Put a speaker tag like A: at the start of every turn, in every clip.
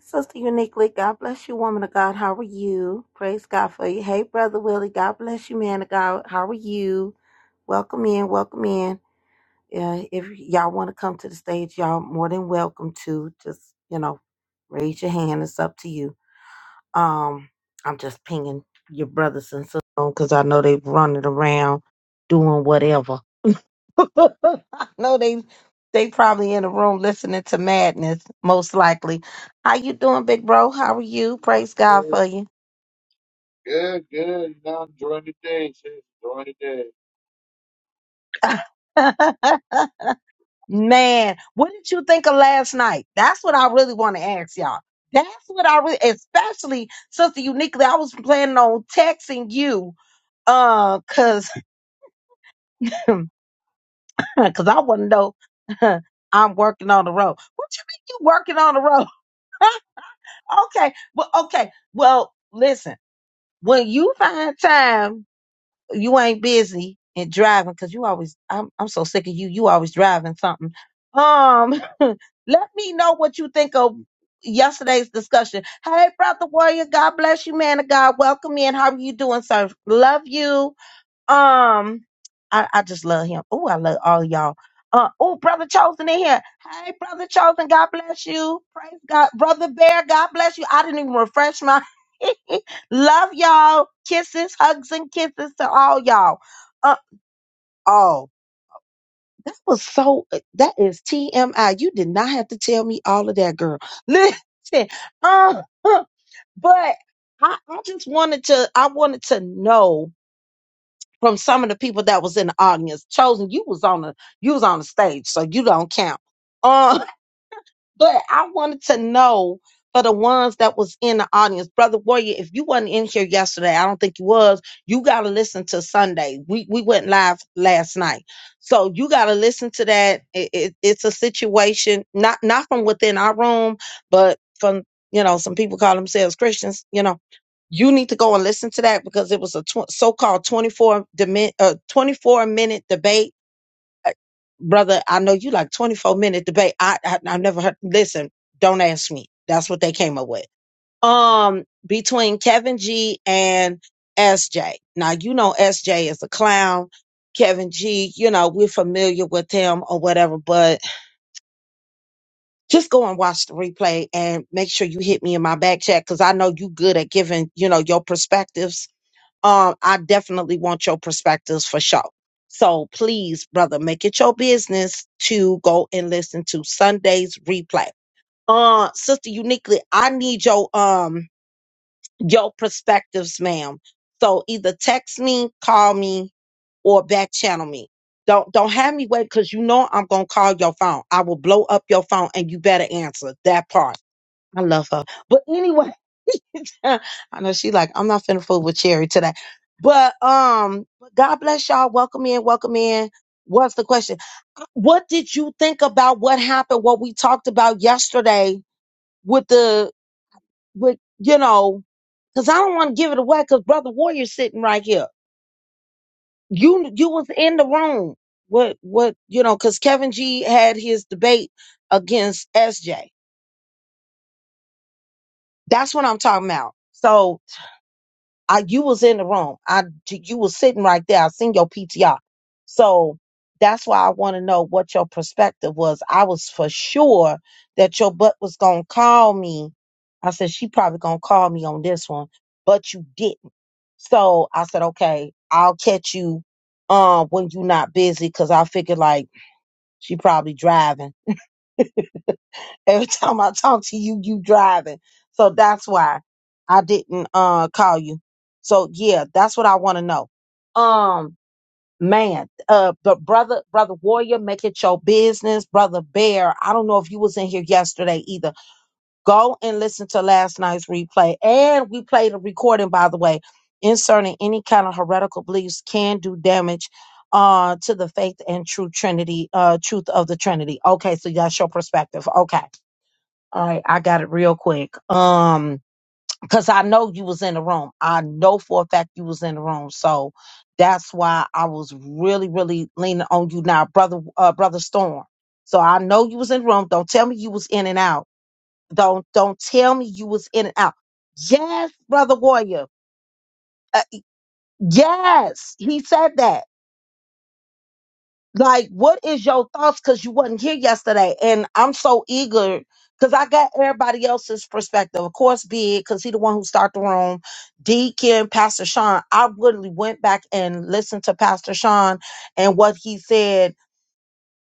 A: Sister Uniquely, God bless you, woman of God. How are you? Praise God for you. Hey, Brother Willie, God bless you, man of God. How are you? Welcome in, welcome in. Uh, if y'all want to come to the stage, y'all more than welcome to. Just, you know, raise your hand. It's up to you. Um, I'm just pinging your brothers and sisters because I know they running around doing whatever. no, they they probably in the room listening to madness, most likely. How you doing, big bro? How are you? Praise God
B: Good,
A: for you.
B: good. You're Now enjoying the day, sis. Enjoying the day.
A: Man, what did you think of last night? That's what I really want to ask y'all. That's what I really, especially Sister Uniquely, I was planning on texting you, uh, cause, cause I want to know I'm working on the road. What you mean you working on the road? okay, well, okay, well, listen. when you find time, you ain't busy and driving because you always. I'm I'm so sick of you. You always driving something. Um, let me know what you think of yesterday's discussion. Hey, brother warrior, God bless you, man of God. Welcome in. How are you doing, sir? Love you. Um, I, I just love him. Oh, I love all y'all. Uh, oh, brother Chosen in here. Hey, brother Chosen, God bless you. Praise God, brother Bear, God bless you. I didn't even refresh my. love y'all. Kisses, hugs, and kisses to all y'all. Uh, oh, that was so. That is TMI. You did not have to tell me all of that, girl. Listen, um, but I, I just wanted to. I wanted to know from some of the people that was in the audience. Chosen, you was on the you was on the stage, so you don't count. Um, but I wanted to know for the ones that was in the audience, brother Warrior, if you wasn't in here yesterday, I don't think you was. You gotta listen to Sunday. We we went live last night, so you gotta listen to that. It, it, it's a situation not not from within our room, but from you know some people call themselves Christians. You know, you need to go and listen to that because it was a tw- so-called twenty four dimin- uh, twenty four minute debate uh, brother, I know you like 24 minute debate. I, I I've never heard listen, don't ask me. That's what they came up with. Um between Kevin G and SJ. Now you know SJ is a clown. Kevin G, you know, we're familiar with him or whatever, but just go and watch the replay and make sure you hit me in my back chat because I know you good at giving, you know, your perspectives um, I definitely want your perspectives for sure. So please, brother, make it your business to go and listen to Sunday's replay. Uh, sister uniquely, I need your um your perspectives, ma'am. So either text me, call me, or back channel me. Don't don't have me wait because you know I'm gonna call your phone. I will blow up your phone and you better answer that part. I love her. But anyway. I know she like, I'm not finna fool with Cherry today. But um, God bless y'all. Welcome in, welcome in. What's the question? What did you think about what happened, what we talked about yesterday with the with you know, because I don't want to give it away because Brother Warrior's sitting right here. You you was in the room. What what you know, because Kevin G had his debate against SJ. That's what I'm talking about. So I you was in the room. I you was sitting right there. I seen your PTR. So that's why I want to know what your perspective was. I was for sure that your butt was gonna call me. I said she probably gonna call me on this one, but you didn't. So I said, okay, I'll catch you um when you're not busy because I figured like she probably driving. Every time I talk to you, you driving. So that's why I didn't uh call you. So yeah, that's what I want to know. Um man, uh the brother brother warrior, make it your business, brother bear. I don't know if you was in here yesterday either. Go and listen to last night's replay. And we played a recording, by the way, inserting any kind of heretical beliefs can do damage uh to the faith and true Trinity, uh truth of the Trinity. Okay, so that's your perspective. Okay. All right, I got it real quick. Um, because I know you was in the room. I know for a fact you was in the room. So that's why I was really, really leaning on you now, brother, uh, brother Storm. So I know you was in the room. Don't tell me you was in and out. Don't don't tell me you was in and out. Yes, brother Warrior. Uh, yes, he said that. like what is your thoughts because you wasn't here yesterday and i'm so eager because i got everybody else's perspective of course big because he the one who started the room deacon pastor sean i literally went back and listened to pastor sean and what he said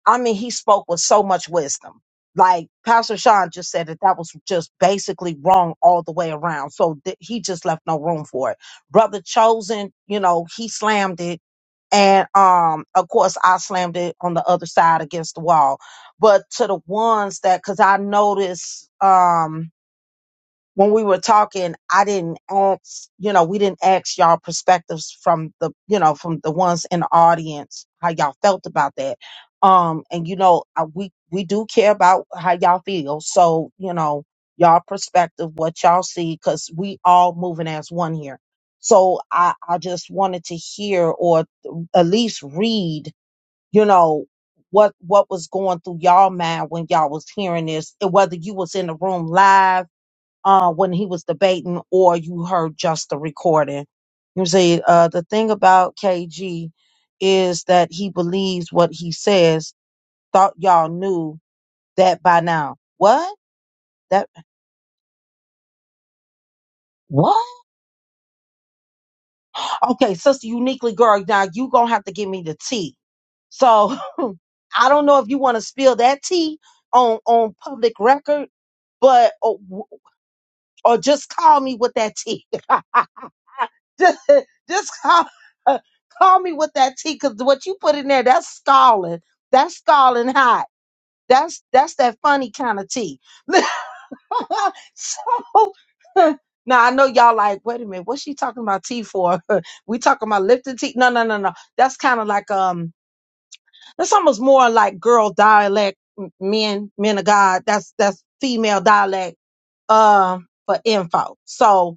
A: I mean, he spoke with so much wisdom. Like Pastor Sean just said that that was just basically wrong all the way around. So th- he just left no room for it. Brother Chosen, you know, he slammed it. And um, of course, I slammed it on the other side against the wall. But to the ones that, because I noticed, um, when we were talking, I didn't ask, you know, we didn't ask y'all perspectives from the, you know, from the ones in the audience, how y'all felt about that. Um, and you know, I, we we do care about how y'all feel, so you know, y'all perspective, what y'all see, because we all moving as one here. So I I just wanted to hear or at least read, you know, what what was going through y'all mind when y'all was hearing this, and whether you was in the room live uh, when he was debating, or you heard just the recording. You see, uh, the thing about KG is that he believes what he says. Thought y'all knew that by now. What? That what? Okay, sister, uniquely girl. Now you gonna have to give me the tea. So I don't know if you want to spill that tea on on public record, but or, or just call me with that tea. just, just call, call me with that tea because what you put in there, that's scalding. That's scalding hot. That's that's that funny kind of tea. So- now I know y'all like, wait a minute, what's she talking about tea for? we talking about Lipton tea? No, no, no, no. That's kind of like um, that's almost more like girl dialect, m- men, men of God. That's that's female dialect um for info. So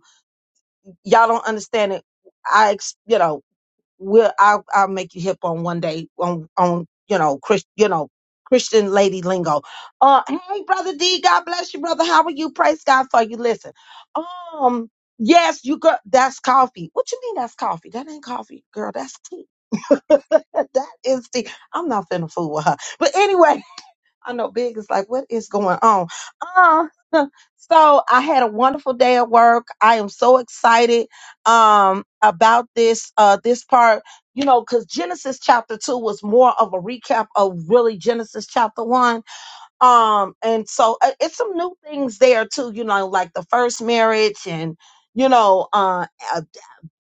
A: y'all don't understand it. I ex- you know. we'll I'll I'll make you hip on one day on on you know Chris you know Christian lady lingo. Uh hey brother D, God bless you, brother. How are you? Praise God for you. Listen. Um yes, you got that's coffee. What you mean that's coffee? That ain't coffee, girl. That's tea. that is tea. I'm not finna fool with her. But anyway, I know Big is like, what is going on? Uh, so I had a wonderful day at work. I am so excited um about this uh this part, you know, because Genesis chapter two was more of a recap of really Genesis chapter one. Um, and so uh, it's some new things there too, you know, like the first marriage and you know, uh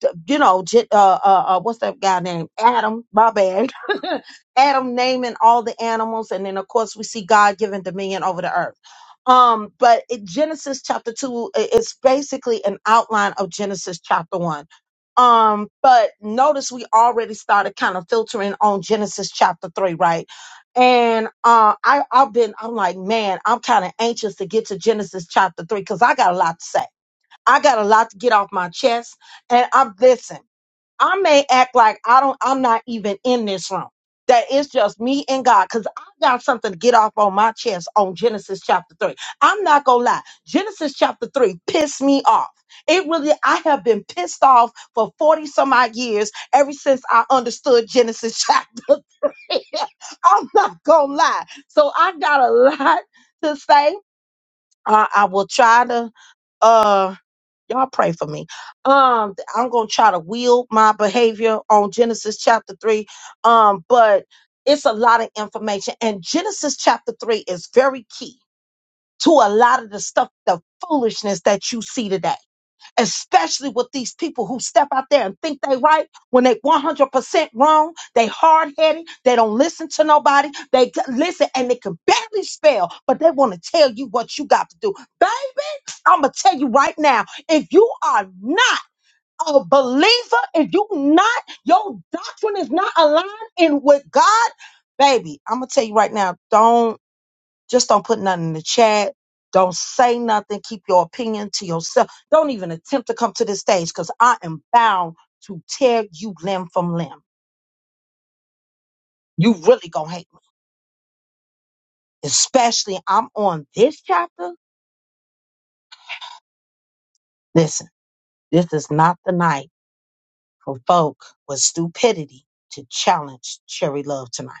A: d- you know, J- uh, uh, uh, what's that guy named Adam? My bad. Adam naming all the animals, and then of course we see God giving dominion over the earth. Um, but it, Genesis chapter two i- is basically an outline of Genesis chapter one. Um, but notice we already started kind of filtering on Genesis chapter three, right? And uh, I, I've been, I'm like, man, I'm kind of anxious to get to Genesis chapter three because I got a lot to say I got a lot to get off my chest. And I'm listen, I may act like I don't I'm not even in this room. That it's just me and God. Cause I got something to get off on my chest on Genesis chapter three. I'm not gonna lie. Genesis chapter three pissed me off. It really I have been pissed off for 40 some odd years ever since I understood Genesis chapter three. I'm not gonna lie. So I got a lot to say. Uh, I will try to uh, Y'all pray for me. Um, I'm gonna try to wield my behavior on Genesis chapter three. Um, but it's a lot of information, and Genesis chapter three is very key to a lot of the stuff, the foolishness that you see today especially with these people who step out there and think they right when they 100% wrong they hard-headed they don't listen to nobody they c- listen and they can barely spell but they want to tell you what you got to do baby i'm gonna tell you right now if you are not a believer if you not your doctrine is not aligned in with god baby i'm gonna tell you right now don't. Just don't put nothing in the chat. Don't say nothing. Keep your opinion to yourself. Don't even attempt to come to the stage because I am bound to tear you limb from limb. You really gonna hate me. Especially I'm on this chapter. Listen, this is not the night for folk with stupidity to challenge Cherry Love tonight.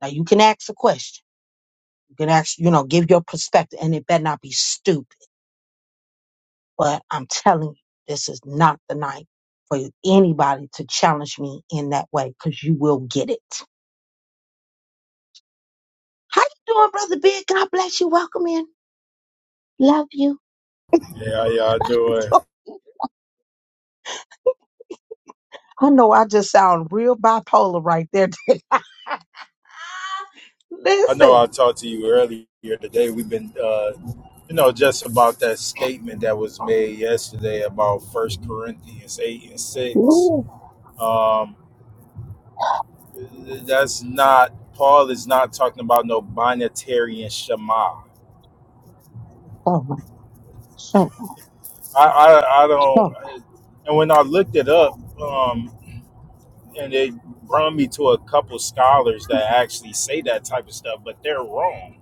A: Now you can ask a question. You can ask, you know, give your perspective, and it better not be stupid. But I'm telling you, this is not the night for anybody to challenge me in that way because you will get it. How you doing, Brother Big? God bless you. Welcome in. Love you.
C: Yeah, how y'all doing?
A: I know I just sound real bipolar right there.
C: I know
A: Listen.
C: I talked to you earlier today. We've been, uh, you know, just about that statement that was made yesterday about First Corinthians eight and six.
A: Ooh.
C: Um, that's not Paul is not talking about no binatarian shema.
A: Oh, my. So,
C: I, I, I don't.
A: much,
C: And when I looked it up, um, and they brought me to a couple scholars that actually say that type of stuff, but they're wrong.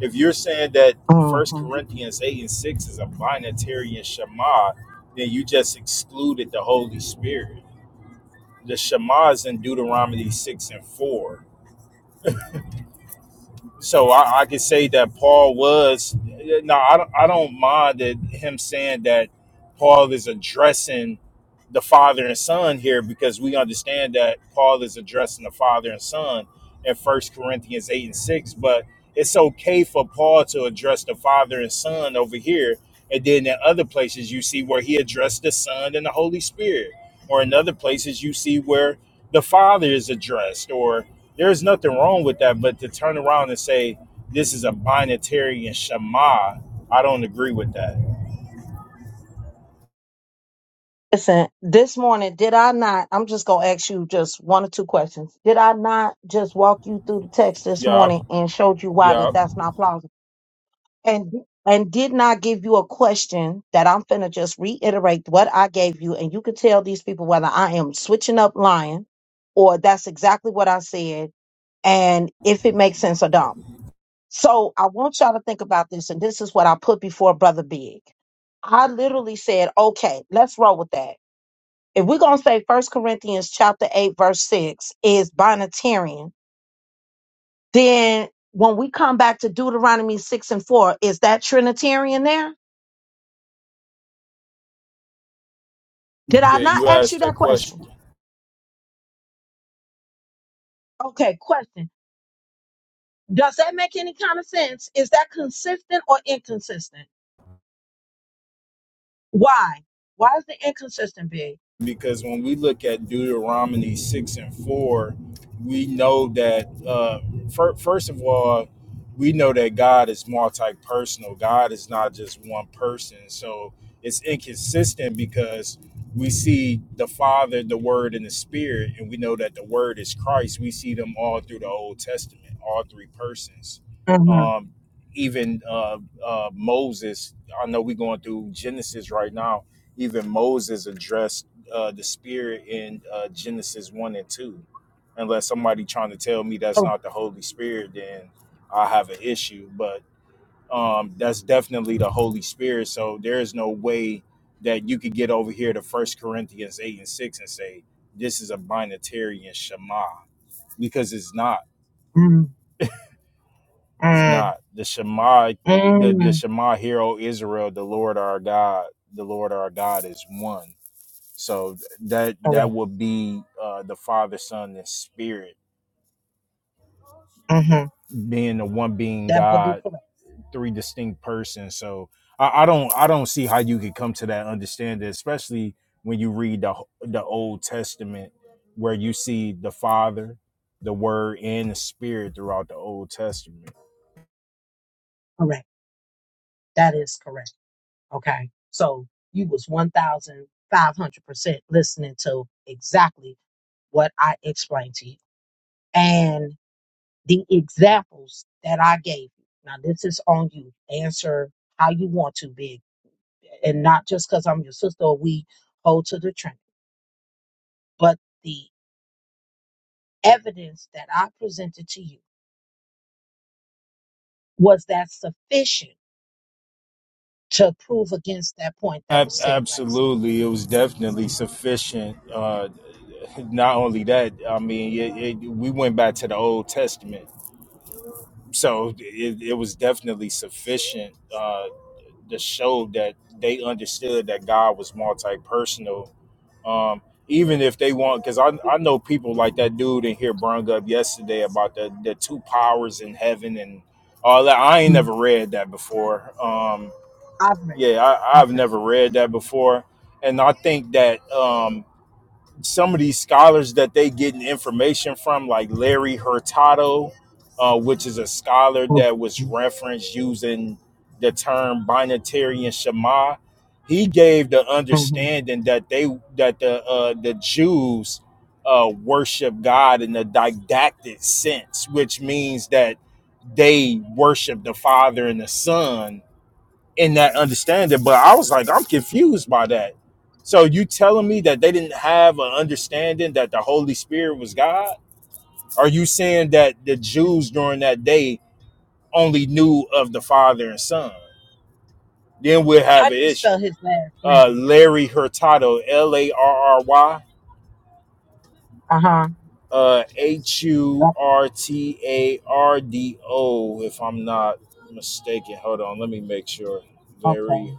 C: If you're saying that
A: so.
C: First
A: hmm
C: Corinthians eight and six is a binatarian Shema, then you just excluded the Holy Spirit. The Shema is in Deuteronomy six and four so I, I could say that Paul was. No, I don't, I don't mind that him saying that Paul is addressing the father and son here because we understand that Paul is addressing the father and son in First Corinthians eight and six. But it's okay for Paul to address the father and son over here, and then in other places you see where he addressed the son and the Holy Spirit or in other places you see where the father is addressed or there's nothing wrong with that but to turn around and say this is a binatarian shema i don't agree with that
A: Listen, this morning, did I not? I'm just going to ask you just one or two questions. Did I not just walk you through the text this
C: yeah
A: morning and showed you why
C: yeah
A: that that's not plausible? and and did not give you a question that I'm finna just reiterate what I gave you, and you can tell these people whether I am switching up lying or that's exactly what I said, and if it makes sense or don't. So I want y'all to think about this, and this is what I put before Brother Big. I literally said, okay, let's roll with that. If we're gonna say First Corinthians chapter eight, verse six is binitarian, then when we come back to Deuteronomy six and four, is that Trinitarian there? Did I
C: yeah
A: not
C: you
A: ask you
C: asked
A: that
C: that question
A: question? Okay, question. Does that make any kind of sense? Is that consistent or inconsistent? Why? Why is the inconsistent big?
C: because when we look at Deuteronomy 6 and 4, we know that, uh, fir- first of all, we know that God is multi personal. God is not just one person. So it's inconsistent because we see the Father, the Word, and the Spirit, and we know that the Word is Christ. We see them all through the Old Testament, all three persons.
A: Mm-hmm.
C: Um, even uh, uh, Moses, I know we're going through Genesis right now even Moses addressed uh, the spirit in uh, Genesis one and two. Unless somebody trying to tell me that's
A: Correct.
C: not the Holy Spirit, then I have an issue. But um, that's definitely the Holy Spirit. So there is no way that you could get over here to First Corinthians eight and six and say this is a binatarian Shema because it's not.
A: mm
C: It's
A: mm
C: not the Shema. The the
A: mm
C: Shema, hero Israel, the Lord our God, the Lord our God is one So that that
A: Correct.
C: would be uh, the Father, Son, and Spirit
A: Mm-hmm.
C: being the one being
A: That would be
C: God,
A: correct.
C: three distinct persons. So I, I don't I don't see how you could come to that understanding, especially when you read the the Old Testament, where you see the Father, the Word, and the Spirit throughout the Old Testament.
A: Correct. That is correct. Okay. So you was 1,500% listening to exactly what I explained to you. and. the examples that I gave you. Now, this is on you. Answer how you want to, big, and not just because I'm your sister or we hold to the Trinity, but the evidence that I presented to you was that sufficient to prove against that point that was
C: Ab-
A: said last
C: absolutely, it was definitely sufficient. Uh, not only that, I mean, it, it, we went back to the Old Testament so it, it was definitely sufficient uh, to show that they understood that God was multi-personal. Um, even if they want, because I, I know people like that dude in here brung up yesterday about the, the two powers in heaven and all that. I ain't
A: night. Mm,
C: never read that before. Um,
A: I've read it.
C: yeah, I,
A: I've
C: I've
A: read it.
C: never read that before. And I think that um, some of these scholars that they getting information from, like Larry Hurtado, uh, which is a scholar that was referenced using the term binatarian Shema, he gave the
A: Mm-hmm.
C: understanding that they that the uh, the Jews uh, worship God in a didactic sense, which means that they worship the Father and the Son in that understanding. But I was like, I'm confused by that. So you telling me that they didn't have an understanding that the Holy Spirit was God? Are you saying that the Jews during that day only knew of the Father and Son? Then we'll
A: How
C: have
A: do
C: an
A: you
C: issue.
A: spell his last
C: Uh,
A: name?
C: Larry Hurtado, L A R R Y,
A: Uh huh.
C: uh, H U R T A R D O, if I'm not mistaken. Hold on, let me make sure.
A: Okay.
C: Larry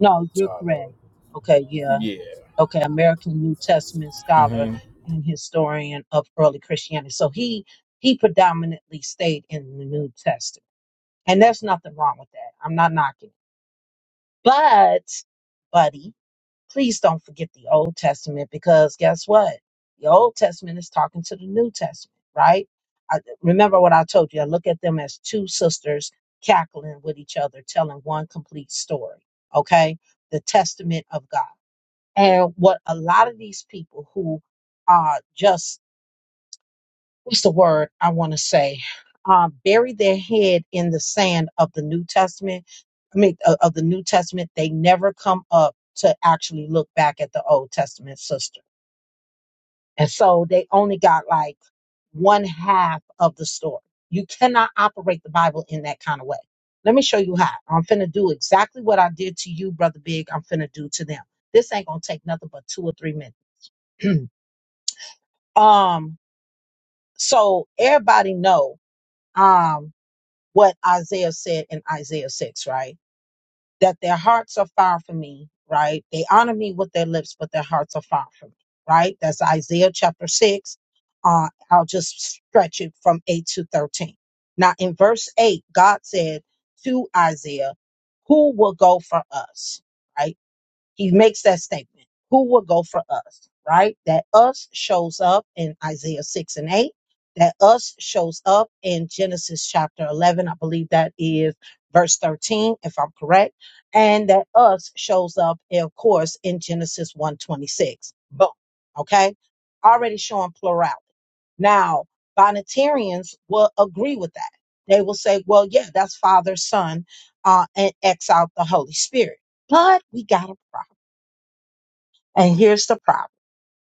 A: No, you're correct. Okay, yeah.
C: Yeah.
A: okay, American New Testament scholar
C: Mm-hmm.
A: and historian of early Christianity. So he he predominantly stayed in the New Testament. And there's nothing wrong with that. I'm not knocking. it. But, buddy, please don't forget the Old Testament because guess what? The Old Testament is talking to the New Testament, right? I, remember what I told you. I look at them as two sisters cackling with each other, telling one complete story, okay? The Testament of God. And what a lot of these people who are just, what's the word I want to say, uh, bury their head in the sand of the New Testament, I mean, of, of the New Testament, they never come up to actually look back at the Old Testament sister. And so they only got like one half of the story. You cannot operate the Bible in that kind of way. Let me show you how. I'm finna do exactly what I did to you, Brother Big. I'm finna do to them. This ain't gonna take nothing but two or three minutes. Um, so everybody know um what Isaiah said in Isaiah 6, right? That their hearts are far from me, right? They honor me with their lips, but their hearts are far from me, right? That's Isaiah chapter 6. Uh, I'll just stretch it from 8 to 13. Now in verse 8, God said to Isaiah, Who will go for us? Right? He makes that statement. Who will go for us? Right? That us shows up in Isaiah 6 and 8. That us shows up in Genesis chapter 11. I believe that is verse 13, if I'm correct. And that us shows up, of course, in Genesis 126. Boom. Okay? Already showing plurality. Now, Bonnetarians will agree with that. They will say, well, yeah, that's Father, Son, uh, and X out the Holy Spirit. But we got a problem. And here's the problem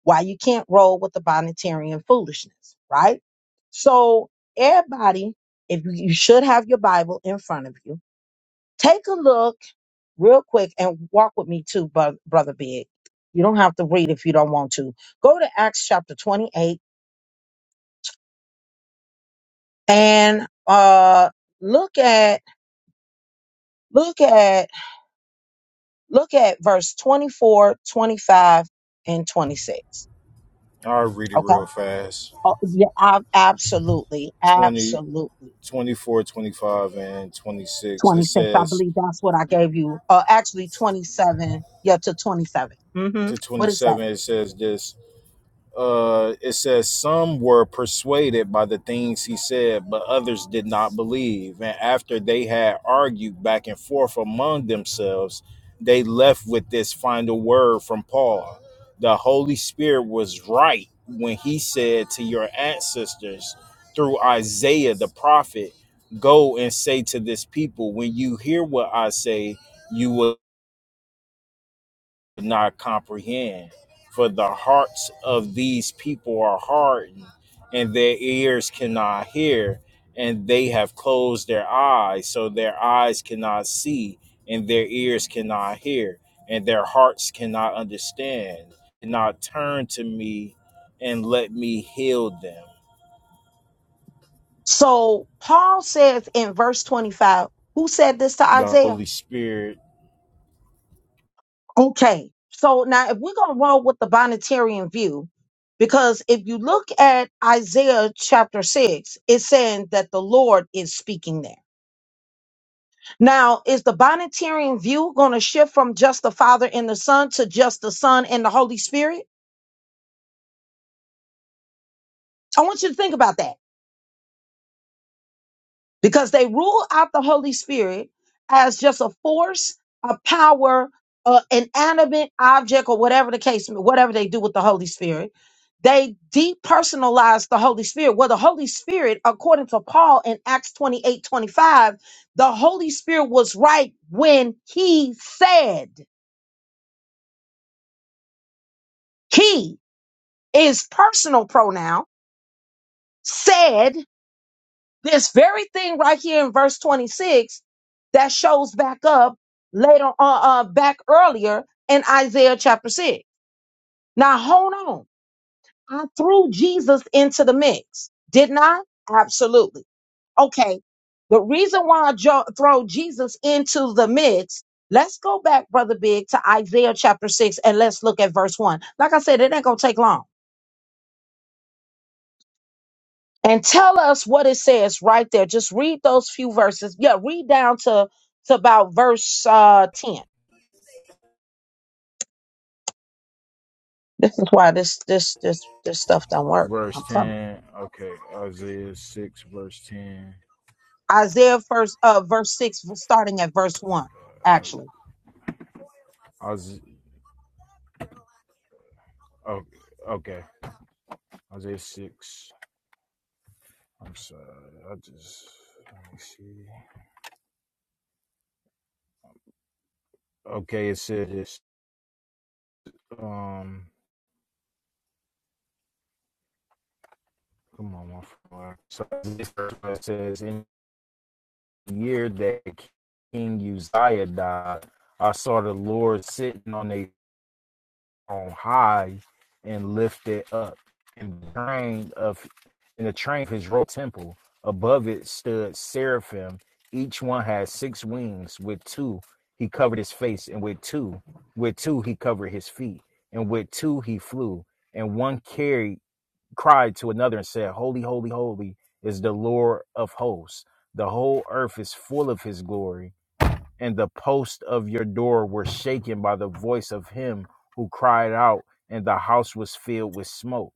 A: why you can't roll with the Bonnetarian foolishness, right? So, everybody, if you you should have your Bible in front of you, take a look real quick and walk with me too, bro- Brother Big. You don't have to read if you don't want to. Go to Acts chapter 28 and uh look at look at look at verse 24 25 and 26
C: I'll read it
A: okay
C: real fast.
A: oh, yeah ab- absolutely
C: 20,
A: absolutely
C: 24, 25, and 26. It
A: 26. I
C: says,
A: believe that's what I gave you. Uh, actually, 27. Yeah, to 27. Mm-hmm.
C: to
A: What is that?
C: 27, it says this uh, it says some were persuaded by the things he said, but others did not believe. And after they had argued back and forth among themselves, they left with this final word from Paul. The Holy Spirit was right when he said to your ancestors through Isaiah the prophet, Go and say to this people, when you hear what I say, you will could not comprehend. For the hearts of these people are hardened, and their ears cannot hear, and they have closed their eyes, so their eyes cannot see, and their ears cannot hear, and their hearts cannot understand, cannot turn to me and let me heal them.
A: So Paul says in verse 25, who said this to
C: The
A: Isaiah?
C: Holy Spirit,
A: Okay. So now if we're going to roll with the Bonnetarian view, because if you look at Isaiah chapter 6, it's saying that the Lord is speaking there. Now, is the Bonnetarian view going to shift from just the Father and the Son to just the Son and the Holy Spirit? I want you to think about that. because they rule out the Holy Spirit as just a force, a power, uh, an animate object, or whatever the case, whatever they do with the Holy Spirit. They depersonalize the Holy Spirit. Well, the Holy Spirit, according to Paul in Acts 28 25, the Holy Spirit was right when he said, he is personal pronoun, said This very thing right here in verse 26 that shows back up later on, uh, uh, back earlier in Isaiah chapter 6. Now, hold on. I threw Jesus into the mix, didn't I? Absolutely. Okay. The reason why I jo- throw Jesus into the mix, let's go back, Brother Big, to Isaiah chapter 6 and let's look at verse 1. Like I said, it ain't going to take long. and tell us what it says right there. Just read those few verses. Yeah, read down to to about verse uh, ten. This is why this this this this stuff don't work.
C: verse
A: I'm telling you.
C: 10. Okay, Isaiah 6, verse 10.
A: Isaiah first uh verse six starting at verse one, actually.
C: Isaiah, okay, okay, Isaiah 6. I'm sorry. I just let me see. Okay, it says it's um. Come on, my friend. So this verse it says in the year that King Uzziah died, I saw the Lord sitting on a on high and lifted up and the train of in the train of his royal temple above it stood seraphim each one had six wings with two he covered his face and with two with two he covered his feet and with two he flew and one carried cried to another and said holy holy holy is the lord of hosts the whole earth is full of his glory and the posts of your door were shaken by the voice of him who cried out, and the house was filled with smoke.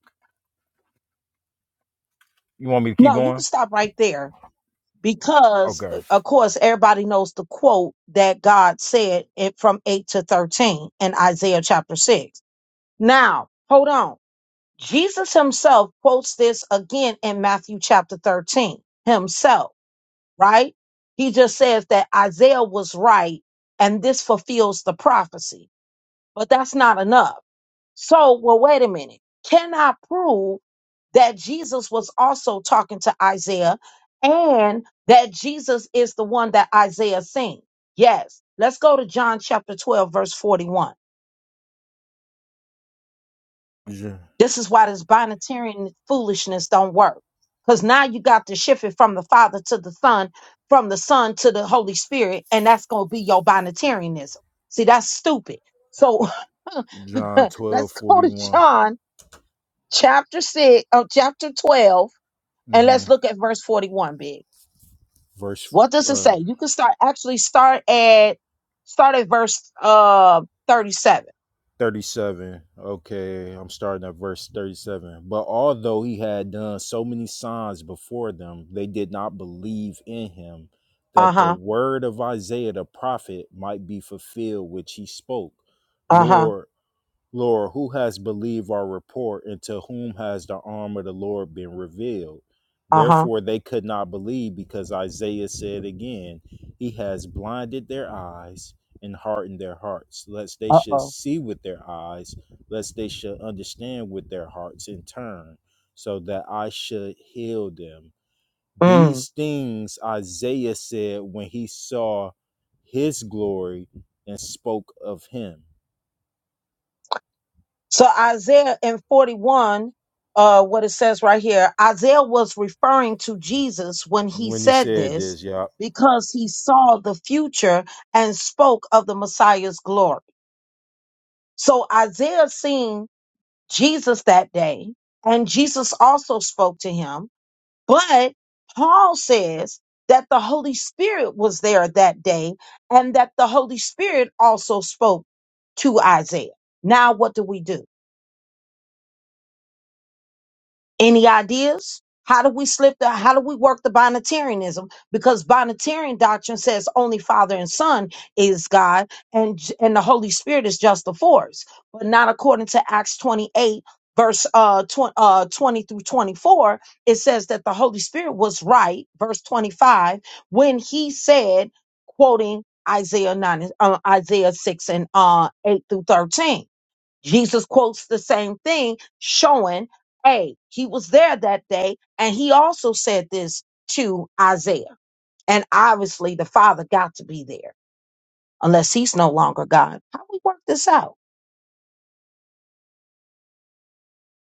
C: You want me to keep
A: No, you can
C: going?
A: stop right there because
C: Okay.
A: uh, of course everybody knows the quote that God said it from eight to thirteen in Isaiah chapter six. Now, hold on Jesus himself quotes this again in Matthew chapter 13 himself, right? He just says that Isaiah was right and this fulfills the prophecy, but that's not enough. So, well, wait a minute. Can I prove that Jesus was also talking to Isaiah and that Jesus is the one that Isaiah seen? Yes. Let's go to John chapter 12, verse 41.
C: J-
A: This is why this binatarian foolishness don't work. Because now you got to shift it from the Father to the Son, from the Son to the Holy Spirit, and that's going to be your binatarianism. See, that's stupid. So
C: John twelve
A: let's go
C: forty
A: to
C: one,
A: John chapter 6, oh chapter 12, and
C: 41, hmm
A: let's look at verse 41, Big.
C: verse
A: What does it
C: uh,
A: say? You can start, actually start at, start at verse uh, 37.
C: 37. Okay, I'm starting at verse 37. But although he had done so many signs before them, they did not believe in him, that the
A: Uh-huh,
C: word of Isaiah the prophet might be fulfilled, which he spoke.
A: uh-huh,
C: Lord, Lord, who has believed our report, and to whom has the arm of the Lord been revealed?
A: uh-huh,
C: Therefore, they could not believe because Isaiah said again, He has blinded their eyes and hardened their hearts, lest they should
A: uh-oh.
C: see with their eyes, lest they should understand with their hearts in turn, so that I should heal them.
A: Mm.
C: These things Isaiah said when he saw his glory and spoke of him.
A: So Isaiah in 41, uh, what it says right here, Isaiah was referring to Jesus when he
C: When you
A: said
C: said
A: this
C: this, y'all.
A: because he saw the future and spoke of the Messiah's glory. So Isaiah seen Jesus that day, and Jesus also spoke to him. But Paul says that the Holy Spirit was there that day and that the Holy Spirit also spoke to Isaiah. Now, what do we do? Any ideas? How do we slip the how do we work the binitarianism? Because binitarian doctrine says only Father and Son is God and J- and the Holy Spirit is just the force, but not according to Acts 28 verse uh, tw- uh 20 through 24 it says that the holy spirit was right verse 25 when he said quoting isaiah 9 and- uh, isaiah 6 and uh 8 through 13 Jesus quotes the same thing, showing, hey, he was there that day, and he also said this to Isaiah. And obviously, the Father got to be there, unless he's no longer God. How we work this out?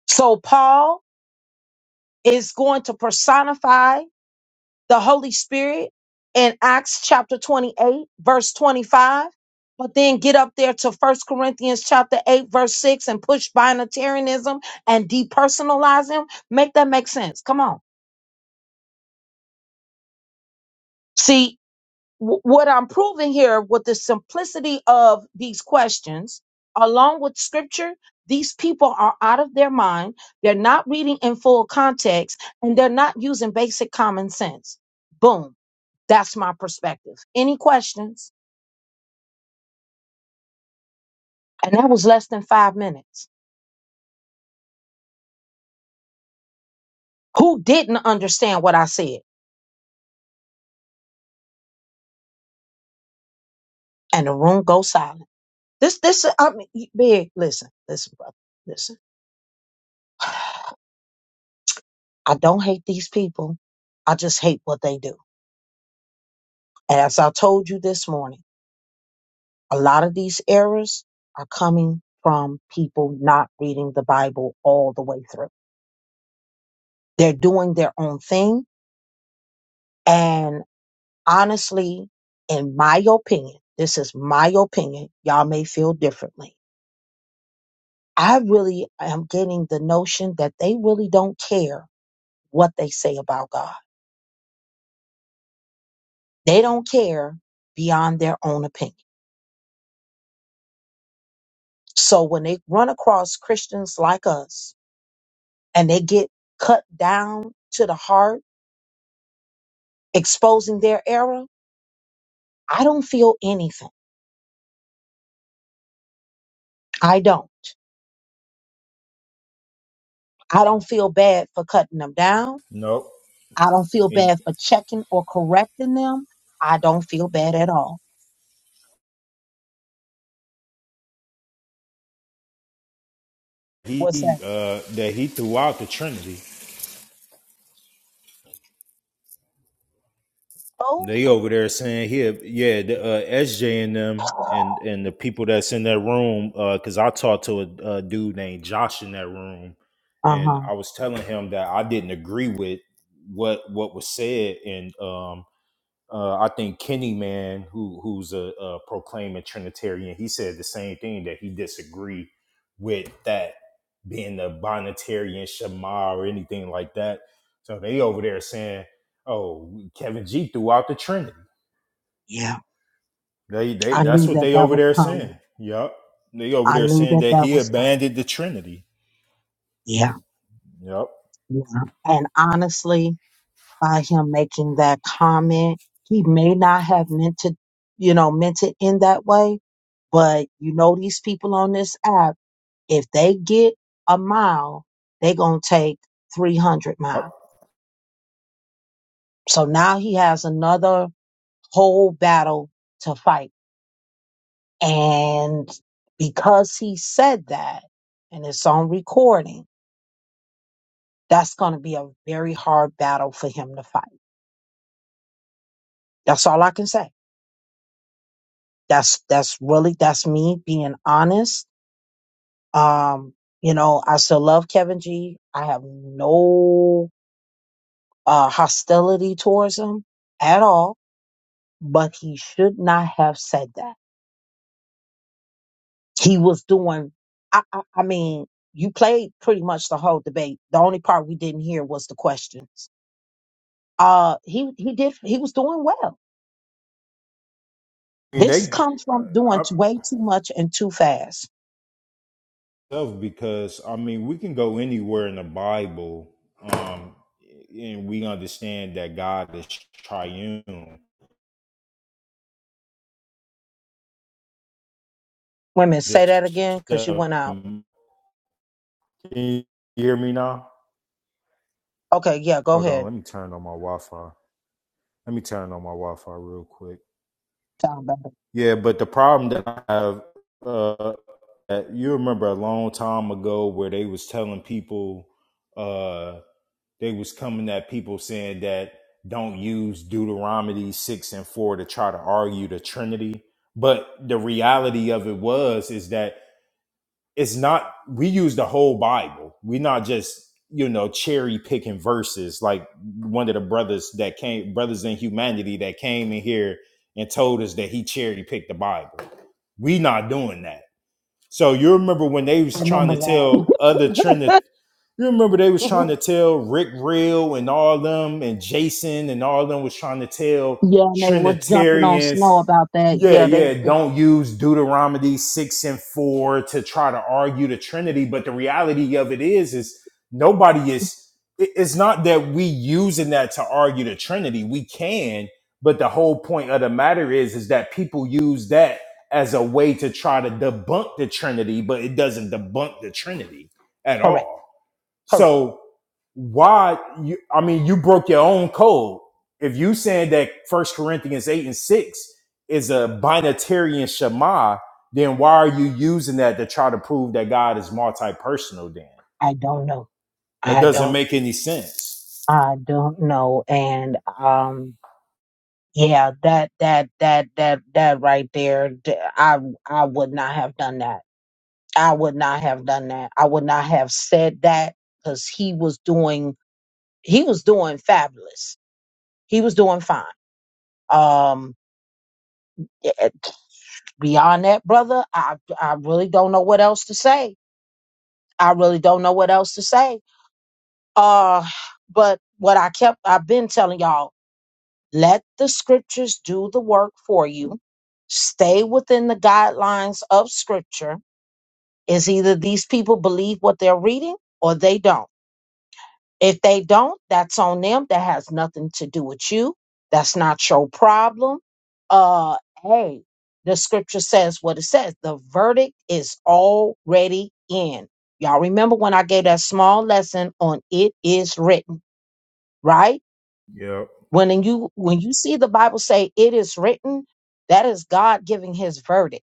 A: So Paul is going to personify the Holy Spirit in Acts chapter 28, verse 25. But then get up there to First Corinthians chapter 8, verse 6, and push binitarianism and depersonalize him. Make that make sense. Come on. See, w- what I'm proving here with the simplicity of these questions, along with scripture, these people are out of their mind. They're not reading in full context and they're not using basic common sense. Boom. That's my perspective. Any questions? And that was less than five minutes. Who didn't understand what I said? And the room goes silent. This, this, I mean, you- big, listen, listen, brother, listen. I don't hate these people. I just hate what they do. As I told you this morning, a lot of these errors are coming from people not reading the Bible all the way through. They're doing their own thing. And honestly, in my opinion, this is my opinion, y'all may feel differently. I really am getting the notion that they really don't care what they say about God. They don't care beyond their own opinion. So when they run across Christians like us and they get cut down to the heart, exposing their error, I don't feel anything. I don't. I don't feel bad for cutting them down.
C: Nope.
A: I don't feel
C: He,
A: bad for checking or correcting them. I don't feel bad at all.
C: he,
A: What's that?
C: uh, that he threw out the Trinity.
A: Oh,
C: They over there saying here, yeah, the uh, SJ and them and and the people that's in that room. Uh, 'cause Cause I talked to a, a dude named Josh in that room,
A: uh
C: and
A: huh.
C: I was telling him that I didn't agree with what what was said, and um, Uh, I think Kenny Man, who who's a, a proclaiming Trinitarian, he said the same thing that he disagreed with that being the Bonitarian Shema or anything like that. So they over there saying, "Oh, Kevin G threw out the Trinity."
A: Yeah.
C: They they
A: I
C: that's
A: knew
C: what
A: that
C: they
A: that
C: over
A: was
C: there
A: coming.
C: saying. Yup, they over
A: I
C: there
A: knew
C: saying
A: that
C: that
A: that
C: he
A: was coming.
C: abandoned the Trinity.
A: Yeah.
C: Yup.
A: Yeah. And honestly, by him making that comment, he may not have meant to, you know, meant it in that way But you know these people on this app, if they get a mile, they gonna take three hundred
C: Yup.
A: mile. So now he has another whole battle to fight. And because he said that, and it's on recording, that's gonna be a very hard battle for him to fight. That's all I can say. That's that's really that's me being honest. Um, you know, I still love Kevin G. I have no uh, hostility towards him at all, but he should not have said that. He was doing, I, I, I mean, you played pretty much the whole debate. The only part we didn't hear was the questions. Uh, he, he did, he was doing well.
C: And
A: This
C: they,
A: comes from doing
C: I,
A: t- way too much and too fast.
C: Self, because I mean, we can go anywhere in the Bible, um, and we understand that God is triune.
A: Women,
C: This,
A: say that again because you
C: uh,
A: went out.
C: can you hear me now?
A: Okay, yeah, go
C: Hold on,
A: ahead.
C: let me turn on my Wi-Fi. Let me turn on my Wi-Fi real quick.
A: Sound better.
C: Yeah, but the problem that I have, uh, you remember a long time ago where they was telling people, uh, they was coming at people saying that don't use Deuteronomy 6 and 4 to try to argue the Trinity. But the reality of it was is that it's not we use the whole Bible. We're not just, you know, cherry picking verses like one of the brothers that came brothers in humanity that came in here and told us that he cherry picked the Bible. We not doing that so you remember when they was trying
A: Remember
C: to
A: that.
C: tell other Trinity, you remember they was trying to tell Rick Real and all them and Jason and all them was trying to tell
A: yeah, and they was jumping on
C: Trinitarians,
A: snow about that.
C: yeah,
A: Yeah, they
C: yeah, don't use Deuteronomy six and four to try to argue the Trinity. But the reality of it is, is nobody is. it- It's not that we using that to argue the Trinity. We can, but the whole point of the matter is, is that people use that as a way to try to debunk the Trinity, but it doesn't debunk the Trinity at
A: correct,
C: all.
A: correct.
C: So why you I mean you broke your own code. If you saying that First Corinthians 8 and 6 is a binatarian Shema, then why are you using that to try to prove that God is multi-personal then?
A: I don't know.
C: That
A: I
C: doesn't
A: don't.
C: make any sense.
A: I don't know. And um yeah, that that that that that right there, d- I I would not have done that. I would not have done that. I would not have said that cuz he was doing he was doing fabulous. He was doing fine. Um yeah, eh, beyond that, brother, I I really don't know what else to say. I really don't know what else to say. Uh but what I kept I've been telling y'all Let the scriptures do the work for you. Stay within the guidelines of scripture. Is either these people believe what they're reading or they don't. If they don't, that's on them. That has nothing to do with you. That's not your problem. Uh, hey, the scripture says what it says. The verdict is already in. Y'all remember when I gave that small lesson on it is written, right?
C: Yep.
A: When in you when you see the Bible say it is written, that is God giving his verdict,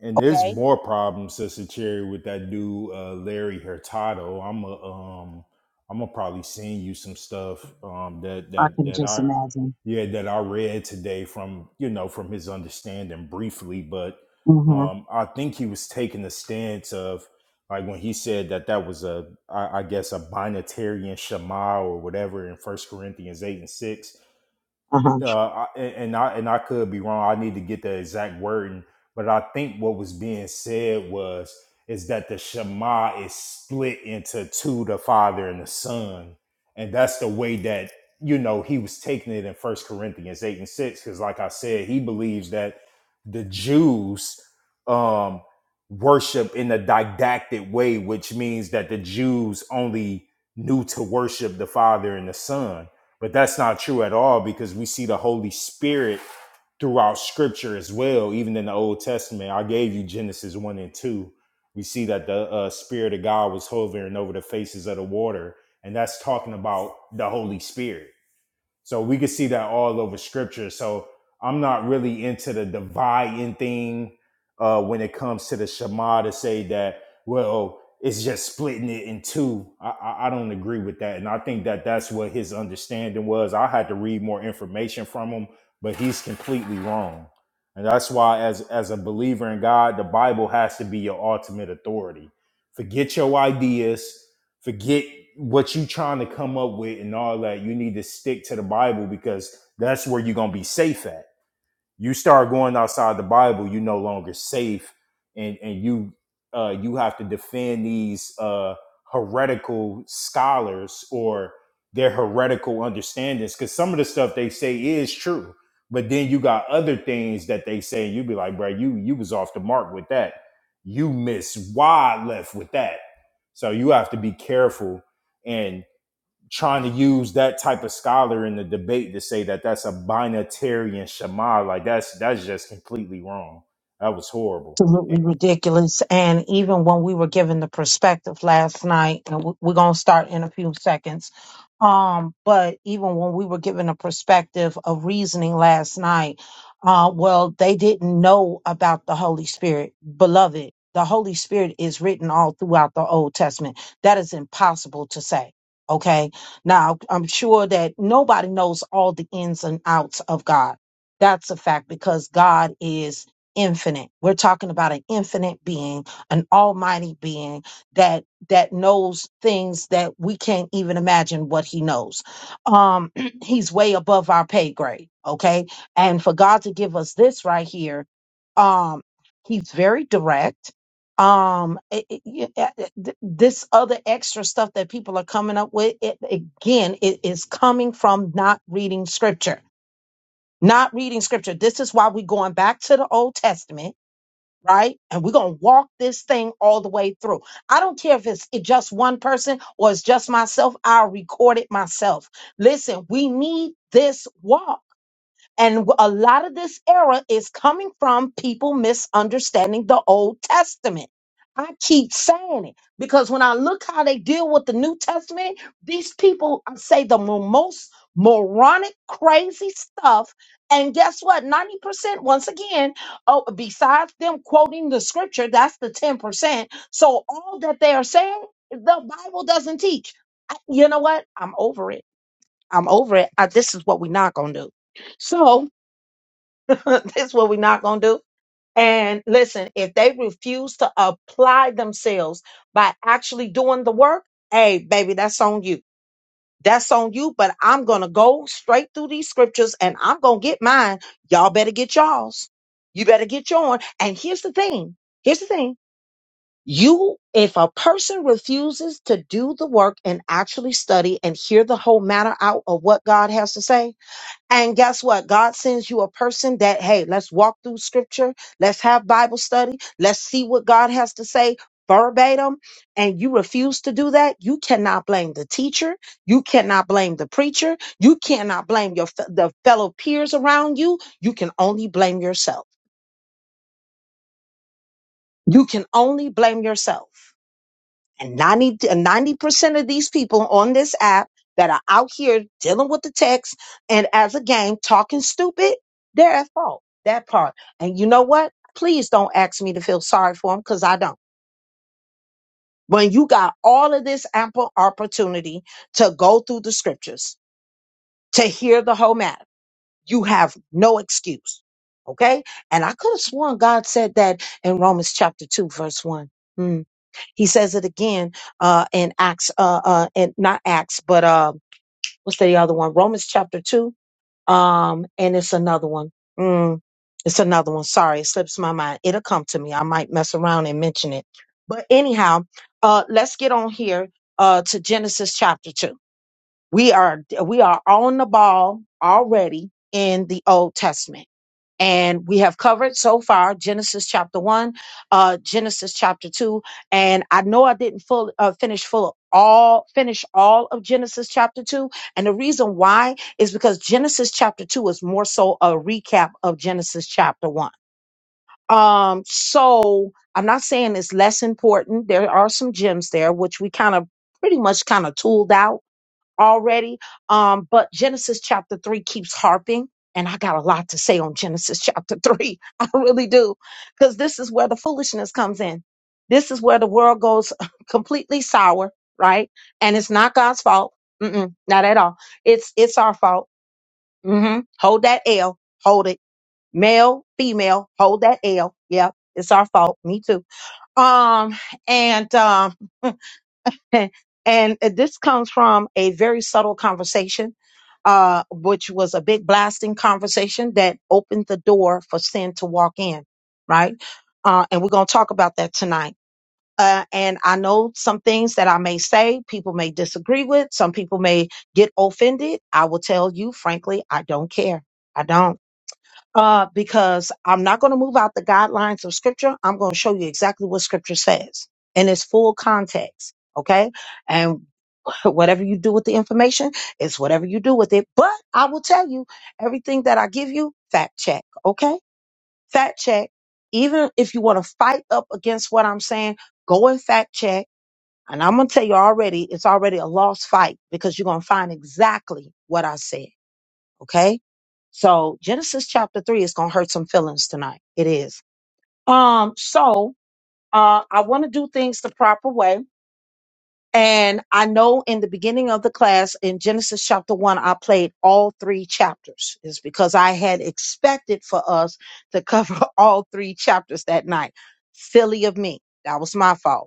C: And there's
A: okay?
C: more problems, Sister Cherry, with that dude uh, Larry Hurtado. I'm a, um, I'm gonna probably send you some stuff um, that
A: I
C: that
A: can
C: that
A: just
C: I,
A: imagine.
C: yeah, that I read today from you know from his understanding briefly, but
A: Mhm.
C: um, I think he was taking the stance of like when he said that that was a I, I guess a binatarian shema or whatever in First Corinthians eight and six
A: Uh-huh.
C: uh, I- and I and I could be wrong. I need to get the exact wording, but I think what was being said was is that the Shema is split into two: the Father and the Son, and that's the way that you know he was taking it in First Corinthians eight and six. Because, like I said, he believes that the Jews um, worship in a didactic way, which means that the Jews only knew to worship the Father and the Son but that's not true at all because we see the Holy Spirit throughout scripture as well, even in the Old Testament. I gave you Genesis 1 and 2. We see that the uh, Spirit of God was hovering over the faces of the water, and that's talking about the Holy Spirit so we could see that all over scripture. So I'm not really into the dividing thing uh, when it comes to the Shema to say that, well, it's just splitting it in two. I, I, I don't agree with that. And I think that that's what his understanding was. I had to read more information from him, but he's completely wrong. And that's why, as, as a believer in God, the Bible has to be your ultimate authority. Forget your ideas, forget what you trying to come up with and all that. You need to stick to the Bible because that's where you're gonna be safe at you start going outside the Bible, you no longer safe, and and you uh, you have to defend these uh, heretical scholars or their heretical understandings because some of the stuff they say is true, but then you got other things that they say, and you be like, bro, you you was off the mark with that. You miss wide left with that, so you have to be careful and trying to use that type of scholar in the debate to say that that's a binatarian shema like that's that's just completely wrong that was horrible Eh,
A: absolutely ridiculous. And even when we were given the perspective last night, and we- we're going to start in a few seconds, um, but even when we were given a perspective of reasoning last night, uh, well, they didn't know about the Holy Spirit. Beloved, the Holy Spirit is written all throughout the Old Testament. That is impossible to say. Okay. Now, I'm sure that nobody knows all the ins and outs of God. That's a fact because God is infinite. We're talking about an infinite being, an almighty being that that knows things that we can't even imagine what he knows. Um he's way above our pay grade, okay? And for God to give us this right here, um he's very direct. Um it- it- y- uh, uh, th- this other extra stuff that people are coming up with it, again it is coming from not reading scripture. Not reading scripture. This is why we're going back to the Old Testament right? And we're gonna walk this thing all the way through. I don't care if it's it just one person or it's just myself. I'll record it myself. Listen, we need this walk. And a lot of this error is coming from people misunderstanding the Old Testament. I keep saying it because when I look how they deal with the New Testament, these people I say the mo- most moronic, crazy stuff. And guess what? 90%, once again, oh, besides them quoting the scripture, that's the 10%. So all that they are saying, the Bible doesn't teach. I- you know what? I'm over it. I'm over it. I, this is what we're not going to do. So, That's what we're not going to do. And listen, if they refuse to apply themselves by actually doing the work, hey, baby, that's on you. That's on you, but I'm going to go straight through these scriptures and I'm going to get mine. Y'all better get y'all's. You better get your own. And here's the thing. Here's the thing. You, if a person refuses to do the work and actually study and hear the whole matter out of what God has to say, and guess what? God sends you a person that, hey, let's walk through scripture. Let's have Bible study. Let's see what God has to say verbatim. And you refuse to do that. You cannot blame the teacher. You cannot blame the preacher. You cannot blame your, fe- the fellow peers around you. You can only blame yourself. You can only blame yourself. And 90, percent of these people on this app that are out here dealing with the text and as a game talking stupid, they're at fault. That part. And you know what? Please don't ask me to feel sorry for them because I don't. When you got all of this ample opportunity to go through the scriptures, to hear the whole matter, you have no excuse. Okay? And I could have sworn God said that in Romans chapter 2, verse 1. Hmm. He says it again uh, in Acts, uh, uh, and not Acts, but uh, what's the other one? Romans chapter two, um, and it's another one. Mm, it's another one. Sorry, it slips my mind. It'll come to me. I might mess around and mention it. But anyhow, uh, let's get on here uh, to Genesis chapter two. We are we are on the ball already in the Old Testament and we have covered so far Genesis chapter one, uh, Genesis chapter two, and I know I didn't full uh, finish full all finish all of Genesis chapter two, and the reason why is because Genesis chapter two is more so a recap of Genesis chapter one. Um, so I'm not saying it's less important. There are some gems there which we kind of pretty much kind of tooled out already. Um, but Genesis chapter three keeps harping. And I got a lot to say on Genesis chapter three. I really do. Because this is where the foolishness comes in. This is where the world goes completely sour, right? And it's not God's fault. Mm-mm, not at all. It's it's our fault. hmm Hold that L. Hold it. Male, female, hold that L. Yeah, it's our fault. Me too. Um, and um and uh, this comes from a very subtle conversation, uh, which was a big blasting conversation that opened the door for sin to walk in, right? Uh, and we're going to talk about that tonight. Uh, and I know some things that I may say, people may disagree with, some people may get offended. I will tell you, frankly, I don't care. I don't. Uh, because I'm not going to move out the guidelines of scripture. I'm going to show you exactly what scripture says in its full context. Okay. And whatever you do with the information, it's whatever you do with it. But I will tell you everything that I give you, fact check. Okay. Fact check. Even if you want to fight up against what I'm saying, go and fact check. And I'm going to tell you already, it's already a lost fight because you're going to find exactly what I said. Okay. So Genesis chapter three is going to hurt some feelings tonight. It is. Um, so, uh, I want to do things the proper way. And I know in the beginning of the class in Genesis chapter one, I played all three chapters. It's because I had expected for us to cover all three chapters that night. Silly of me. That was my fault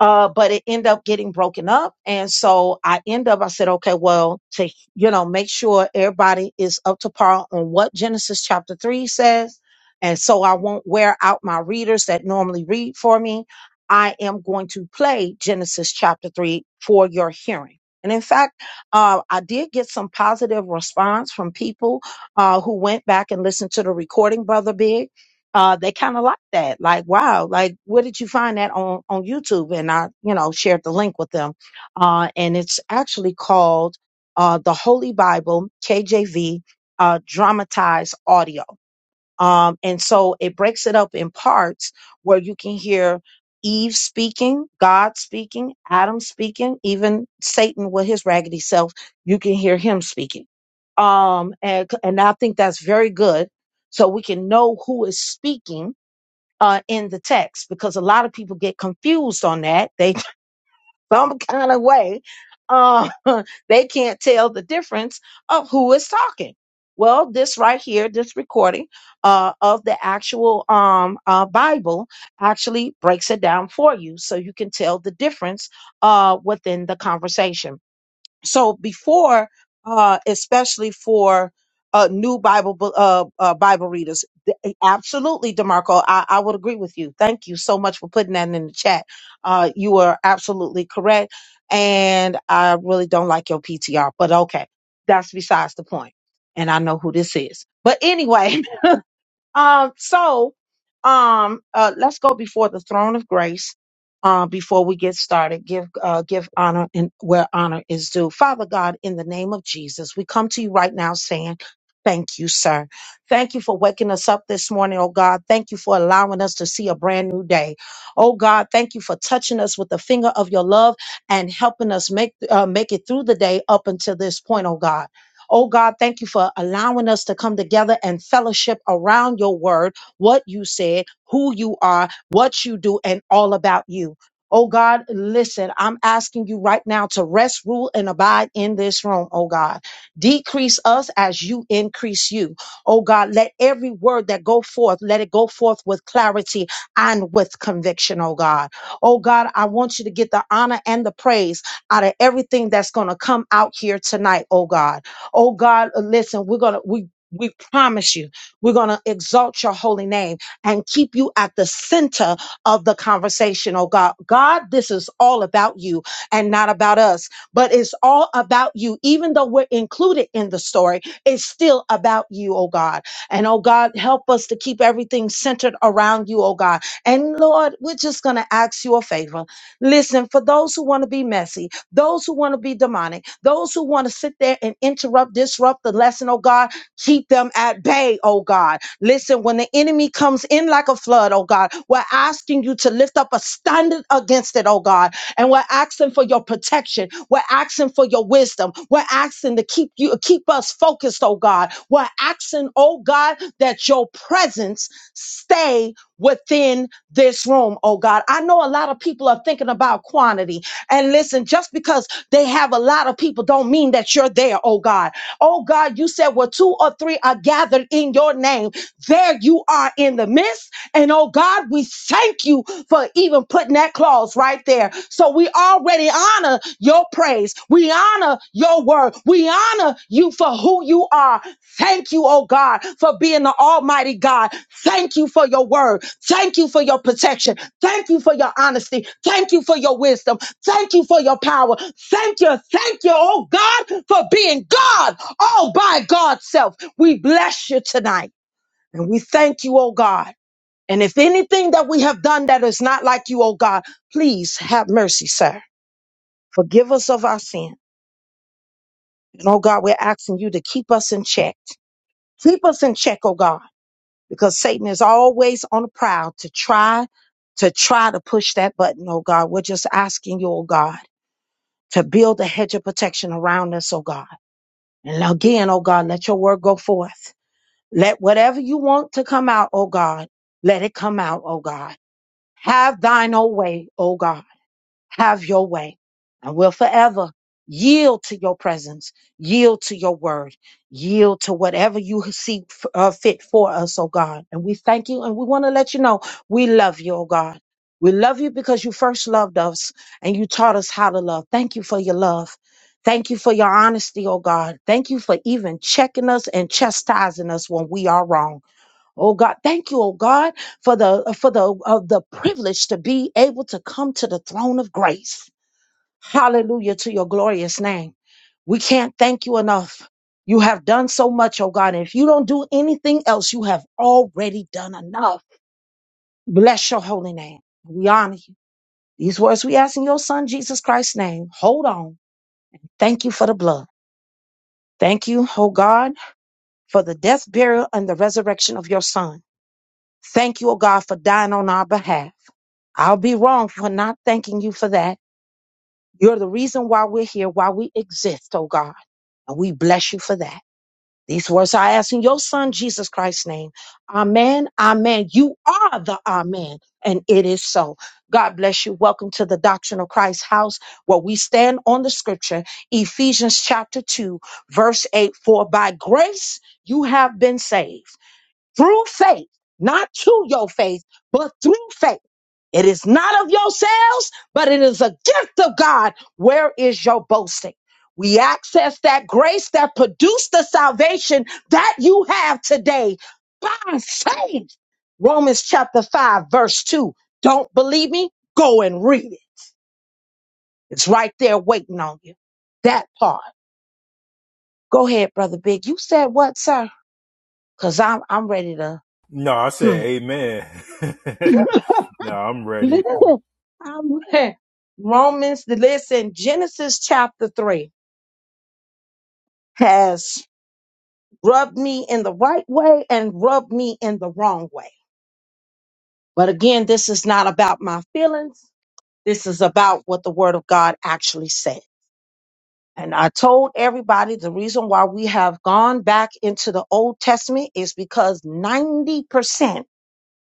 A: uh, but it ended up getting broken up. And so I end up, I said, okay, well, to, you know, make sure everybody is up to par on what Genesis chapter three says. And so I won't wear out my readers that normally read for me. I am going to play Genesis chapter three for your hearing. And in fact, uh, I did get some positive response from people uh, who went back and listened to the recording, Brother Big uh, they kind of like that. Like, wow, like, where did you find that on, on YouTube? And I, you know, shared the link with them. Uh, and it's actually called, uh, the Holy Bible KJV, uh, dramatized audio um, and so it breaks it up in parts where you can hear Eve speaking, God speaking, Adam speaking, even Satan with his raggedy self, you can hear him speaking. Um, and, and I think that's very good. So we can know who is speaking uh, in the text because a lot of people get confused on that. They some kind of way, uh, they can't tell the difference of who is talking. Well, this right here, this recording uh, of the actual um, uh, Bible actually breaks it down for you so you can tell the difference uh, within the conversation so before uh especially for uh new bible bu- uh, uh bible readers th- eh, absolutely demarco I, I would agree with you thank you so much for putting that in the chat uh you are absolutely correct and i really don't like your ptr but okay that's besides the point point. and i know who this is but anyway Um, so um, uh, let's go before the throne of grace. Uh, before we get started, give uh, give honor and where honor is due. Father God, in the name of Jesus, we come to you right now saying, Thank you, sir. Thank you for waking us up this morning, oh God. Thank you for allowing us to see a brand new day. Oh God, thank you for touching us with the finger of your love and helping us make uh, make it through the day up until this point, oh God. Oh God, thank you for allowing us to come together and fellowship around your word, what you said, who you are, what you do, and all about you. Oh God, listen, I'm asking you right now to rest, rule, and abide in this room, oh God. Decrease us as you increase you. Oh God, let every word that go forth, let it go forth with clarity and with conviction, oh God. Oh God, I want you to get the honor and the praise out of everything that's going to come out here tonight, oh God. Oh God, uh, listen, we're gonna we we promise you, we're going to exalt your holy name and keep you at the center of the conversation. Oh God, God, this is all about you and not about us, but it's all about you. Even though we're included in the story, it's still about you, oh God. And oh God, help us to keep everything centered around you, oh God. And Lord, we're just going to ask you a favor. Listen, for those who want to be messy, those who want to be demonic, those who want to sit there and interrupt, disrupt the lesson, oh God, keep them at bay, oh God. Listen, when the enemy comes in like a flood, oh God, we're asking you to lift up a standard against it, oh God. And we're asking for your protection. We're asking for your wisdom. We're asking to keep you keep us focused, oh God. We're asking, oh God, that your presence stay within this room, oh God. I know a lot of people are thinking about quantity. And listen, just because they have a lot of people don't mean that you're there, oh God. Oh God, you said, well, two or three are gathered in your name. There you are in the midst. And oh God, we thank you for even putting that clause right there. So we already honor your praise. We honor your word. We honor you for who you are. Thank you, oh God, for being the Almighty God. Thank you for your word. Thank you for your protection. Thank you for your honesty. Thank you for your wisdom. Thank you for your power. Thank you. Thank you, oh God, for being God all by God's self. We bless you tonight and we thank you, oh God. And if anything that we have done that is not like you, oh God, please have mercy, sir. Forgive us of our sin. And oh God, we're asking you to keep us in check. Keep us in check, oh God, because Satan is always on the prowl to try, to try to push that button, oh God. We're just asking you, oh God, to build a hedge of protection around us, oh God. And again, oh God, let your word go forth. Let whatever you want to come out, oh God, let it come out, oh God. Have thine own way, oh God Have your way. And we'll forever yield to your presence, yield to your word, yield to whatever you see f- uh, fit for us, oh God. And we thank you and we want to let you know we love you, oh God. We love you because you first loved us and you taught us how to love. Thank you for your love. Thank you for your honesty, oh God. Thank you for even checking us and chastising us when we are wrong. Oh God, thank you, oh God, for the for the of the privilege to be able to come to the throne of grace. Hallelujah to your glorious name. We can't thank you enough. You have done so much, oh God. If you don't do anything else, you have already done enough. Bless your holy name. We honor you. These words we ask in your son Jesus Christ's name. Hold on. Thank you for the blood. Thank you, oh God, for the death, burial, and the resurrection of your son. Thank you, oh God, for dying on our behalf. I'll be wrong for not thanking you for that. You're the reason why we're here, why we exist, oh God. And we bless you for that. These words I ask in your son, Jesus Christ's name. Amen. Amen. You are the Amen. And it is so. God bless you. Welcome to the Doctrine of Christ house where we stand on the scripture, Ephesians chapter 2, verse 8. For by grace you have been saved through faith, not to your faith, but through faith. It is not of yourselves, but it is a gift of God. Where is your boasting? We access that grace that produced the salvation that you have today by faith. Romans chapter 5, verse 2. Don't believe me? Go and read it. It's right there waiting on you. That part. Go ahead, Brother Big. You said what, sir? Because I'm, I'm ready to.
C: no i
A: Hmm.
C: said amen no i'm ready
A: Listen, I read Romans, listen, Genesis chapter 3 has rubbed me in the right way and rubbed me in the wrong way. But again, this is not about my feelings. This is about what the word of God actually said. And I told everybody the reason why we have gone back into the Old Testament is because 90%,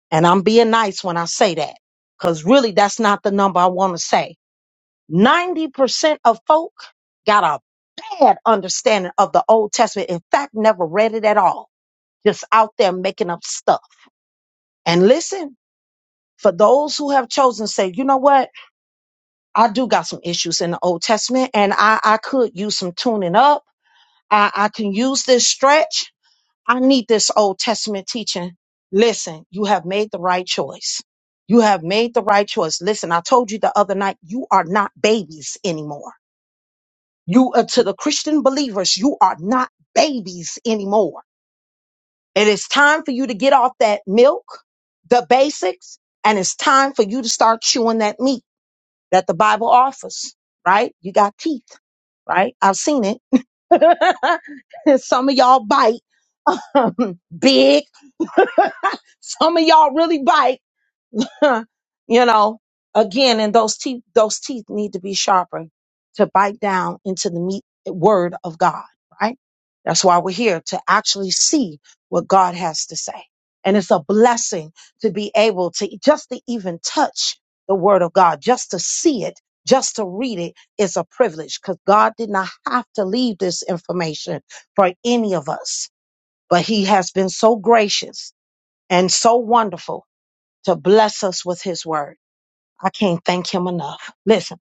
A: and I'm being nice when I say that, because really that's not the number I want to say. 90% of folk got a had understanding of the Old Testament. In fact, never read it at all. Just out there making up stuff. And listen, for those who have chosen, to say, you know what? I do got some issues in the Old Testament and I, I could use some tuning up. I, I can use this stretch. I need this Old Testament teaching. Listen, you have made the right choice. You have made the right choice. Listen, I told you the other night, you are not babies anymore. You are to the Christian believers, you are not babies anymore It is time for you to get off that milk, the basics, and it's time for you to start chewing that meat that the Bible offers, right? You got teeth, right? I've seen it. Some of y'all bite big. Some of y'all really bite. Huh. you know, again, and those teeth, those teeth need to be sharpened to bite down into the meat word of God, right? That's why we're here to actually see what God has to say. And it's a blessing to be able to just to even touch the word of God, just to see it, just to read it is a privilege because God did not have to leave this information for any of us, but he has been so gracious and so wonderful to bless us with his word. I can't thank him enough. Listen.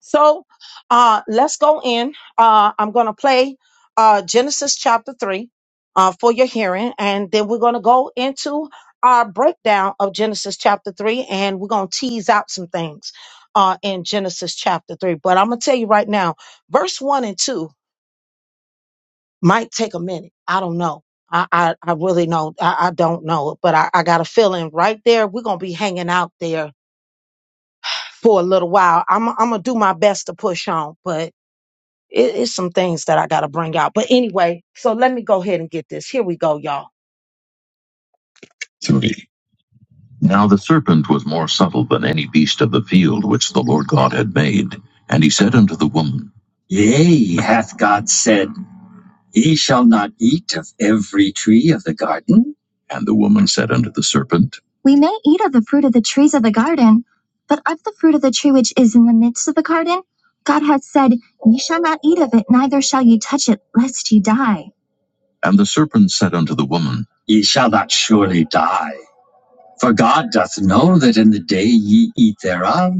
A: So uh let's go in. Uh I'm gonna play uh Genesis chapter three uh for your hearing, and then we're gonna go into our breakdown of Genesis chapter three, and we're gonna tease out some things uh in Genesis chapter three. But I'm gonna tell you right now, verse one and two might take a minute. I don't know. I, I, I really know. I, I don't know, but I, I got a feeling right there. We're going to be hanging out there for a little while. I'm I'm gonna do my best to push on, but it, it's some things that I gotta bring out. But anyway, so let me go ahead and get this. Here we go, y'all. Three. Now the serpent was more subtle than any beast of the field which the Lord God had made, and he said unto the woman, Yea, hath God said. Ye shall not eat of every tree of the garden? And the woman said unto the serpent, We may eat of the fruit of the trees of the garden, but of the fruit of the tree which is in the midst of the garden, God hath said, Ye shall not eat of it, neither shall ye touch it, lest ye die. And the serpent said unto the woman, Ye shall not surely die. For God doth know that in the day ye eat thereof,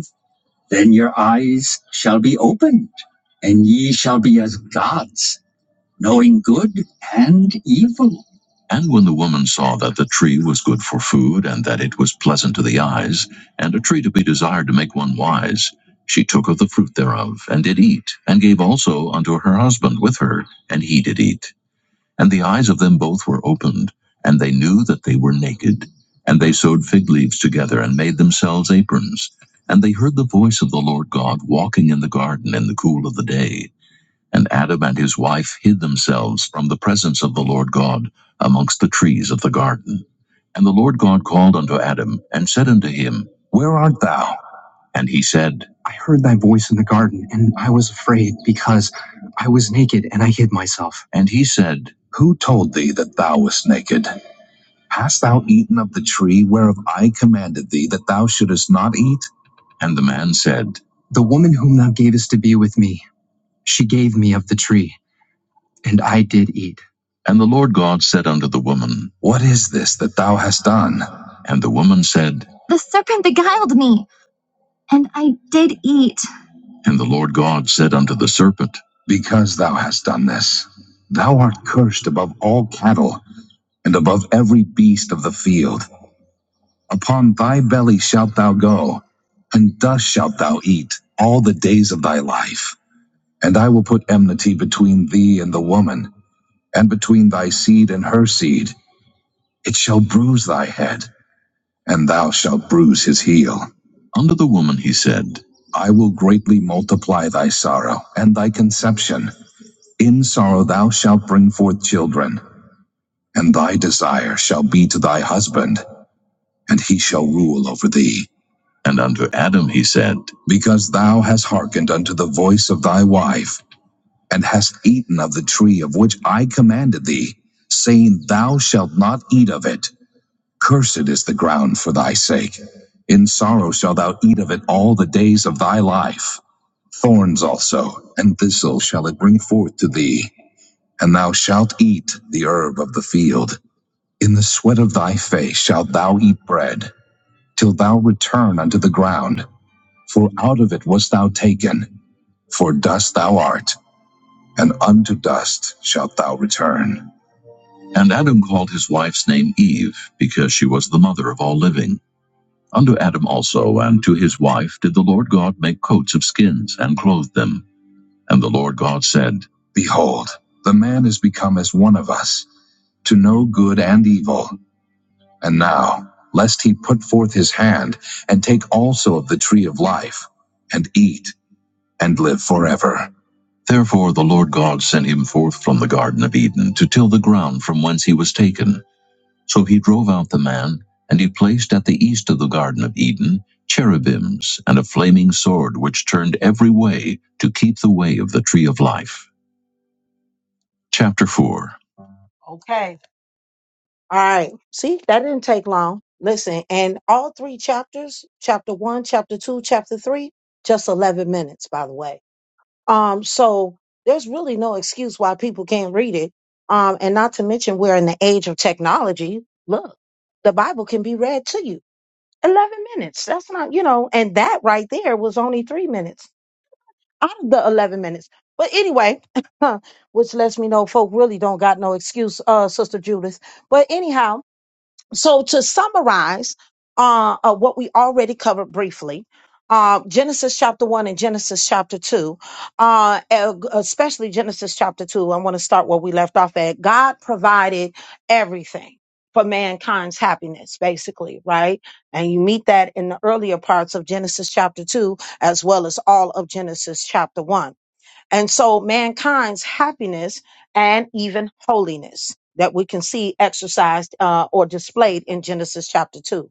A: then your eyes shall be opened, and ye shall be as gods knowing good and evil. And when the woman saw that the tree was good for food, and that it was pleasant to the eyes, and a tree to be desired to make one wise, she took of the fruit thereof, and did eat, and gave also unto her husband with her, and he did eat. And the eyes of them both were opened, and they knew that they were naked. And they sewed fig leaves together, and made themselves aprons. And they heard the voice of the Lord God walking in the garden in the cool of the day. And Adam and his wife hid themselves from the presence of the Lord God amongst the trees of the garden. And the Lord God called unto Adam and said unto him, Where art thou? And he said, I heard thy voice in the garden, and I was afraid because I was naked and I hid myself. And he said, Who told thee that thou wast naked? Hast thou eaten of the tree whereof I commanded thee that thou shouldest not eat? And the man said, The woman whom thou gavest to be with me, she gave me of the tree and I did eat. And the Lord God said unto the woman, What is this that thou hast done? And the woman said, The serpent beguiled me, and I did eat. And the Lord God said unto the serpent, Because thou hast done this, thou art cursed above all cattle, and above every beast of the field. Upon thy belly shalt thou go, and dust shalt thou eat all the days of thy life. And I will put enmity between thee and the woman, and between thy seed and her seed it shall bruise thy head, and thou shalt bruise his heel. Unto the woman he said, I will greatly multiply thy sorrow and thy conception. In sorrow thou shalt bring forth children, and thy desire shall be to thy husband, and he shall rule over thee. And unto Adam he said, Because thou hast hearkened unto the voice of thy wife, and hast eaten of the tree of which I commanded thee, saying, Thou shalt not eat of it. Cursed is the ground for thy sake. In sorrow shalt thou eat of it all the days of thy life. Thorns also and thistles shall it bring forth to thee, and thou shalt eat the herb of the field. In the sweat of thy face shalt thou eat bread, till thou return unto the ground, for out of it wast thou taken. For dust thou art, and unto dust shalt thou return. And Adam called his wife's name Eve, because she was the mother of all living. Unto Adam also and to his wife did the Lord God make coats of skins and clothed them. And the Lord God said, Behold, the man is become as one of us, to know good and evil. And now, lest he put forth his hand and take also of the tree of life, and eat and live forever. Therefore the Lord God sent him forth from the Garden of Eden to till the ground from whence he was taken. So he drove out the man, and he placed at the east of the Garden of Eden cherubims and a flaming sword which turned every way to keep the way of the tree of life. Chapter 4. Okay. All right. See, that didn't take long. Listen, and all three chapters, chapter 1, chapter 2, chapter 3, just 11 minutes, by the way. Um so there's really no excuse why people can't read it. Um and not to mention we're in the age of technology. Look, the Bible can be read to you 11 minutes. That's not, you know, and that right there was only three minutes out of the 11 minutes. But anyway, which lets me know folk really don't got no excuse, uh, Sister Judith. But anyhow, so to summarize uh, uh, what we already covered briefly, uh, Genesis chapter one and Genesis chapter two, uh, e- especially Genesis chapter two, I want to start where we left off at. God provided everything for mankind's happiness, basically, right? And you meet that in the earlier parts of Genesis chapter two, as well as all of Genesis chapter one. And so mankind's happiness and even holiness that we can see exercised uh, or displayed in Genesis chapter 2.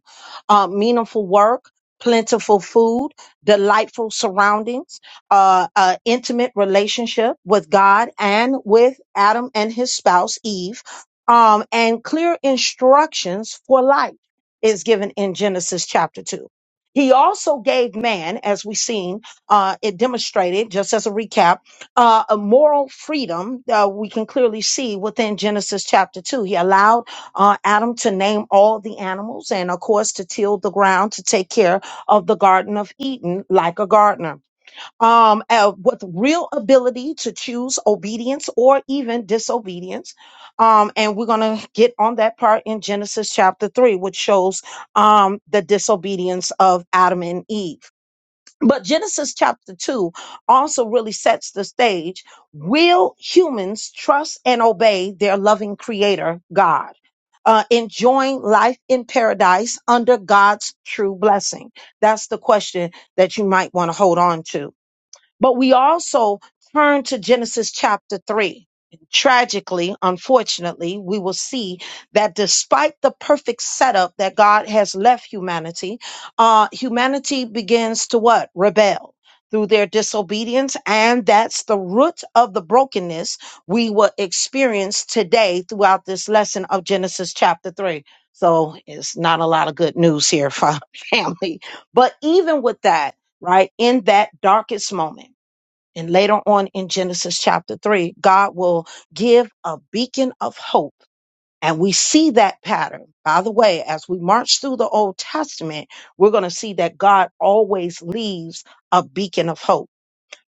A: Uh, meaningful work, plentiful food, delightful surroundings, uh, uh, intimate relationship with God and with Adam and his spouse Eve, um, and clear instructions for life is given in Genesis chapter 2. He also gave man, as we've seen, uh, it demonstrated, just as a recap uh, a moral freedom uh, we can clearly see within Genesis chapter 2. He allowed uh, Adam to name all the animals and, of course, to till the ground, to take care of the Garden of Eden like a gardener. Um, uh, with real ability to choose obedience or even disobedience. Um, and we're going to get on that part in Genesis chapter 3, which shows um, the disobedience of Adam and Eve. But Genesis chapter 2 also really sets the stage. Will humans trust and obey their loving creator, God? Uh, enjoying life in paradise under God's true blessing? That's the question that you might want to hold on to. But we also turn to Genesis chapter 3. Tragically, unfortunately, we will see that despite the perfect setup that God has left humanity, uh, humanity begins to what? Rebel through their disobedience. And that's the root of the brokenness we will experience today throughout this lesson of Genesis chapter 3. So it's not a lot of good news here for family. But even with that, right? In that darkest moment. And later on in Genesis chapter three, God will give a beacon of hope. And we see that pattern. By the way, as we march through the Old Testament, we're going to see that God always leaves a beacon of hope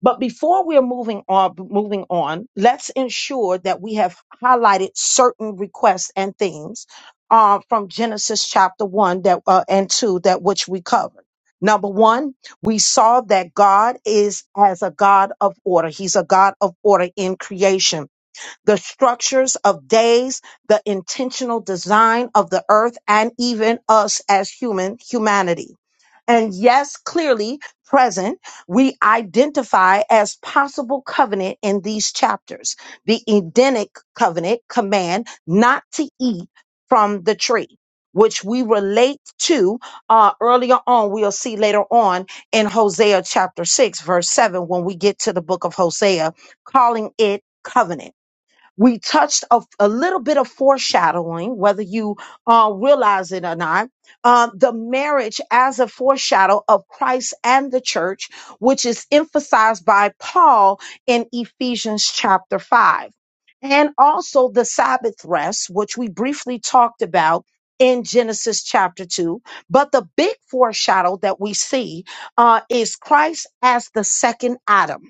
A: but before we're moving on, moving on, let's ensure that we have highlighted certain requests and things uh, from Genesis chapter one that uh, and two that which we covered. Number one, we saw that God is as a God of order. He's a God of order in creation the structures of days, the intentional design of the earth, and even us as human humanity. And yes, clearly present, we identify as possible covenant in these chapters. The Edenic covenant command not to eat from the tree, which we relate to uh, earlier on. We'll see later on in Hosea chapter 6, verse 7, when we get to the book of Hosea, calling it covenant. We touched a, a little bit of foreshadowing, whether you uh, realize it or not. Uh, the marriage as a foreshadow of Christ and the church, which is emphasized by Paul in Ephesians chapter 5. And also the Sabbath rest, which we briefly talked about in Genesis chapter 2. But the big foreshadow that we see uh, is Christ as the second Adam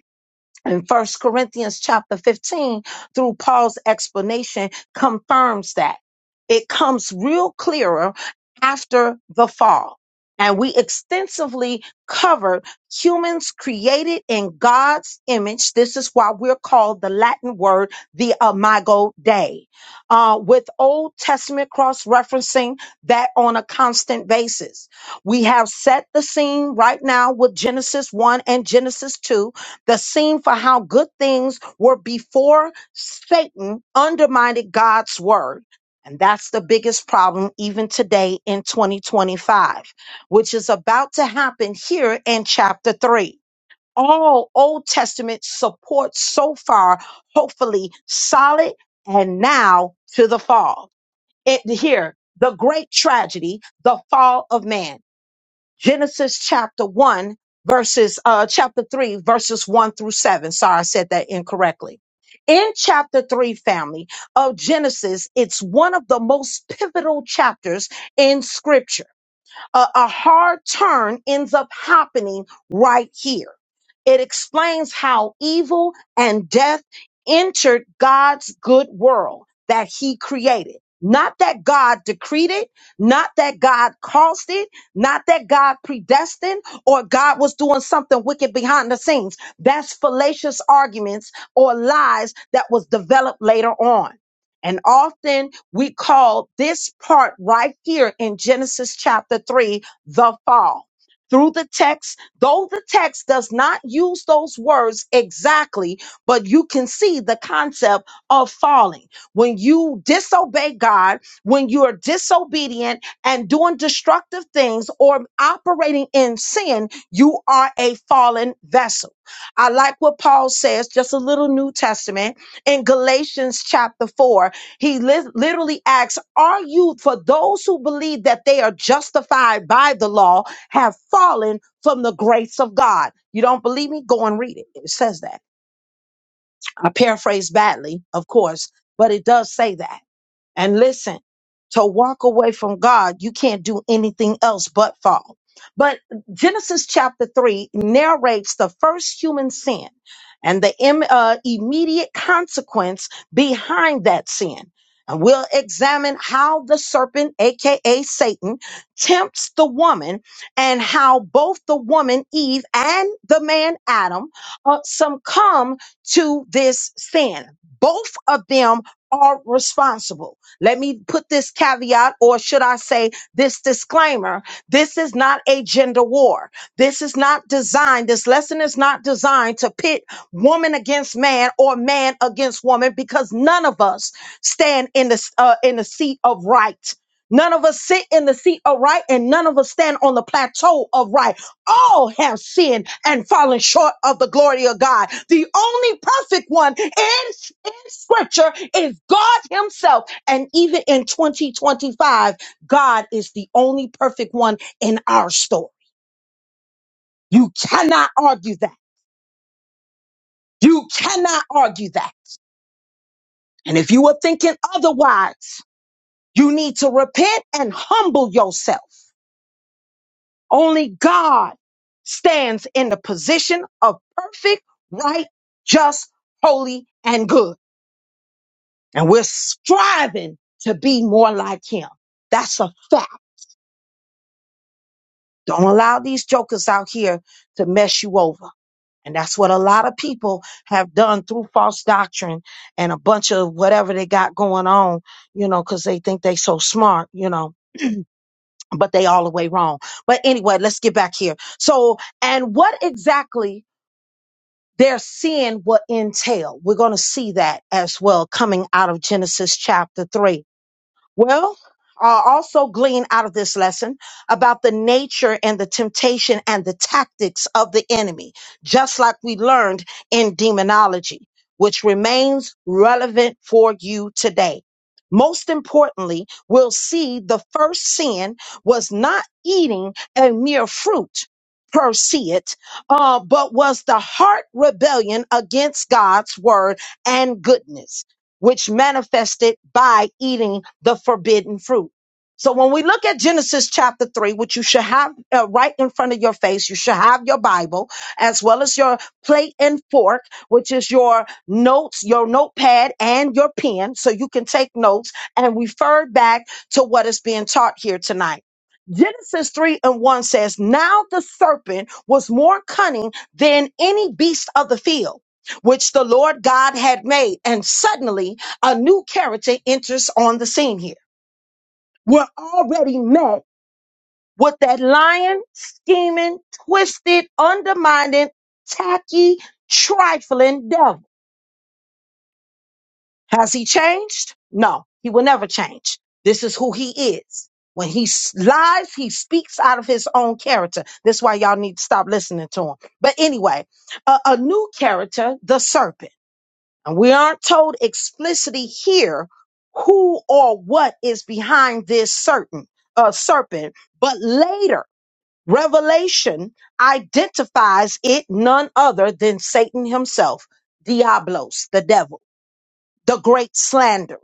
A: in First Corinthians chapter 15 through Paul's explanation confirms that. It comes real clearer after the fall. And we extensively covered humans created in God's image. This is why we're called the Latin word, the imago Dei, uh, with Old Testament cross referencing that on a constant basis. We have set the scene right now with Genesis 1 and Genesis 2 the scene for how good things were before Satan undermined God's word. And that's the biggest problem even today in 2025, which is about to happen here in chapter three. All Old Testament support so far, hopefully solid and now to the fall. It here, the great tragedy, the fall of man. Genesis chapter 1, verses, uh, chapter 3, verses 1 through 7. Sorry, I said that incorrectly. In chapter 3, family of Genesis, it's one of the most pivotal chapters in scripture a, a hard turn ends up happening right here. It explains how evil and death entered God's good world that he created. Not that God decreed it, not that God caused it, not that God predestined or God was doing something wicked behind the scenes. That's fallacious arguments or lies that was developed later on. And often we call this part right here in Genesis chapter 3 the fall. Through the text, though the text does not use those words exactly, but you can see the concept of falling. When you disobey God, when you are disobedient and doing destructive things or operating in sin, you are a fallen vessel. I like what Paul says, just a little New Testament in Galatians chapter 4 he lis- literally asks, Are you, for those who believe that they are justified by the law, have fallen from the grace of God? You don't believe me? Go and read it. It says that. I paraphrase badly, of course, but it does say that. And listen, to walk away from God, you can't do anything else but fall. But Genesis chapter 3 narrates the first human sin and the im- uh, immediate consequence behind that sin. And we'll examine how the serpent, aka Satan, tempts the woman and how both the woman Eve and the man Adam uh, succumb to this sin. Both of them are responsible. Let me put this caveat, or should I say this disclaimer. This is not a gender war. This is not designed, this lesson is not designed to pit woman against man or man against woman because none of us stand in the, uh, in the seat of right. None of us sit in the seat of right and none of us stand on the plateau of right. All have sinned and fallen short of the glory of God. The only perfect one in, in scripture is God himself and even in 2025, God is the only perfect one in our story. You cannot argue that. You cannot argue that. And if you were thinking otherwise, you need to repent and humble yourself. Only God stands in the position of perfect, right, just, holy, and good. And we're striving to be more like him. That's a fact. Don't allow these jokers out here to mess you over. And that's what a lot of people have done through false doctrine and a bunch of whatever they got going on, you know, because they think they so smart, you know, but they all the way wrong. But anyway, let's get back here. So, and what exactly their sin will entail. We're going to see that as well coming out of Genesis chapter 3. Well, uh, also glean out of this lesson about the nature and the temptation and the tactics of the enemy, just like we learned in demonology, which remains relevant for you today. Most importantly, we'll see the first sin was not eating a mere fruit per se, it, uh, but was the heart rebellion against God's word and goodness which manifested by eating the forbidden fruit. So when we look at Genesis chapter 3, which you should have uh, right in front of your face, you should have your Bible as well as your plate and fork, which is your notes, your notepad and your pen so you can take notes and refer back to what is being taught here tonight. Genesis 3 and 1 says, Now the serpent was more cunning than any beast of the field which the Lord God had made. And suddenly a new character enters on the scene here. We're already met with that lying, scheming, twisted, undermining, tacky, trifling devil. Has he changed? No, he will never change. This is who he is. When he s- lies, he speaks out of his own character. That's why y'all need to stop listening to him. But anyway, a a new character, the serpent. And we aren't told explicitly here who or what is behind this certain uh, serpent, but later Revelation identifies it none other than Satan himself, Diablos, the devil, the great slanderer.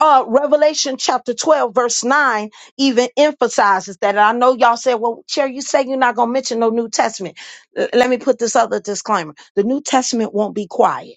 A: Uh, Revelation chapter 12, verse 9 even emphasizes that. And I know y'all said, well, Chair, you say you're not going to mention no New Testament. L- let me put this other disclaimer the New Testament won't be quiet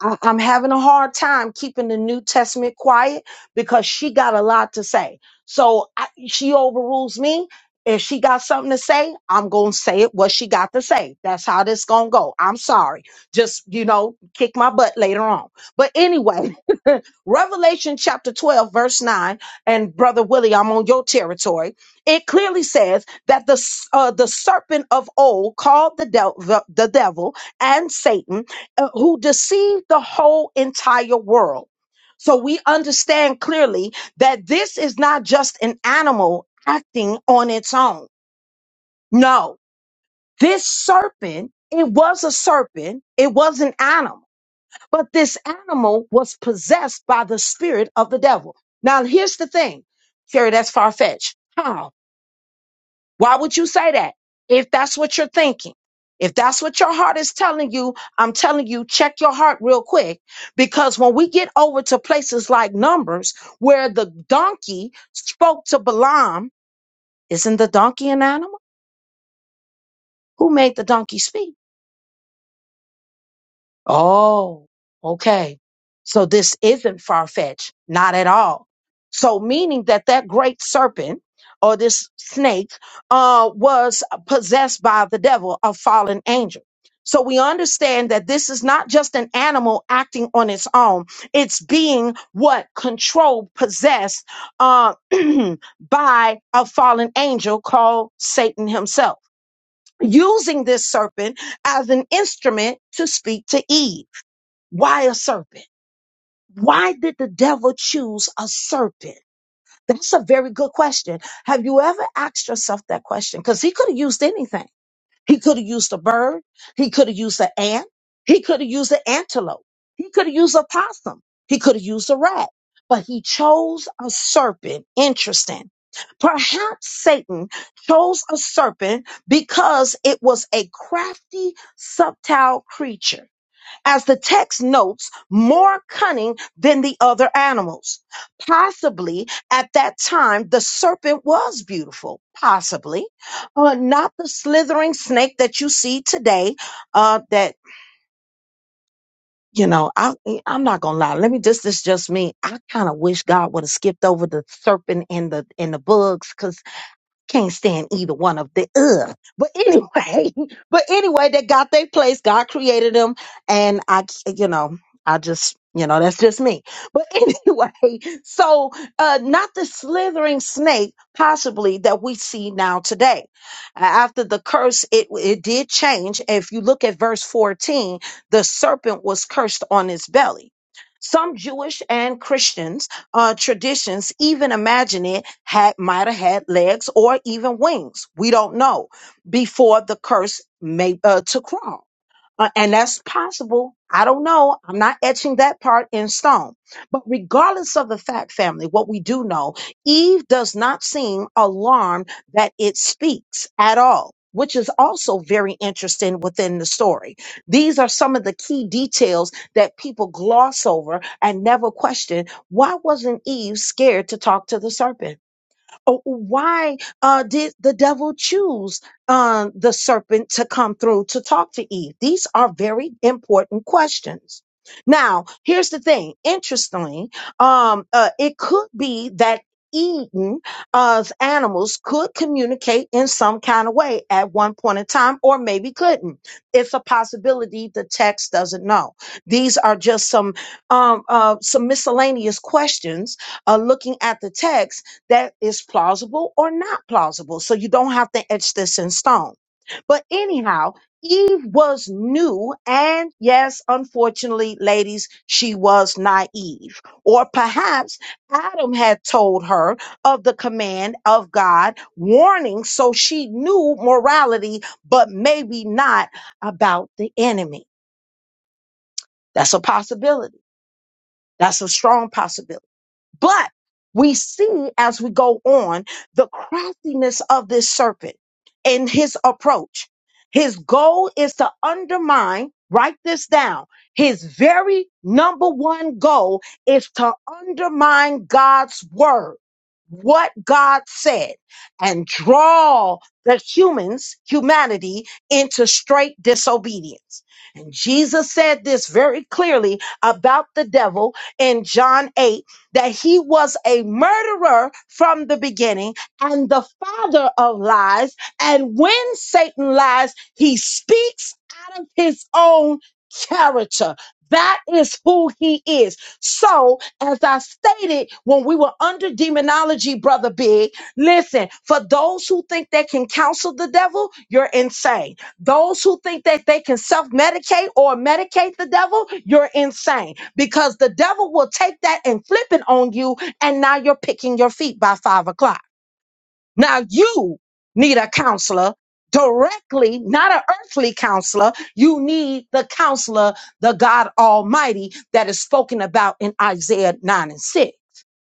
A: I- I'm having a hard time keeping the New Testament quiet because she got a lot to say. So I, she overrules me. If she got something to say, I'm going to say it what she got to say. That's how this going to go. I'm sorry. Just, you know, kick my butt later on. But anyway, Revelation chapter 12, verse 9, and Brother Willie, I'm on your territory. It clearly says that the, s- uh, the serpent of old called the, devil the devil and Satan uh, who deceived the whole entire world. So we understand clearly that this is not just an animal acting on its own. No, this serpent, it was a serpent, it was an animal, but this animal was possessed by the spirit of the devil. Now, here's the thing, Sherry, that's far fetched. How? Why would you say that if that's what you're thinking? If that's what your heart is telling you, I'm telling you, check your heart real quick. Because when we get over to places like Numbers, where the donkey spoke to Balaam, isn't the donkey an animal? Who made the donkey speak? Oh, okay. So this isn't far fetched, not at all. So meaning that that great serpent or this snake uh, was possessed by the devil, a fallen angel. So we understand that this is not just an animal acting on its own. It's being what controlled, possessed uh, by a fallen angel called Satan himself, using this serpent as an instrument to speak to Eve. Why a serpent? Why did the devil choose a serpent? That's a very good question. Have you ever asked yourself that question? Because he could have used anything. He could have used a bird. He could have used an ant. He could have used an antelope. He could have used a possum. He could have used a rat. But he chose a serpent. Interesting. Perhaps Satan chose a serpent because it was a crafty, subtle creature as the text notes, more cunning than the other animals. Possibly at that time, the serpent was beautiful. Possibly, uh, not the slithering snake that you see today. Uh, that you know, I, I'm not gonna lie. Let me just, this is just me. I kind of wish God would have skipped over the serpent and the and the bugs, cause. Can't stand either one of the ugh. But anyway, but anyway, they got their place. God created them, and I, you know, I just, you know, that's just me. But anyway, so uh, not the slithering snake, possibly that we see now today. A- After the curse, it it did change. If you look at verse fourteen, the serpent was cursed on his belly. Some Jewish and Christians uh, traditions even imagine it had might have had legs or even wings. We don't know before the curse made uh, to crawl. Uh, and that's possible. I don't know. I'm not etching that part in stone. But regardless of the fact, family, what we do know, Eve does not seem alarmed that it speaks at all. Which is also very interesting within the story. These are some of the key details that people gloss over and never question. Why wasn't Eve scared to talk to the serpent? Oh, why uh, did the devil choose uh, the serpent to come through to talk to Eve? These are very important questions. Now, here's the thing. Interestingly, um, uh, it could be that Eden of animals could communicate in some kind of way at one point in time, or maybe couldn't. It's a possibility. The text doesn't know. These are just some um, uh, some miscellaneous questions uh, looking at the text that is plausible or not plausible. So you don't have to etch this in stone. But anyhow, Eve was new. And yes, unfortunately, ladies, she was naive. Or perhaps Adam had told her of the command of God warning. So she knew morality, but maybe not about the enemy. That's a possibility. That's a strong possibility. But we see as we go on the craftiness of this serpent and his approach. His goal is to undermine, write this down. His very number one goal is to undermine God's word, what God said, and draw the humans, humanity, into straight disobedience. And Jesus said this very clearly about the devil in John 8 that he was a murderer from the beginning and the father of lies. And when Satan lies, he speaks out of his own character. That is who he is. So, as I stated when we were under demonology, Brother Big, listen, for those who think they can counsel the devil, you're insane. Those who think that they can self medicate or medicate the devil, you're insane because the devil will take that and flip it on you. And now you're picking your feet by five o'clock. Now you need a counselor directly, not an earthly counselor. You need the counselor, the God Almighty, that is spoken about in Isaiah 9 and 6.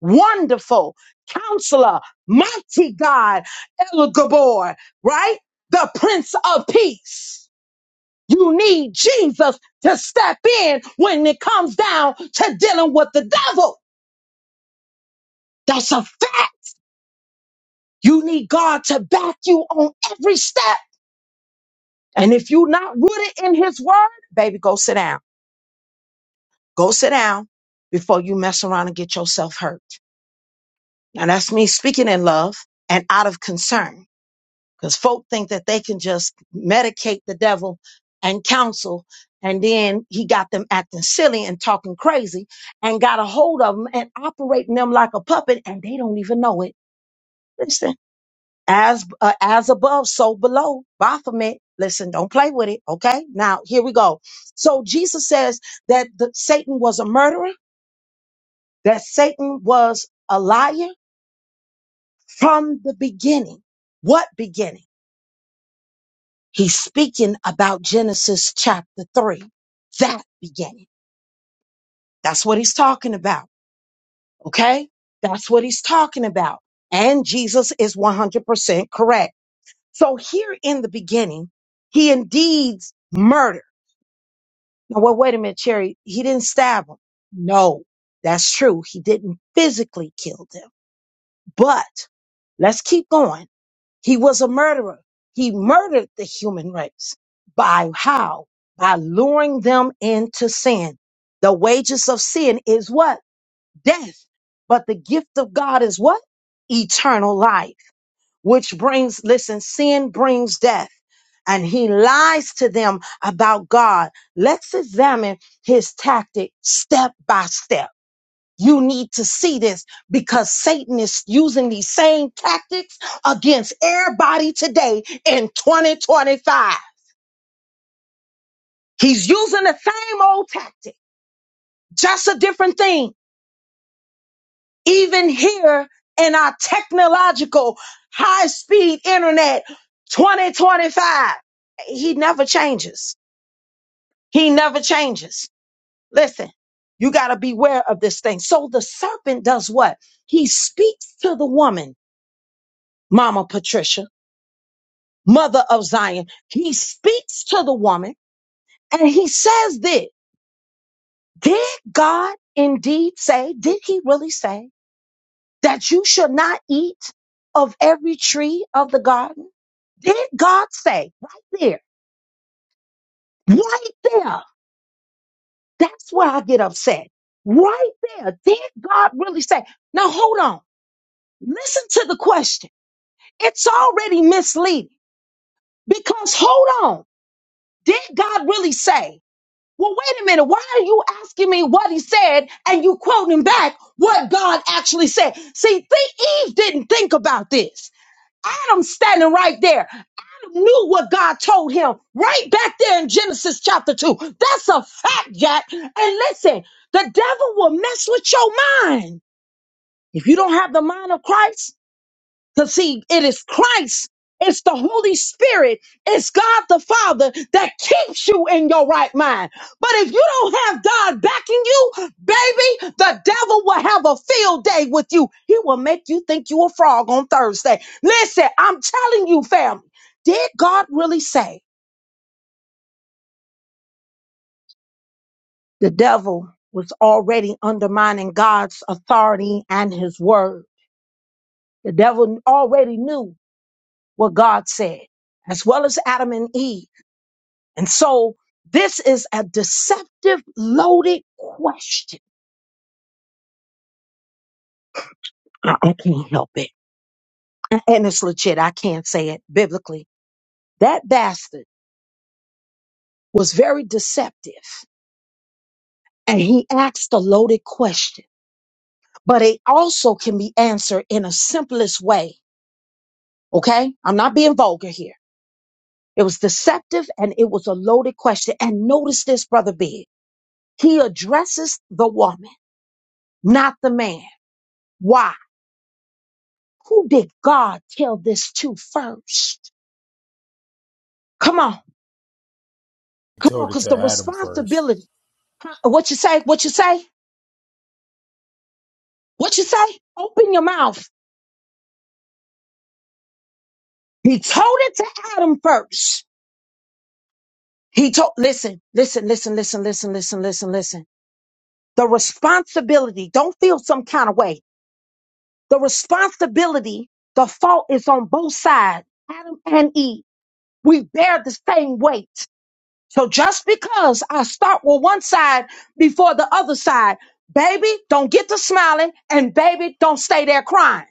A: Wonderful counselor, mighty God, El Gabor, right? The Prince of Peace. You need Jesus to step in when it comes down to dealing with the devil. That's a fact. You need God to back you on every step. And if you're not rooted in his word, baby, go sit down. Go sit down before you mess around and get yourself hurt. Now that's me speaking in love and out of concern. because folk think that they can just medicate the devil and counsel and then he got them acting silly and talking crazy and got a hold of them and operating them like a puppet and they don't even know it listen as uh, as above so below baphomet listen don't play with it okay now here we go so jesus says that the, satan was a murderer that satan was a liar from the beginning what beginning He's speaking about Genesis chapter 3. That began. That's what he's talking about. Okay? That's what he's talking about. And Jesus is 100% correct. So here in the beginning, he indeed murdered. Now, well, wait a minute, Cherry. He didn't stab him. No, that's true. He didn't physically kill them. But let's keep going. He was a murderer. He murdered the human race. By how? By luring them into sin. The wages of sin is what? Death. But the gift of God is what? Eternal life, which brings, listen, sin brings death. And he lies to them about God. Let's examine his tactic step by step you need to see this because Satan is using these same tactics against everybody today in 2025. He's using the same old tactic, just a different thing. Even here in our technological high speed internet 2025, he never changes. He never changes. Listen, you got to beware of this thing. So the serpent does what? He speaks to the woman, Mama Patricia mother of Zion, he speaks to the woman and he says this, did God indeed say, did he really say that you should not eat of every tree of the garden? Did God say right there, right there? That's where I get upset. Right there. Did God really say? Now hold on. Listen to the question. It's already misleading because hold on. Did God really say? Well, wait a minute. Why are you asking me what he said and you quoting back what God actually said? See, thi- Eve didn't think about this. Adam standing right there knew what God told him right back there in Genesis chapter 2. That's a fact, Jack. And listen, the devil will mess with your mind. If you don't have the mind of Christ, because see, it is Christ, it's the Holy Spirit, it's God the Father that keeps you in your right mind. But if you don't have God backing you, baby, the devil will have a field day with you. He will make you think you a frog on Thursday. Listen, I'm telling you, family, did God really say the devil was already undermining God's authority and his word? The devil already knew what God said, as well as Adam and Eve. And so this is a deceptive, loaded question. I, I can't help it. A- And it's legit. I can't say it biblically. That bastard was very deceptive and he asked a loaded question, but it also can be answered in a simplest way. Okay. I'm not being vulgar here. It was deceptive and it was a loaded question. And notice this, brother Big. He addresses the woman, not the man. Why? Who did God tell this to first? Come on,
C: he
A: come on,
C: told it
A: because
C: to
A: the
C: adam first
A: responsibility. Huh? What you say? What you say? What you say? Open your mouth. He told it to Adam first. He told, listen, listen, listen, listen, listen, listen, listen, listen. The responsibility, don't feel some kind of way. The responsibility, the fault is on both sides, Adam and Eve. We bear the same weight. So just because I start with one side before the other side, baby, don't get to smiling and baby, don't stay there crying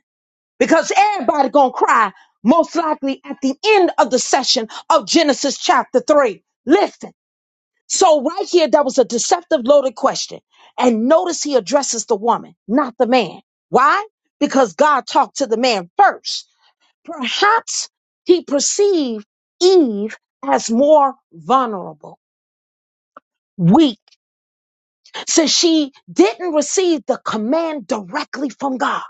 A: because everybody gonna cry most likely at the end of the session of Genesis chapter three. Listen. So right here, that was a deceptive loaded question. And notice he addresses the woman, not the man. Why? Because God talked to the man first. Perhaps he perceived Eve as more vulnerable, weak So she didn't receive the command directly from God.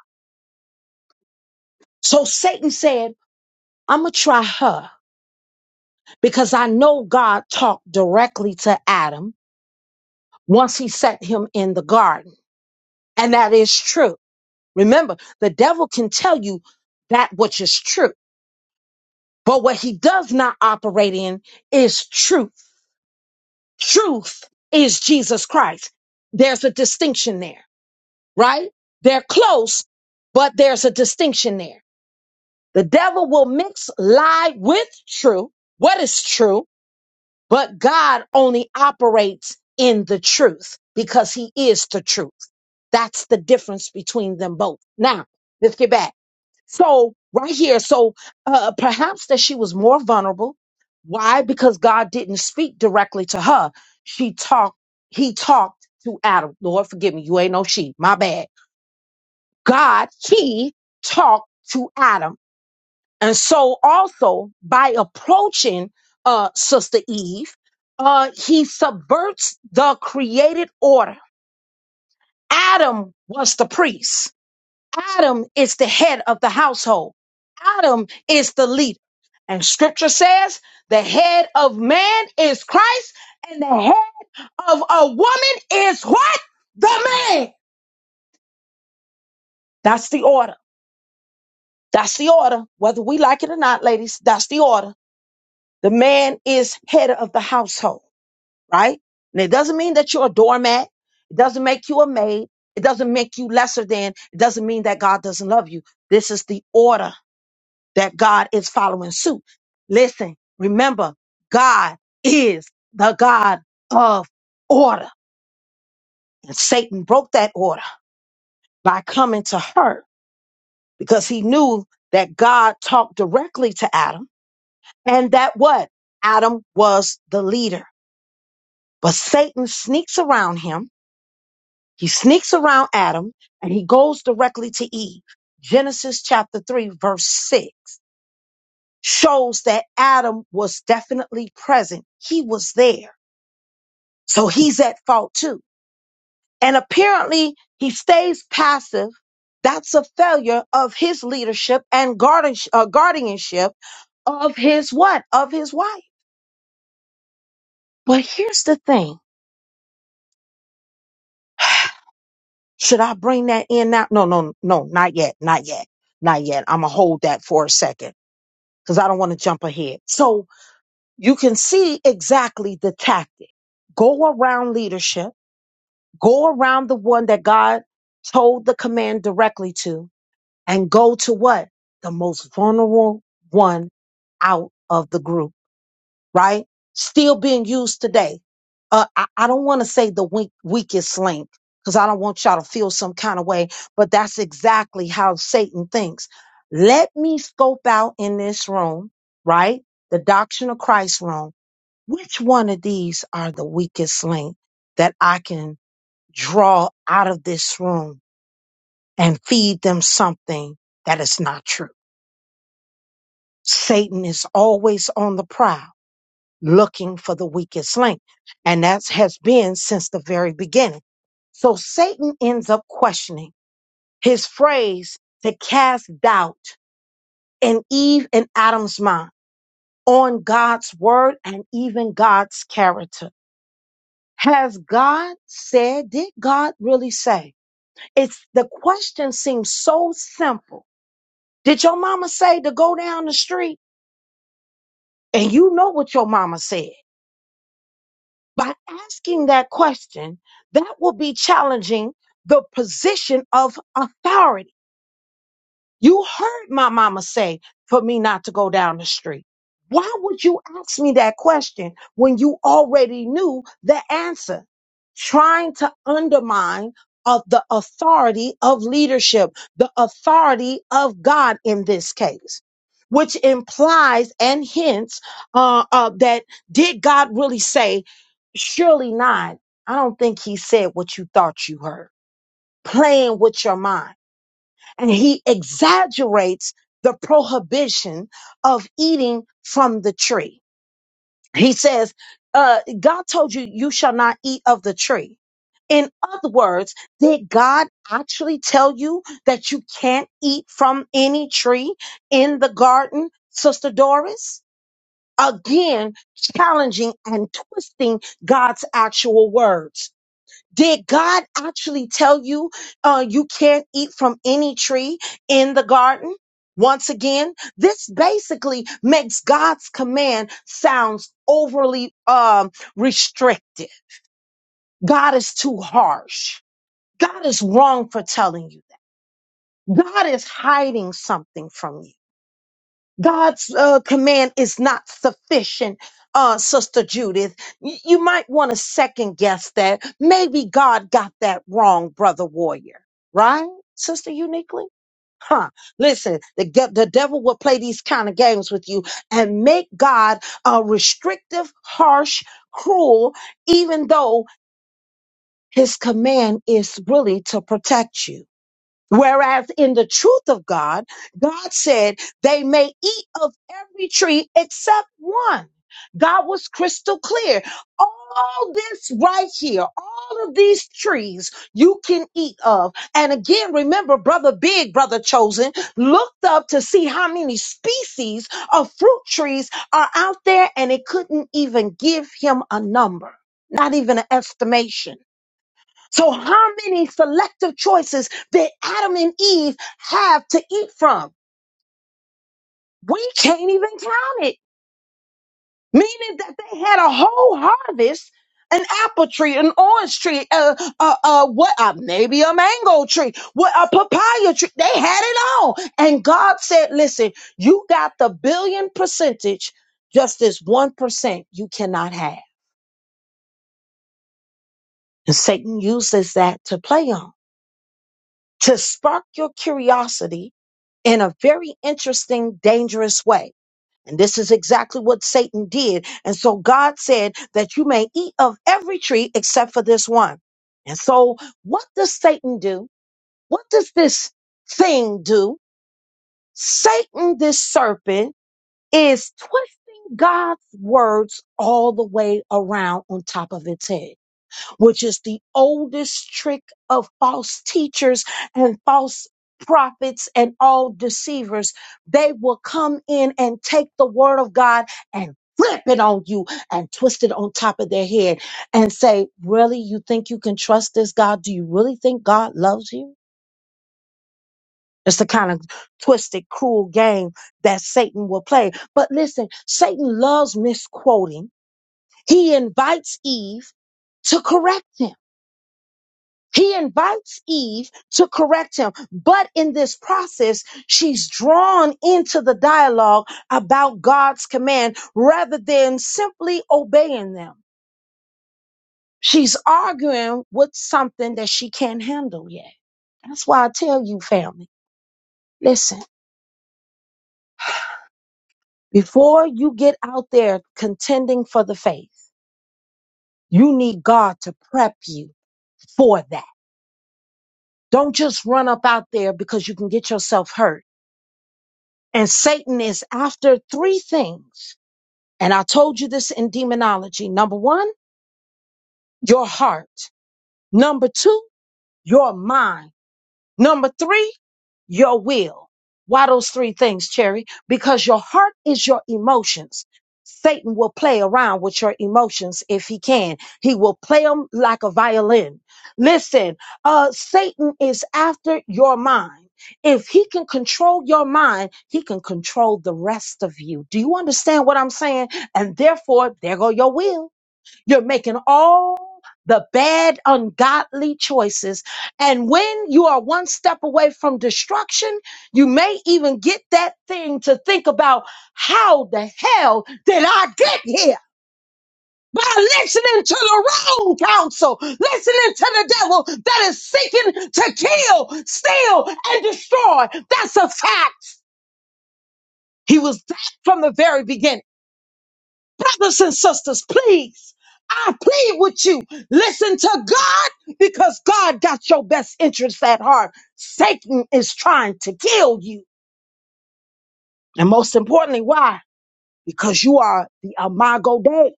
A: So Satan said, I'm going to try her because I know God talked directly to Adam once he set him in the garden. And that is true. Remember, the devil can tell you that which is true, but what he does not operate in is truth. Truth is Jesus Christ. There's a distinction there, right? They're close, but there's a distinction there. The devil will mix lie with truth, what is true, but God only operates in the truth because he is the truth. That's the difference between them both. Now, let's get back. So, right here, so uh, perhaps that she was more vulnerable. Why? Because God didn't speak directly to her. She talked, he talked to Adam. Lord, forgive me. You ain't no she. My bad. God, he talked to Adam. And so, also by approaching uh, Sister Eve, uh, he subverts the created order. Adam was the priest, Adam is the head of the household, Adam is the leader. And scripture says the head of man is Christ, and the head of a woman is what? The man. That's the order. That's the order. Whether we like it or not, ladies, that's the order. The man is head of the household. right? And it doesn't mean that you're a doormat. It doesn't make you a maid. It doesn't make you lesser than. It doesn't mean that God doesn't love you. This is the order that God is following suit. Listen, remember, God is the God of order. And Satan broke that order by coming to her because he knew that God talked directly to Adam and that what? Adam was the leader. But Satan sneaks around him He sneaks around Adam and he goes directly to Eve. Genesis chapter 3, verse 6 shows that Adam was definitely present. He was there. So he's at fault too. And apparently he stays passive. That's a failure of his leadership and guardian, uh, guardianship of his what? Of his wife. But here's the thing. Should I bring that in now? No, no, no, not yet. Not yet. Not yet. I'm going to hold that for a second because I don't want to jump ahead. So you can see exactly the tactic. Go around leadership, go around the one that God told the command directly to, and go to what? The most vulnerable one out of the group right? Still being used today. Uh, I, I don't want to say the weak, weakest link because I don't want y'all to feel some kind of way, but that's exactly how Satan thinks. Let me scope out in this room, right? The doctrine of Christ room. Which one of these are the weakest link that I can draw out of this room and feed them something that is not true? Satan is always on the prowl looking for the weakest link. And that has been since the very beginning. So Satan ends up questioning his phrase to cast doubt in Eve and Adam's mind on God's word and even God's character. Has God said, did God really say? It's the question seems so simple. Did your mama say to go down the street? And you know what your mama said. by asking that question, that will be challenging the position of authority. You heard my mama say for me not to go down the street. Why would you ask me that question when you already knew the answer? Trying to undermine of the authority of leadership, the authority of God in this case, which implies and hints uh, uh, that did God really say, surely not? I don't think he said what you thought you heard, playing with your mind and he exaggerates the prohibition of eating from the tree. He says, uh, God told you, you shall not eat of the tree. In other words, did God actually tell you that you can't eat from any tree in the garden, Sister Doris? Again, challenging and twisting God's actual words. Did God actually tell you uh, you can't eat from any tree in the garden? Once again, this basically makes God's command sounds overly um, restricted. God is too harsh. God is wrong for telling you that. God is hiding something from you. God's uh, command is not sufficient, uh, Sister Judith. Y- you might want to second guess that. Maybe God got that wrong, Brother Warrior. Right, Sister Uniquely? Huh. Listen, the, ge- the devil will play these kind of games with you and make God uh, restrictive, harsh, cruel, even though his command is really to protect you. Whereas in the truth of God, God said they may eat of every tree except one. God was crystal clear. All this right here, all of these trees you can eat of. And again, remember, Brother Big, Brother Chosen, looked up to see how many species of fruit trees are out there, and it couldn't even give him a number, not even an estimation. So, how many selective choices did Adam and Eve have to eat from? We can't even count it, meaning that they had a whole harvest an apple tree, an orange tree, uh, uh, uh, what, uh, maybe a mango tree, what, a papaya tree. They had it all. And God said, listen, you got the billion percentage, just this 1% you cannot have. And Satan uses that to play on, to spark your curiosity in a very interesting, dangerous way. And this is exactly what Satan did. And so God said that you may eat of every tree except for this one. And so what does Satan do? What does this thing do? Satan, this serpent, is twisting God's words all the way around on top of its head which is the oldest trick of false teachers and false prophets and all deceivers. They will come in and take the word of God and flip it on you and twist it on top of their head and say, Really, you think you can trust this God? Do you really think God loves you? It's the kind of twisted, cruel game that Satan will play. But listen, Satan loves misquoting. He invites Eve to correct him He invites Eve to correct him, but in this process, she's drawn into the dialogue about God's command rather than simply obeying them. She's arguing with something that she can't handle yet. That's why I tell you, family, listen, before you get out there contending for the faith, you need God to prep you for that. Don't just run up out there because you can get yourself hurt And Satan is after three things. And I told you this in demonology. Number one, your heart. Number two, your mind. Number three, your will. Why those three things, Cherry? Because your heart is your emotions. Satan will play around with your emotions if he can. He will play them like a violin. Listen, uh, Satan is after your mind. If he can control your mind, he can control the rest of you. Do you understand what I'm saying? And therefore, there go your will you're making all the bad, ungodly choices. And when you are one step away from destruction, you may even get that thing to think about how the hell did I get here? By listening to the wrong counsel, listening to the devil that is seeking to kill, steal, and destroy. That's a fact. He was that from the very beginning. Brothers and sisters, please, I plead with you. Listen to God because God got your best interests at heart. Satan is trying to kill you. And most importantly, why? Because you are the Imago Dei.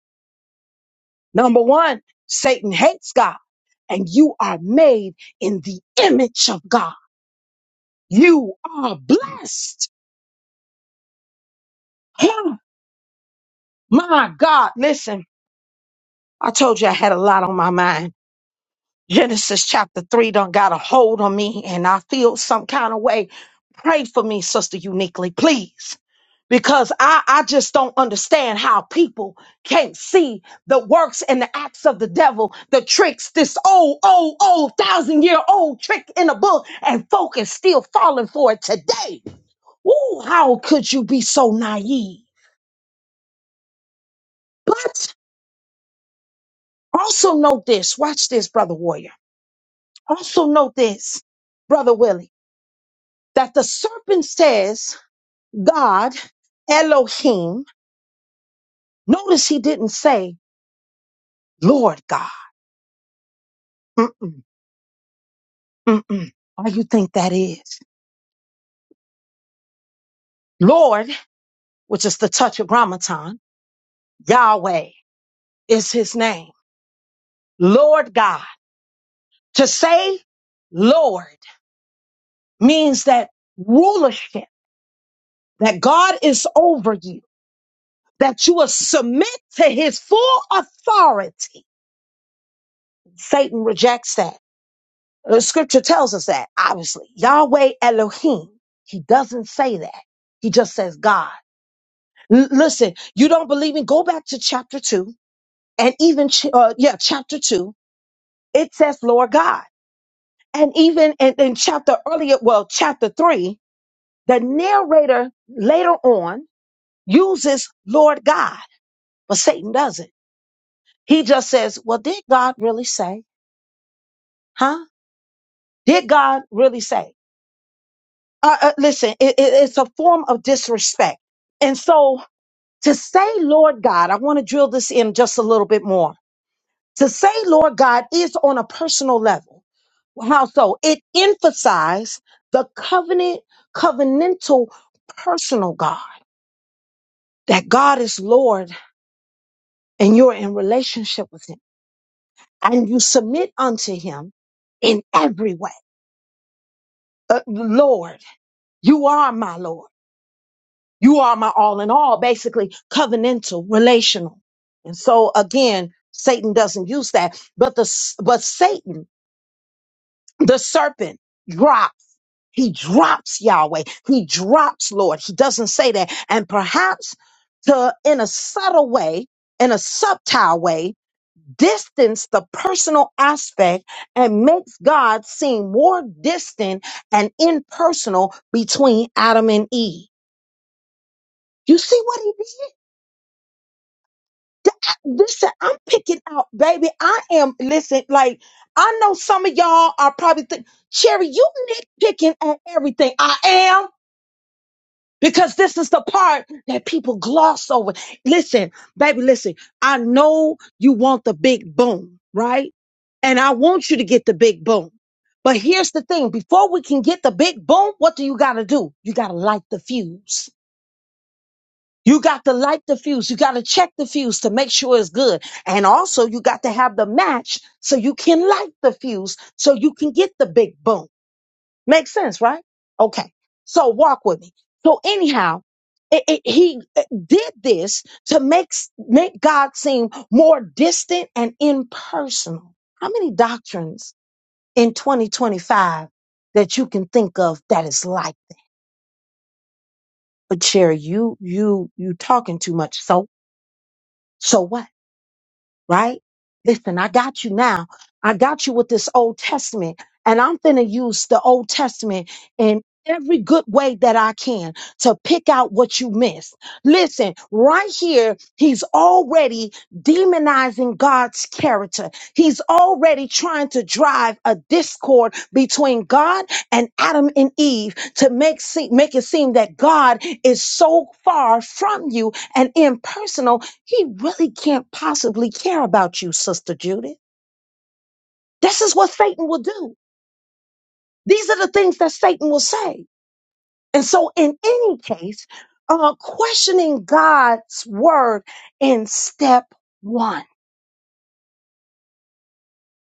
A: Number one, Satan hates God and you are made in the image of God. You are blessed. Huh, my God, listen, I told you I had a lot on my mind. Genesis chapter 3 done got a hold on me and I feel some kind of way. Pray for me, sister, uniquely, please. Because I, I just don't understand how people can't see the works and the acts of the devil, the tricks, this old, old, old, thousand year old trick in a book, and folk is still falling for it today. Ooh, how could you be so naive? But also note this. Watch this, brother warrior. Also note this, brother Willie. that the serpent says, God, Elohim. Notice he didn't say, Lord God. Mm-mm, mm-mm. Why you think that is? Lord, which is the touch of Ramadan, Yahweh is his name. Lord God. To say Lord means that rulership, that God is over you, that you will submit to his full authority. Satan rejects that. The scripture tells us that, obviously. Yahweh Elohim, he doesn't say that. He just says God. L- listen, you don't believe me? Go back to chapter two and even, ch- uh, yeah, chapter two. It says Lord God. And even in, in chapter earlier, well, chapter three, the narrator later on uses Lord God, but Satan doesn't. He just says, well, did God really say, huh? Did God really say? uh, uh, listen, it, it- it's a form of disrespect. And so to say, Lord God, I want to drill this in just a little bit more. To say, Lord God, is on a personal level. How so? It emphasizes the covenant, covenantal, personal God, that God is Lord and you're in relationship with Him and you submit unto Him in every way. Uh, Lord, you are my Lord. You are my all in all, basically covenantal, relational. And so again, Satan doesn't use that, but the, s- but Satan, the serpent drops. He drops Yahweh. He drops Lord. He doesn't say that. And perhaps to, in a subtle way, in a subtile way, distance the personal aspect and makes God seem more distant and impersonal between Adam and Eve. You see what he did? Th- Listen, I'm picking out, baby. I am, listen, like, I know some of y'all are probably think, Cherry, you nitpicking at everything. I am, because this is the part that people gloss over. Listen, baby, listen, I know you want the big boom, right? And I want you to get the big boom. But here's the thing before we can get the big boom, what do you got to do? You got to light the fuse. You got to light the fuse. You got to check the fuse to make sure it's good. And also, you got to have the match so you can light the fuse so you can get the big boom. Makes sense, right? Okay. So, walk with me. So, anyhow, it, it, he uh, did this to make, s- make God seem more distant and impersonal. How many doctrines in 2025 that you can think of that is like, but Sherry, you, you, you talking too much. So, so what? right? Listen, I got you now. I got you with this Old Testament, and I'm finna use the Old Testament in every good way that I can to pick out what you missed. Listen, right here, he's already demonizing God's character. He's already trying to drive a discord between God and Adam and Eve to make, se- make it seem that God is so far from you and impersonal he really can't possibly care about you, Sister Judith. This is what Satan will do. These are the things that Satan will say. And so, in any case, uh, questioning God's word in step one.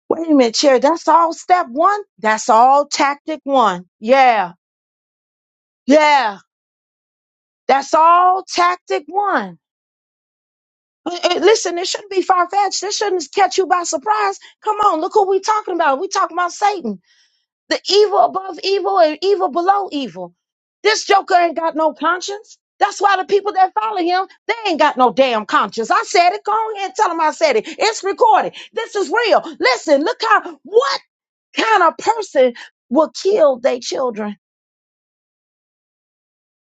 A: Wait a minute, chair. That's all step one. That's all tactic one. Yeah, yeah. That's all tactic one. Uh, uh, Listen, it shouldn't be far fetched. This shouldn't catch you by surprise. Come on, look who we talking about. We talking about Satan. The evil above evil and evil below evil. This joker ain't got no conscience. That's why the people that follow him, they ain't got no damn conscience. I said it. Go on ahead and tell them I said it. It's recorded. This is real. Listen, look how, what kind of person will kill their children?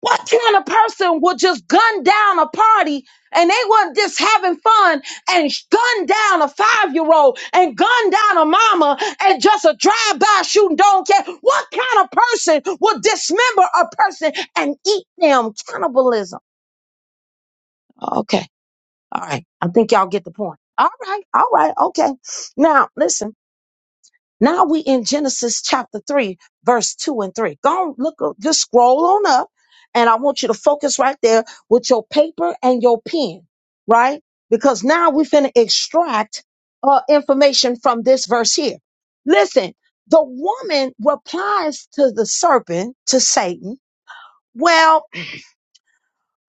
A: What kind of person would just gun down a party and they weren't just having fun and sh- gun down a five year old and gun down a mama and just a drive by shooting, don't care? What kind of person would dismember a person and eat them? Cannibalism. Okay. All right. I think y'all get the point. All right. All right. Okay. Now, listen. Now we in Genesis chapter 3, verse 2 and 3. Go on, look, up- just scroll on up. And I want you to focus right there with your paper and your pen, right? Because now we finna extract uh, information from this verse here. Listen, the woman replies to the serpent, to Satan. Well,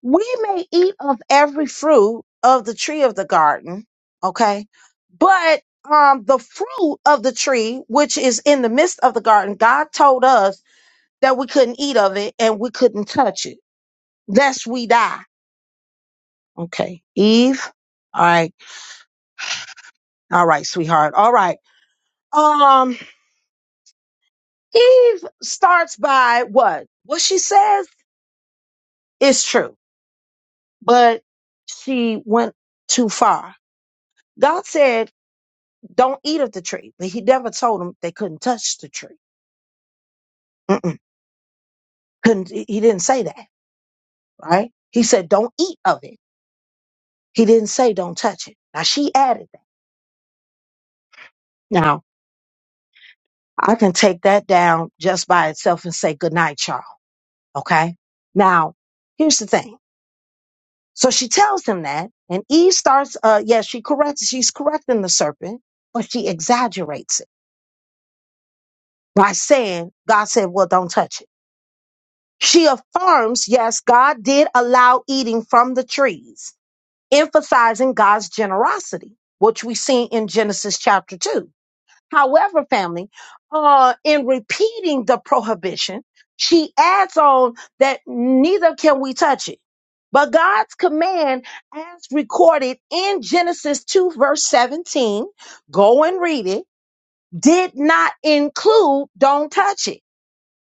A: we may eat of every fruit of the tree of the garden, okay? But um the fruit of the tree which is in the midst of the garden, God told us that we couldn't eat of it and we couldn't touch it. Lest we die. Okay. Eve. All right. All right, sweetheart. All right. Um Eve starts by what? What she says is true, but she went too far. God said Don't eat of the tree. But he never told them they couldn't touch the tree. Mm-mm. Couldn't. He he didn't say that, right? He said, don't eat of it. He didn't say don't touch it. Now she added that. Now I can take that down just by itself and say good night, y'all. Okay. Now here's the thing. So she tells them that, and Eve starts. Uh, yeah, she corrects. She's correcting the serpent, but she exaggerates it by saying, "God said, well, don't touch it." She affirms, yes, God did allow eating from the trees emphasizing God's generosity, which we see in Genesis chapter 2. However, family, uh, in repeating the prohibition, she adds on that neither can we touch it. But God's command, as recorded in Genesis 2, verse 17, go and read it, did not include don't touch it.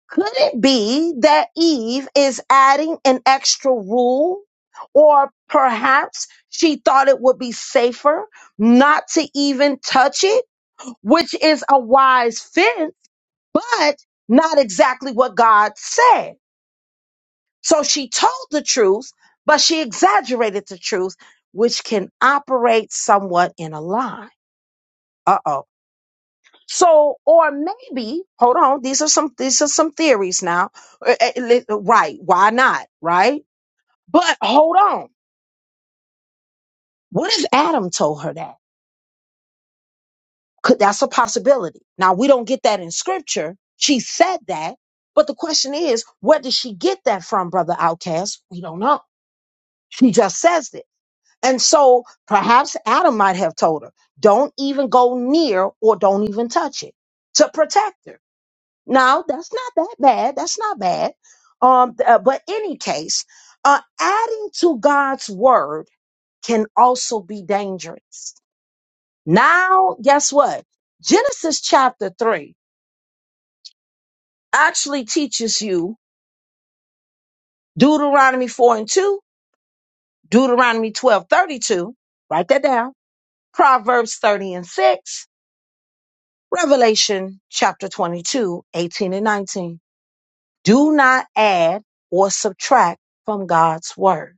A: Could it be that Eve is adding an extra rule? Or perhaps she thought it would be safer not to even touch it, which is a wise fence, but not exactly what God said. So she told the truth, but she exaggerated the truth, which can operate somewhat in a lie. Uh oh. So, or maybe, hold on, these are some these are some theories now. Uh, uh, li- Right, why not? Right? But hold on. What if Adam told her that? Could that's a possibility. Now we don't get that in scripture. She said that, but the question is, where did she get that from, brother Outcast? We don't know. She just says it. And so perhaps Adam might have told her, don't even go near or don't even touch it to protect her. No, that's not that bad. That's not bad. Um, th- uh, but any case, uh, adding to God's word can also be dangerous. Now, guess what? Genesis chapter three actually teaches you Deuteronomy four and two, Deuteronomy twelve thirty two. Write that down. Proverbs 30 and 6, Revelation chapter 22 18 and 19. Do not add or subtract from God's word.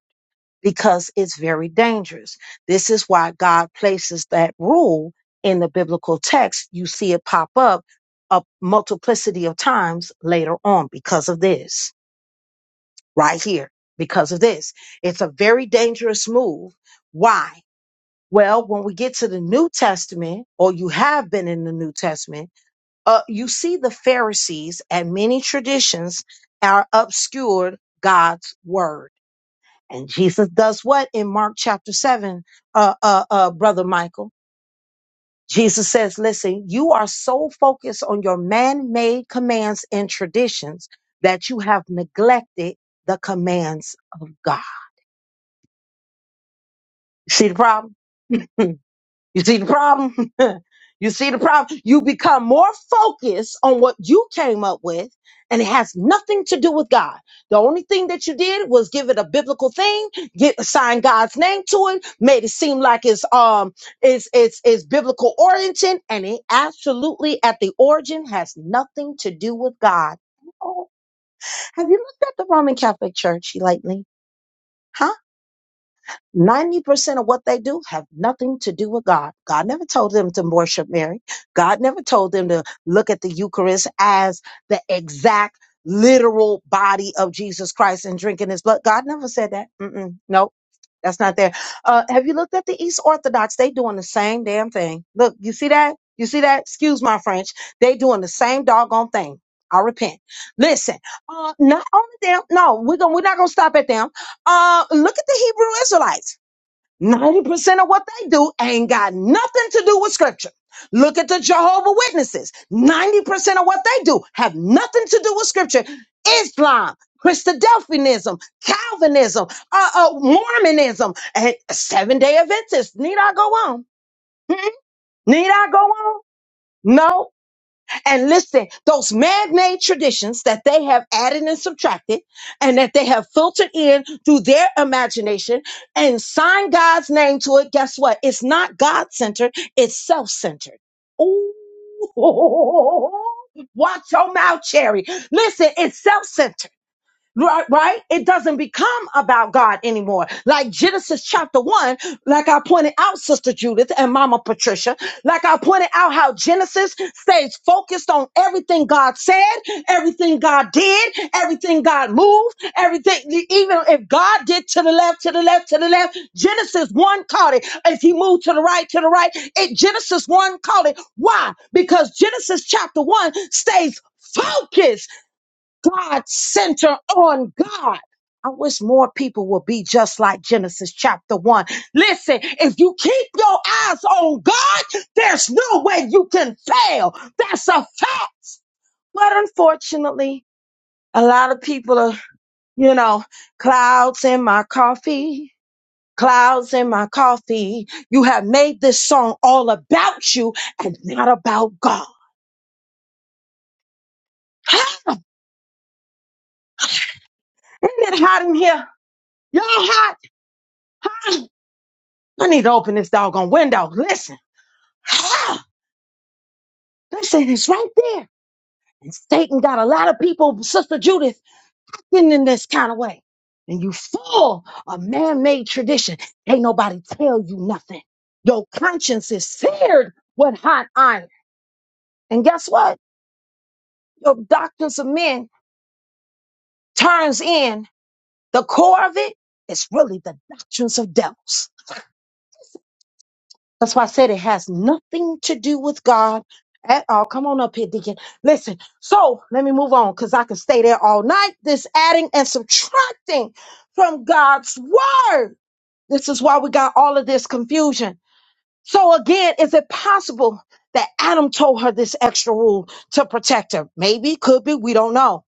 A: because it's very dangerous. This is why God places that rule in the biblical text. You see it pop up a multiplicity of times later on because of this, right here, because of this. It's a very dangerous move. Why? Well, when we get to the New Testament, or you have been in the New Testament, uh, you see the Pharisees and many traditions are obscured God's word and Jesus does what in Mark chapter 7, uh, uh, uh, Brother Michael? Jesus says, Listen, you are so focused on your man made commands and traditions that you have neglected the commands of God. See the problem? You see the problem? you see the problem? You become more focused on what you came up with, and it has nothing to do with God. The only thing that you did was give it a biblical thing, get assign God's name to it, made it seem like it's um it's it's it's biblical origin, and it absolutely at the origin has nothing to do with God. Oh, have you looked at the Roman Catholic Church lately? huh? 90% of what they do have nothing to do with God. God never told them to worship Mary. God never told them to look at the Eucharist as the exact literal body of Jesus Christ and drinking his blood. God never said that. Mm-mm. Nope. That's not there. Uh, have you looked at the East Orthodox? They doing the same damn thing. Look, you see that? You see that? Excuse my French. They doing the same doggone thing. I repent. Listen, uh, not only them. No, we're gonna, we're not gonna stop at them. Uh, look at the Hebrew Israelites. 90% of what they do ain't got nothing to do with scripture. Look at the Jehovah Witnesses. 90% of what they do have nothing to do with scripture. Islam, Christadelphianism, Calvinism, uh, uh, Mormonism, and Seven Day Adventists. Need I go on? Mm-mm. Need I go on? No, and listen, those man-made traditions that they have added and subtracted and that they have filtered in through their imagination and signed God's name to it, guess what? It's not God-centered, it's self-centered. Ooh. Watch your mouth, Cherry. Listen, it's self-centered. Right, right? It doesn't become about God anymore. Like Genesis chapter one, like I pointed out, Sister Judith and Mama Patricia, like I pointed out how Genesis stays focused on everything God said, everything God did, everything God moved, everything, e, even if God did to the left, to the left, to the left, Genesis one caught it. If he moved to the right, to the right, it Genesis one caught it. Why? Because Genesis chapter one stays focused God center on God. I wish more people would be just like Genesis chapter one. Listen, if you keep your eyes on God, there's no way you can fail. That's a fact. But unfortunately, a lot of people are, you know, clouds in my coffee, clouds in my coffee. You have made this song all about you and not about God. Isn't it hot in here? Y'all hot? I need to open this doggone window. Listen. Listen, it's right there. And Satan got a lot of people, Sister Judith, getting in this kind of way. And you full of man-made tradition. Ain't nobody tell you nothing. Your conscience is seared with hot iron. And guess what? Your doctrines of men turns in. The core of it is really the doctrines of devils. That's why I said it has nothing to do with God at all. Come on up here, Deacon. Listen, so let me move on because I can stay there all night. This adding and subtracting from God's word. This is why we got all of this confusion. So, again, is it possible that Adam told her this extra rule to protect her? Maybe, could be, we don't know.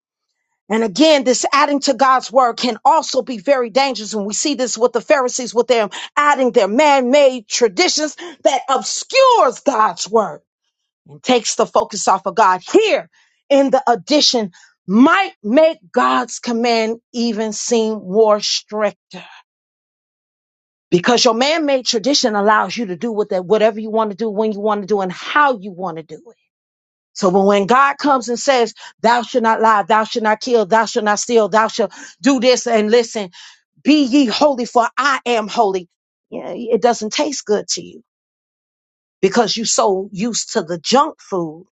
A: And again, this adding to God's word can also be very dangerous. And we see this with the Pharisees, with them adding their man-made traditions that obscures God's word and takes the focus off of God. Here in the addition might make God's command even seem more stricter because your man-made tradition allows you to do what that, whatever you want to do, when you want to do, and how you want to do it. So when when God comes and says, Thou shalt not lie, thou shalt not kill, thou shalt not steal, thou shalt do this and listen, be ye holy, for I am holy. Yeah, it doesn't taste good to you because you're so used to the junk food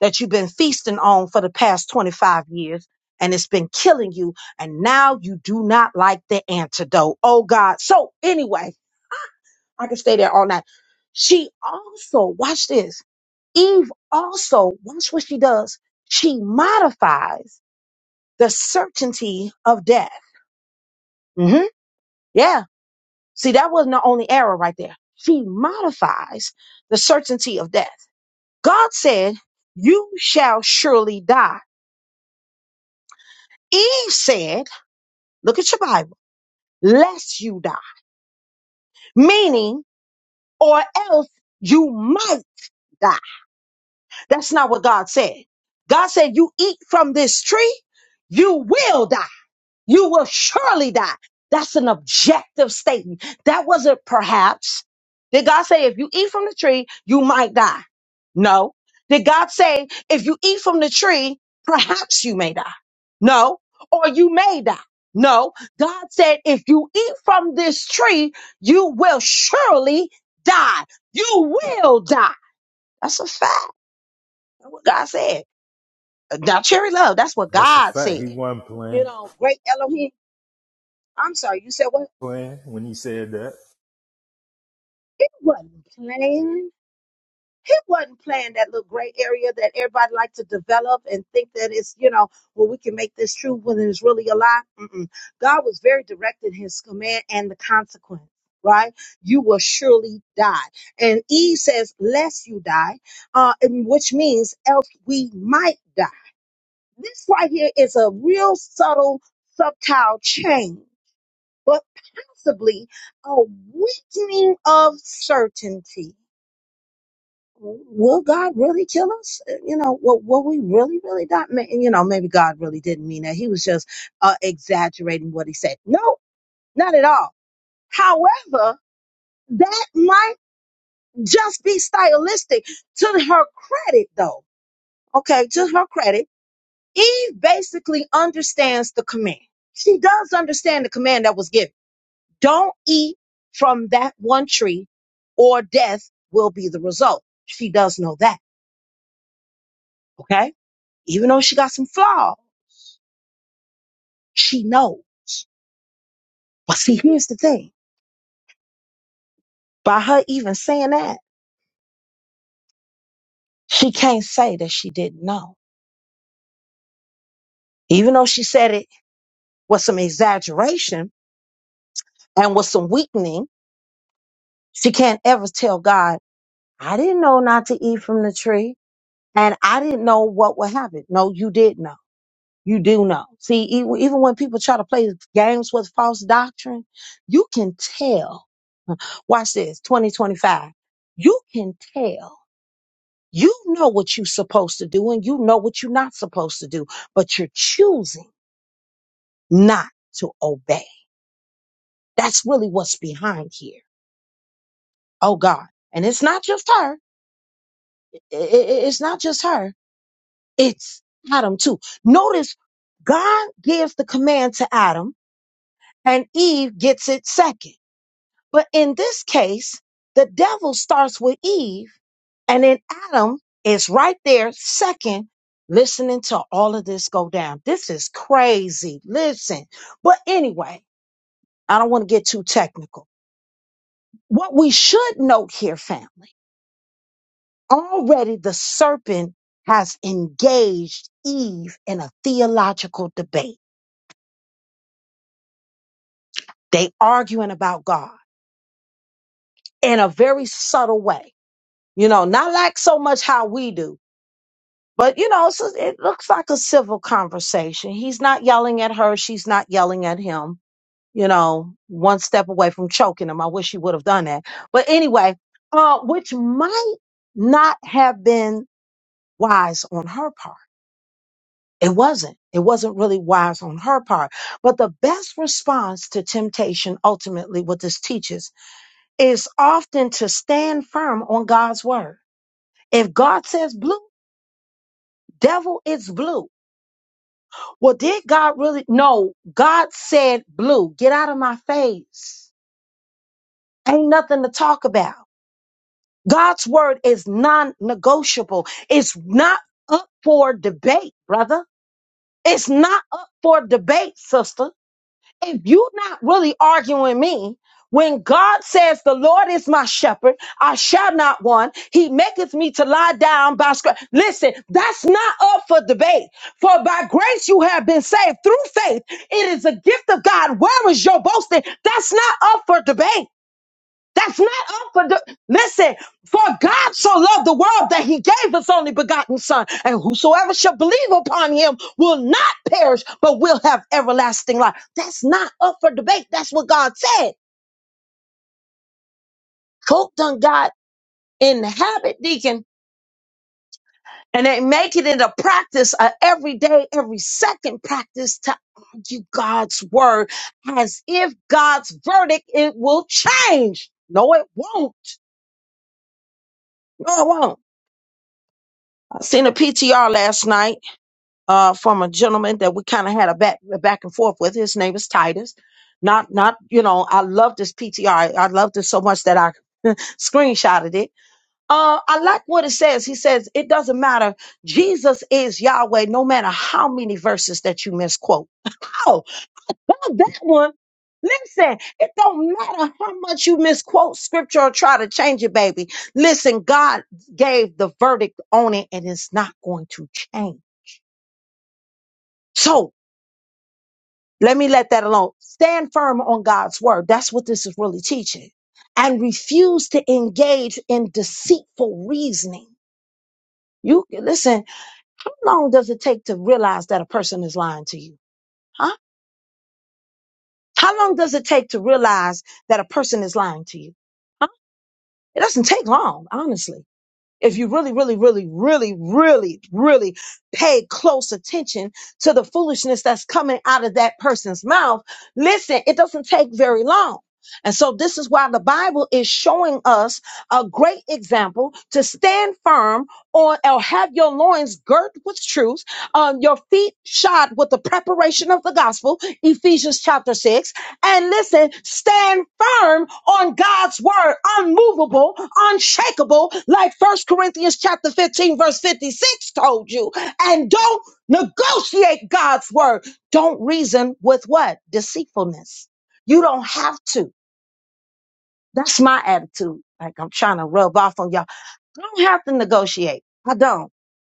A: that you've been feasting on for the past 25 years and it's been killing you. And now you do not like the antidote. Oh God. So anyway, I can stay there all night. She also, watch this. Eve also, watch what she does. She modifies the certainty of death. hmm Yeah. See, that wasn't the only error right there. She modifies the certainty of death. God said, You shall surely die. Eve said, Look at your Bible, lest you die, meaning, or else you might die. That's not what God said. God said, You eat from this tree, you will die. You will surely die. That's an objective statement. That wasn't perhaps. Did God say if you eat from the tree, you might die? No. Did God say if you eat from the tree, perhaps you may die? No. Or you may die? No. God said if you eat from this tree, you will surely die. You will die. That's a fact. That's what God said. Now, cherry love, that's what
C: that's a
A: God
C: fact
A: said.
C: he wasn't
A: You
C: playing
A: know, great Elohim. I'm sorry, you said what?
C: playing when he said that
A: He wasn't playing. He wasn't playing that little gray area that everybody likes to develop and think that it's, you know, well, we can make this true when it's really a lie. Mm-mm. God was very direct in his command and the consequence, right? You will surely die. And Eve says, lest you die, uh, and which means else we might die. This right here is a real subtle, subtile change, but possibly a weakening of certainty will God really kill us? Uh, You know, will, will we really, really die? Ma- You know, maybe God really didn't mean that. He was just uh, exaggerating what he said. No, not at all. However, that might just be stylistic. To her credit, though, okay, to her credit, Eve basically understands the command. She does understand the command that was given. Don't eat from that one tree or death will be the result. She does know that, okay? Even though she got some flaws, she know. But see, here's the thing. By her even saying that, she can't say that she didn't know. Even though she said it with some exaggeration and with some weakening, she can't ever tell God, I didn't know not to eat from the tree and I didn't know what would happen. No, you did know. You do know. See, even, even when people try to play games with false doctrine, you can tell. Watch this, 2025. You can tell You know what you're supposed to do and you know what you're not supposed to do, but you're choosing not to obey. That's really what's behind here. Oh God. And it's not just her. I- I- I- It's not just her. It's Adam too. Notice God gives the command to Adam and Eve gets it second. But in this case, the devil starts with Eve, and then Adam is right there, second, listening to all of this go down. This is crazy. Listen. But anyway, I don't want to get too technical. What we should note here, family, already the serpent has engaged Eve in a theological debate. They arguing about God in a very subtle way. You know, not like so much how we do But you know, so it looks like a civil conversation. He's not yelling at her. She's not yelling at him. You know, one step away from choking him. I wish he would have done that. But anyway, uh, which might not have been wise on her part. It wasn't. It wasn't really wise on her part. But the best response to temptation, ultimately, what this teaches is often to stand firm on God's word. If God says blue, devil, it's blue Well, did God really? No, God said, Blue, get out of my face. Ain't nothing to talk about. God's word is non negotiable. It's not up for debate, brother. It's not up for debate, sister if you're not really arguing me, when God says, The Lord is my shepherd, I shall not want. He maketh me to lie down by scr-" Listen, that's not up for debate. For by grace you have been saved through faith. It is a gift of God. Where is your boasting? That's not up for debate. That's not up for the. Listen, for God so loved the world that he gave his only begotten Son, and whosoever shall believe upon him will not perish, but will have everlasting life. That's not up for debate. That's what God said. Coke done God habit, deacon, and they make it into practice, a every day, every second practice to argue God's word as if God's verdict it will change. No, it won't. No, it won't. I seen a PTR last night uh, from a gentleman that we kind of had a back a back and forth with. His name is Titus. Not not you know I love this PTR. I, I loved it so much that I screenshotted it. Uh, I like what it says. He says it doesn't matter. Jesus is Yahweh, no matter how many verses that you misquote. Oh, well, that one. Listen, it don't matter how much you misquote scripture or try to change it, baby. Listen, God gave the verdict on it, and it's not going to change. So Let me let that alone. Stand firm on God's word. That's what this is really teaching. And refuse to engage in deceitful reasoning. You listen, how long does it take to realize that a person is lying to you? Huh? How long does it take to realize that a person is lying to you? Huh? It doesn't take long, honestly. if you really, really, really, really, really, really pay close attention to the foolishness that's coming out of that person's mouth, listen, it doesn't take very long. And so this is why the Bible is showing us a great example to stand firm on or have your loins girt with truth, um, your feet shod with the preparation of the gospel, Ephesians chapter 6, and listen, stand firm on God's word, unmovable, unshakable, like First Corinthians chapter 15, verse 56 told you. And don't negotiate God's word. Don't reason with what? Deceitfulness. You don't have to. That's my attitude. Like I'm trying to rub off on y'all. I don't have to negotiate. I don't.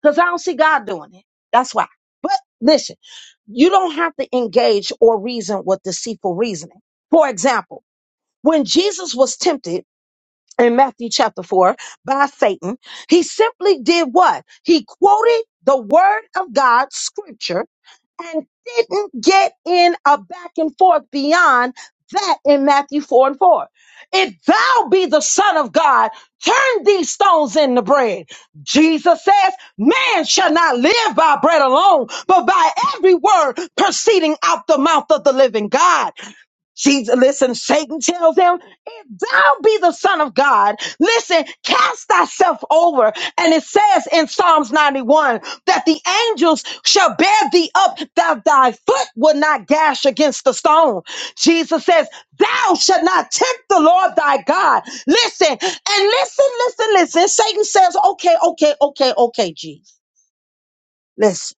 A: Because I don't see God doing it. That's why. But listen, you don't have to engage or reason with deceitful reasoning. For example, when Jesus was tempted in Matthew chapter 4 by Satan, he simply did what? He quoted the word of God, scripture, and didn't get in a back and forth beyond that in Matthew 4 and 4. If thou be the Son of God, turn these stones into bread. Jesus says, Man shall not live by bread alone, but by every word proceeding out the mouth of the living God. Jesus, listen, Satan tells him, if thou be the son of God, listen, cast thyself over. And it says in Psalms 91 that the angels shall bear thee up that thy foot will not gash against the stone. Jesus says, thou shalt not tempt the Lord thy God. Listen, and listen, listen, listen. Satan says, okay, okay, okay, okay, Jesus. Listen,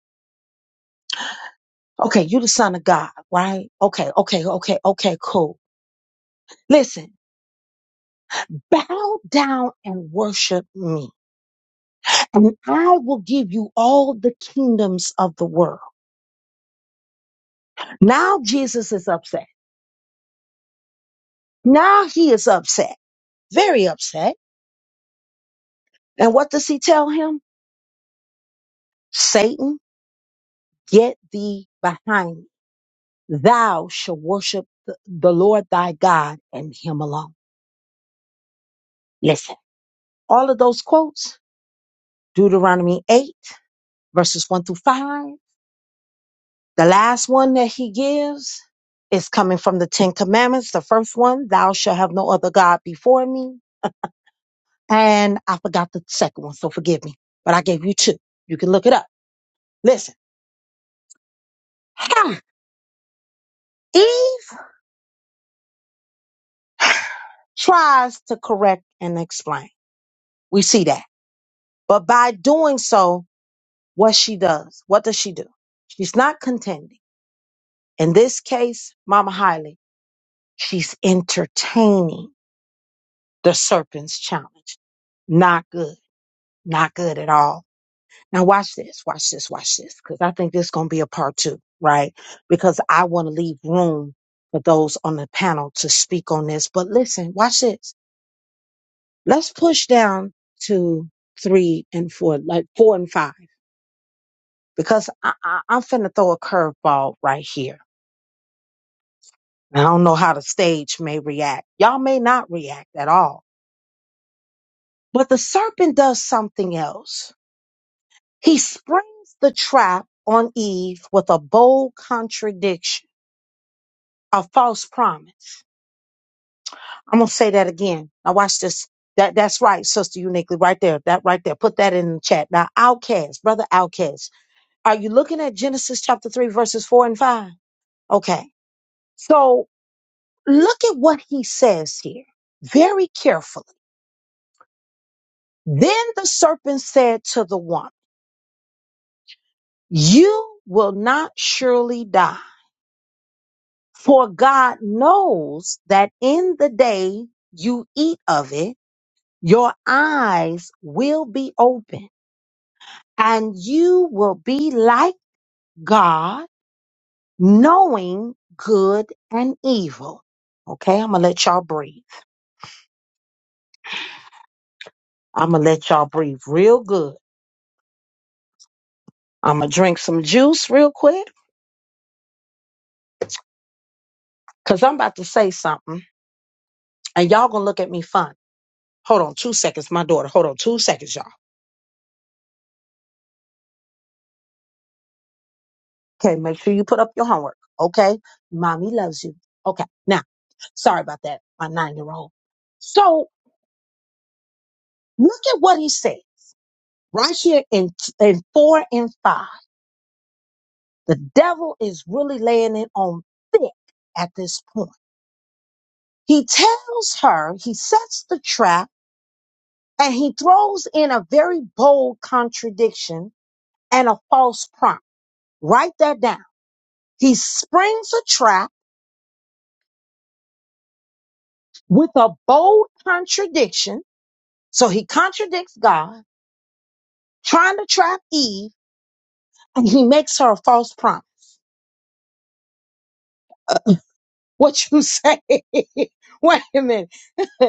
A: okay, you the son of God, right? Okay, okay, okay, okay, cool. Listen. bow down and worship me. And I will give you all the kingdoms of the world. Now Jesus is upset. Now he is upset, very upset. And what does he tell him? Satan, get thee behind me. Thou shall worship the the Lord thy God and him alone. Listen, all of those quotes, Deuteronomy 8, verses 1 through 5, The last one that he gives is coming from the Ten Commandments. The first one, thou shalt have no other God before me. And I forgot the second one, so forgive me. But I gave you two. You can look it up. Listen, Eve tries to correct and explain. We see that. But by doing so, what she does, what does she do? She's not contending. In this case, Mama Hiley, she's entertaining the serpent's challenge. Not good. Not good at all. Now watch this, watch this, watch this, because I think this is going to be a part two, right? Because I want to leave room for those on the panel to speak on this. But listen, watch this. Let's push down to three and four, like four and five, because I, I, I'm finna throw a curveball right here. I don't know how the stage may react. Y'all may not react at all. But the serpent does something else. He springs the trap on Eve with a bold contradiction a false promise. I'm gonna say that again. Now watch this. That that's right, sister uniquely, right there. That right there. Put that in the chat. Now, outcast, brother outcast. Are you looking at Genesis chapter three, verses four and five? Okay. So look at what he says here very carefully. Then the serpent said to the woman, You will not surely die, for God knows that in the day you eat of it Your eyes will be open and you will be like God, knowing good and evil. Okay, I'm gonna let y'all breathe. I'm gonna let y'all breathe real good. I'm gonna drink some juice real quick because I'm about to say something and y'all gonna look at me funny. Hold on two seconds, my daughter. Hold on two seconds, y'all. Okay, make sure you put up your homework. Okay, mommy loves you. Okay, now, sorry about that, my nine year old. So look at what he said. Right here in, in four and five, the devil is really laying it on thick at this point. He tells her, he sets the trap and he throws in a very bold contradiction and a false prompt. Write that down. He springs a trap with a bold contradiction. So he contradicts God, trying to trap Eve, and he makes her a false prompt. What you say? Wait a minute.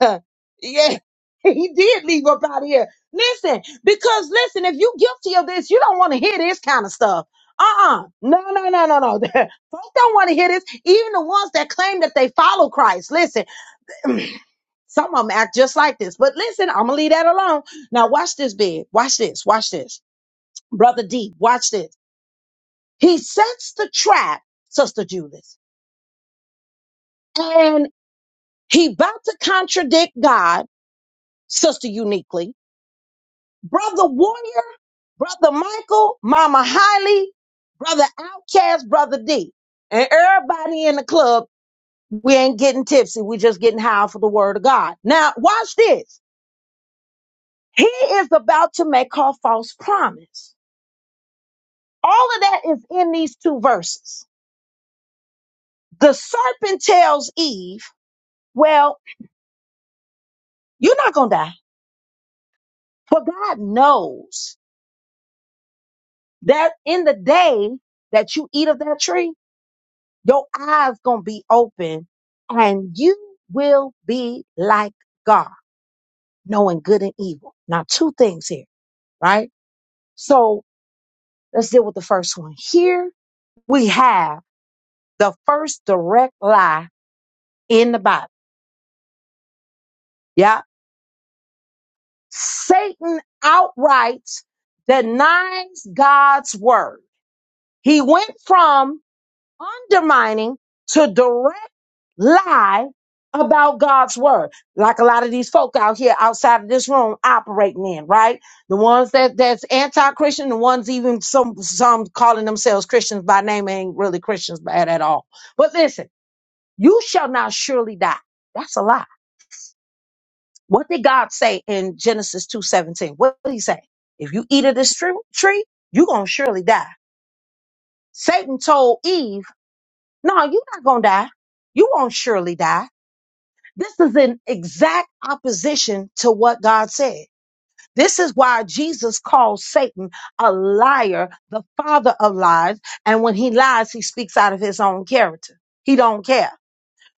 A: Uh, yeah, he did leave up out of here. Listen, because listen, if you guilty of this, you don't want to hear this kind of stuff. Uh-uh. No, no, no, no, no. Folks don't want to hear this. Even the ones that claim that they follow Christ. Listen, some of them act just like this. But listen, I'm gonna leave that alone. Now watch this, big. Watch this. Watch this, brother D. Watch this. He sets the trap, sister Julius, and he about to contradict God, sister uniquely. Brother Warrior, Brother Michael, Mama Holly, Brother Outcast, Brother D. And everybody in the club, we ain't getting tipsy. We just getting high for the word of God. Now, watch this. He is about to make her false promise. All of that is in these two verses. The serpent tells Eve, well, you're not going to die. For God knows that in the day that you eat of that tree, Your eyes gonna be open and you will be like God, knowing good and evil. Now, two things here, right? So let's deal with the first one. Here we have the first direct lie in the Bible. Yeah. Satan outright denies God's word. He went from undermining to direct lie about God's word, like a lot of these folk out here outside of this room operating in, right? The ones that that's anti-Christian, the ones even some some calling themselves Christians by name ain't really Christians bad at all. But listen, you shall not surely die. That's a lie. What did God say in Genesis 2:17? What did he say? If you eat of this tree, tree, you're gonna surely die. Satan told Eve No, you're not going to die. You won't surely die. This is in exact opposition to what God said. This is why Jesus calls Satan a liar, the father of lies. And when he lies, he speaks out of his own character. He don't care.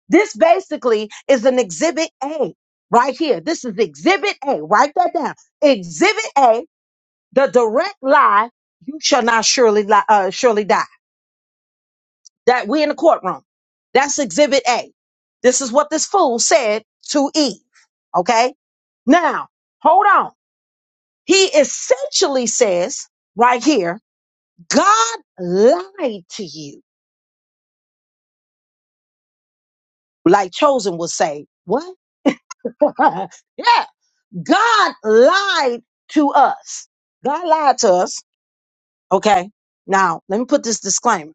A: This basically is an exhibit A right here. This is exhibit A. Write that down. Exhibit A, the direct lie. You shall not surely, li- uh, surely die. That we in the courtroom. That's exhibit A. This is what this fool said to Eve. Okay. Now, hold on. He essentially says right here, God lied to you. Like Chosen would say, what? yeah. God lied to us. God lied to us Okay. Now, let me put this disclaimer.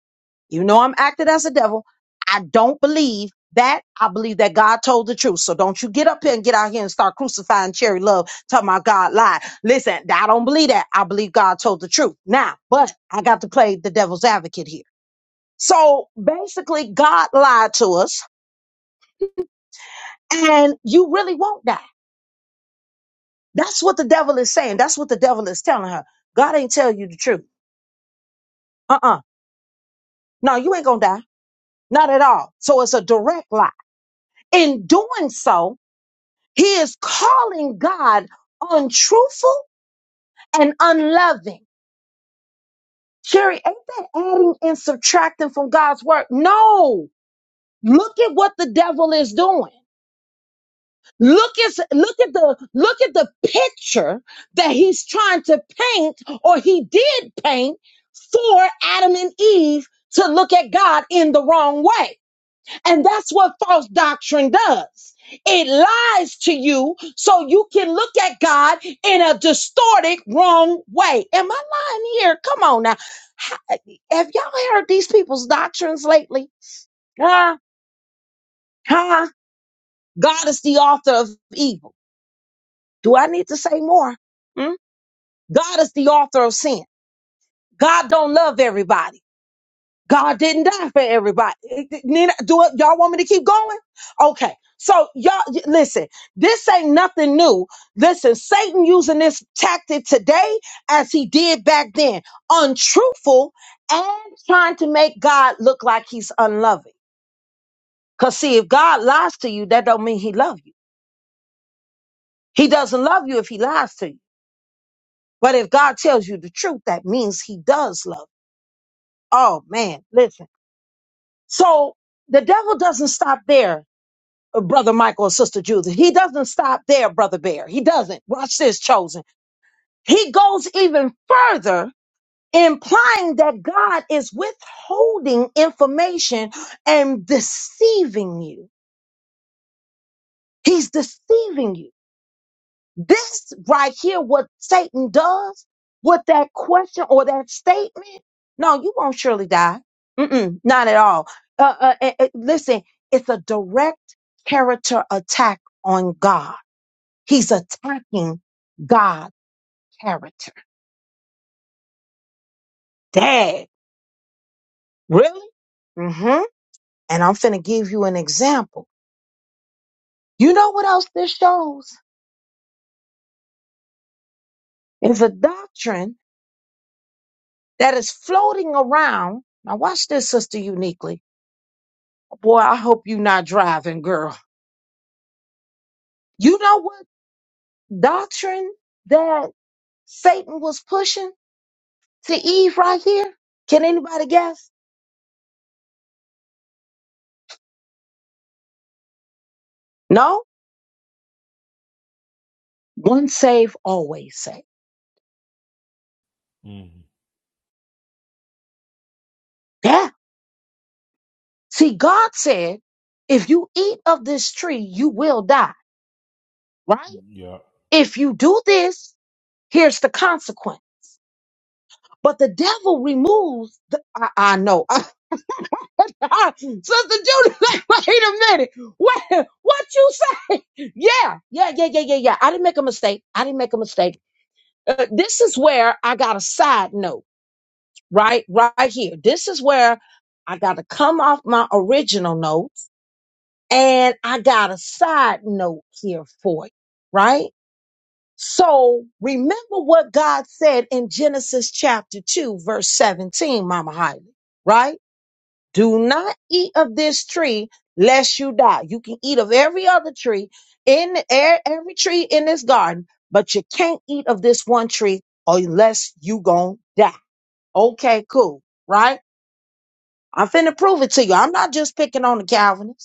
A: You know, I'm acting as a devil. I don't believe that. I believe that God told the truth. So don't you get up here and get out here and start crucifying Cherry Love, talking about God lied. Listen, I don't believe that. I believe God told the truth. Now, but I got to play the devil's advocate here. So basically, God lied to us, and you really won't die. That's what the devil is saying. That's what the devil is telling her. God ain't tell you the truth. Uh uh No, you ain't gonna die. Not at all. So it's a direct lie. in doing so, he is calling God untruthful and unloving. Sherry, ain't that adding and subtracting from God's word? No. Look at what the devil is doing. Look at look at the look at the picture that he's trying to paint or he did paint for Adam and Eve to look at God in the wrong way. And that's what false doctrine does. It lies to you so you can look at God in a distorted, wrong way. Am I lying here? Come on now. Ha- Have y'all heard these people's doctrines lately? Huh? Huh? God is the author of evil. Do I need to say more? Hmm? God is the author of sin. God don't love everybody. God didn't die for everybody. It- it- Nina, do it. Y'all want me to keep going? Okay. So y'all y- listen, this ain't nothing new. Listen, Satan using this tactic today as he did back then, untruthful and trying to make God look like he's unloving. Cause see, if God lies to you, that don't mean he love you. He doesn't love you if he lies to you. But if God tells you the truth, that means he does love. You. Oh man, listen. So the devil doesn't stop there uh, Brother Michael and Sister Judith. He doesn't stop there, Brother Bear. He doesn't. Watch this, chosen. He goes even further, implying that God is withholding information and deceiving you. He's deceiving you. This right here, what Satan does with that question or that statement. No, you won't surely die. Mm-mm, not at all. Uh, uh, uh, uh, listen, it's a direct character attack on God He's attacking God's character. Dad, really? Mm-hmm. And I'm finna give you an example. You know what else this shows? Is a doctrine that is floating around. Now watch this, sister uniquely. Boy, I hope you not driving, girl. You know what doctrine that Satan was pushing to Eve right here? Can anybody guess? No? One save, always save.
C: Mhm.
A: See, God said, if you eat of this tree, you will die, right? If you do this, here's the consequence. But the devil removes the, I, I know. Sister Judy, like, wait a minute. What, what you say? Yeah, yeah, yeah, yeah, yeah, yeah. I didn't make a mistake. I didn't make a mistake. Uh, this is where I got a side note, right? Right here. This is where I got to come off my original note And I got a side note here for you, right? So remember what God said in Genesis chapter 2, verse 17, Mama Hyla, right? Do not eat of this tree lest you die. You can eat of every other tree in the air, every tree in this garden, but you can't eat of this one tree or unless you gonna die. Okay, cool, right? I'm finna prove it to you. I'm not just picking on the Calvinists.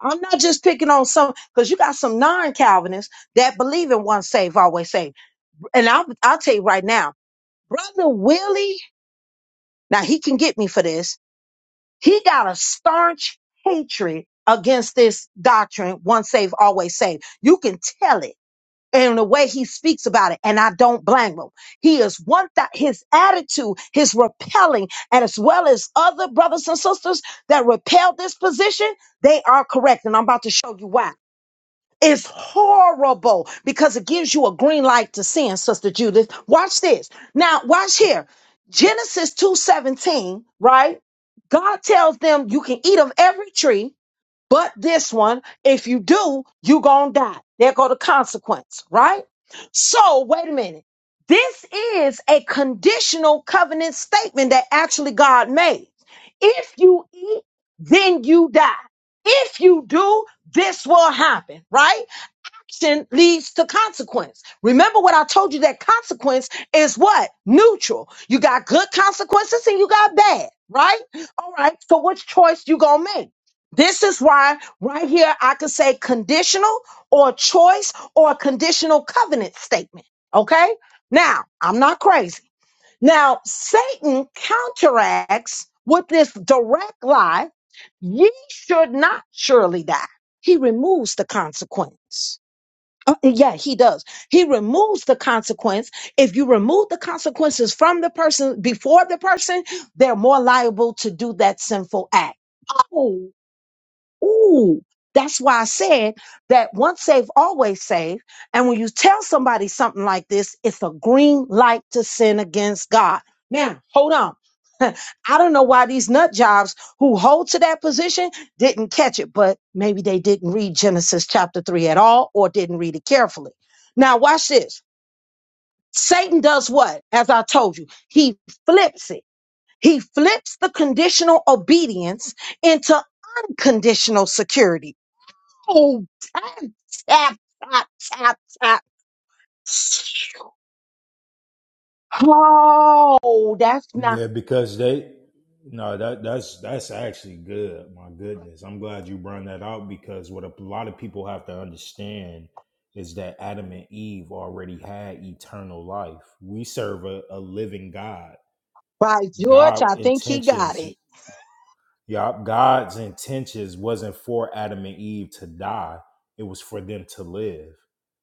A: I'm not just picking on some because you got some non-Calvinists that believe in once saved, always saved. And I'll I'll tell you right now, brother Willie, now he can get me for this. He got a staunch hatred against this doctrine, once saved, always saved. You can tell it in the way he speaks about it, and I don't blame him. He is one that his attitude, his repelling, and as well as other brothers and sisters that repel this position, they are correct. And I'm about to show you why. It's horrible because it gives you a green light to sin, Sister Judith. Watch this. Now, watch here. Genesis 2:17, right? God tells them you can eat of every tree but this one. If you do, you gonna die. There go the consequence, right? So wait a minute. This is a conditional covenant statement that actually God made. If you eat, then you die. If you do, this will happen, right? action leads to consequence. Remember what I told you that consequence is what? Neutral. You got good consequences and you got bad, right? All right. So which choice you going to make? This is why right here I could say conditional or choice or conditional covenant statement, okay? Now, I'm not crazy. Now, Satan counteracts with this direct lie, ye should not surely die. He removes the consequence. Uh, yeah, he does. He removes the consequence. If you remove the consequences from the person before the person, they're more liable to do that sinful act. Ooh, that's why I said that once saved, always saved. And when you tell somebody something like this, it's a green light to sin against God. Now, hold on. I don't know why these nut jobs who hold to that position didn't catch it, but maybe they didn't read Genesis chapter 3 at all or didn't read it carefully. Now, watch this. Satan does what? As I told you, he flips it. He flips the conditional obedience into unconditional security. Oh, tap, tap, tap, tap, tap. Oh, that's not.
C: Yeah, because they no, that that's that's actually good. My goodness. I'm glad you brought that out because what a lot of people have to understand is that Adam and Eve already had eternal life. We serve a, a living God.
A: By George,
C: God
A: I think he got
C: intentions
A: it.
C: yeah, God's intentions wasn't for Adam and Eve to die; it was for them to live.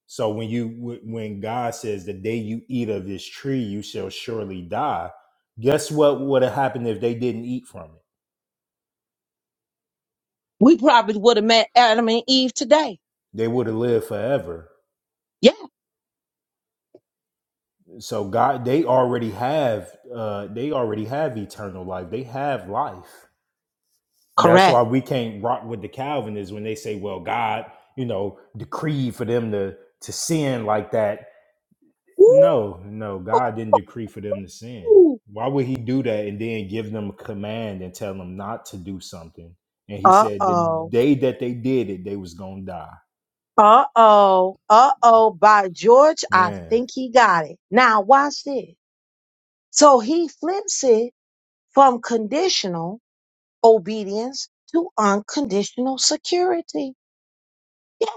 C: So when you wh- when God says, "The day you eat of this tree, you shall surely die," guess what would have happened if they didn't eat from it?
A: We probably would have met Adam and Eve today.
C: They would have lived forever.
A: Yeah,
C: So God, they already have uh, they already have eternal life. They have life. That's
A: correct.
C: why we can't rock with the Calvinists when they say, "Well, God, you know, decreed for them to to sin like that."
A: Woo!
C: No, no, God didn't decree for them to sin. Why would He do that and then give them a command and tell them not to do something? And He
A: Uh
C: said the
A: oh.
C: day that they did it, they was gonna die.
A: Uh oh. Uh oh. By George, I
C: Man,
A: think he got it. Now, watch this. So he flips it from conditional obedience to unconditional security. Yeah,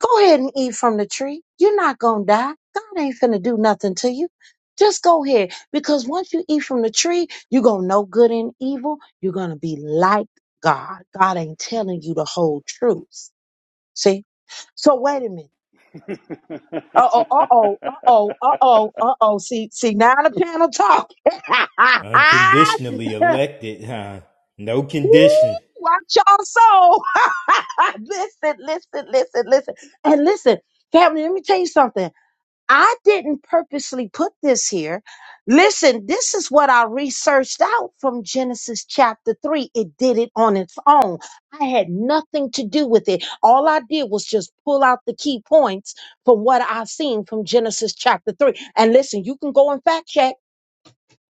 A: go ahead and eat from the tree. You're not going to die. God ain't finna do nothing to you. Just go ahead. Because once you eat from the tree, you're going to know good and evil. You're going to be like God. God ain't telling you the whole truth. See? So wait a minute. Uh oh, uh oh, uh oh, uh oh, uh oh. See, see, now the panel talk.
C: unconditionally elected, huh? No
A: Woo,
C: condition.
A: Watch y'all so. listen, listen, listen, listen. And listen, family, let me tell you something. I didn't purposely put this here. Listen, this is what I researched out from Genesis chapter 3. It did it on its own. I had nothing to do with it. All I did was just pull out the key points from what I've seen from Genesis chapter 3. And listen, you can go and fact check.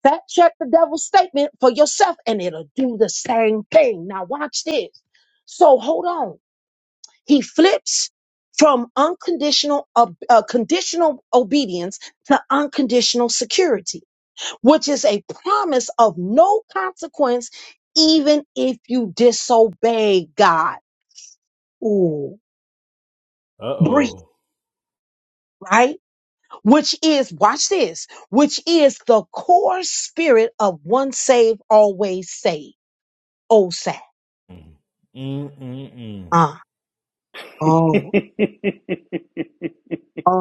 A: Fact check the devil's statement for yourself and it'll do the same thing. Now, watch this. So, hold on. He flips from unconditional ob- uh, conditional obedience to unconditional security, which is a promise of no consequence even if you disobey God. Ooh,
C: Uh
A: breathe,
C: oh.
A: right? Which is, watch this, which is the core spirit of one saved, always saved. Oh, sad.
C: Mm-mm-mm.
A: Uh, oh,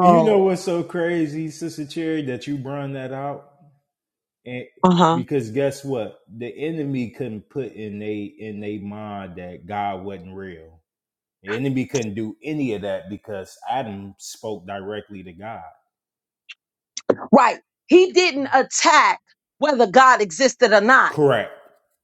C: You know what's so crazy, Sister Cherry, that you brung that out, and
A: uh huh.
C: because guess what, the enemy couldn't put in they in their mind that God wasn't real. The enemy couldn't do any of that because Adam spoke directly to God.
A: Right. He didn't attack whether God existed or not.
C: Correct.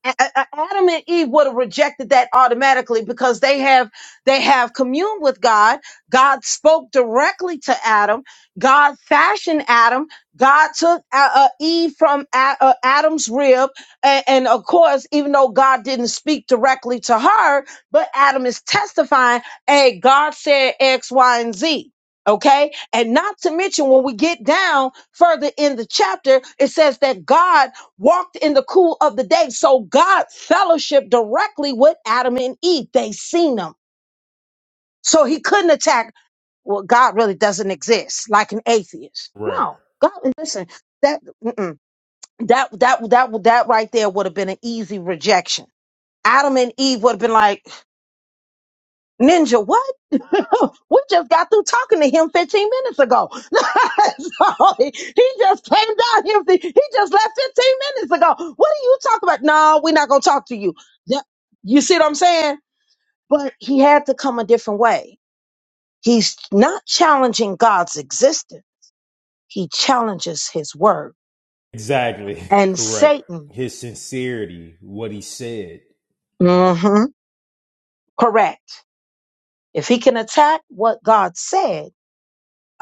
A: A- A- Adam and Eve would have rejected that automatically because they have they have communed with God. God spoke directly to Adam. God fashioned Adam. God took uh, uh, Eve from A- uh, Adam's rib, and, and of course, even though God didn't speak directly to her, but Adam is testifying. Hey, God said X, Y, and Z. Okay, and not to mention when we get down further in the chapter, it says that God walked in the cool of the day. So God fellowshiped directly with Adam and Eve. They seen them. So he couldn't attack, well, God really doesn't exist, like an atheist.
C: Correct.
A: No. God, listen, that, mm-mm. that, that, that, that right there would have been an easy rejection. Adam and Eve would have been like, Ninja, what? we just got through talking to him 15 minutes ago. so he, he just came down here. He he just left 15 minutes ago. What are you talking about? No, we're not going to talk to you. Yeah, You see what I'm saying? But he had to come a different way. He's not challenging God's existence. He challenges his word
C: Exactly.
A: and
C: Correct.
A: Satan.
C: His sincerity, what he said. Yep.
A: hmm Correct. If he can attack what God said,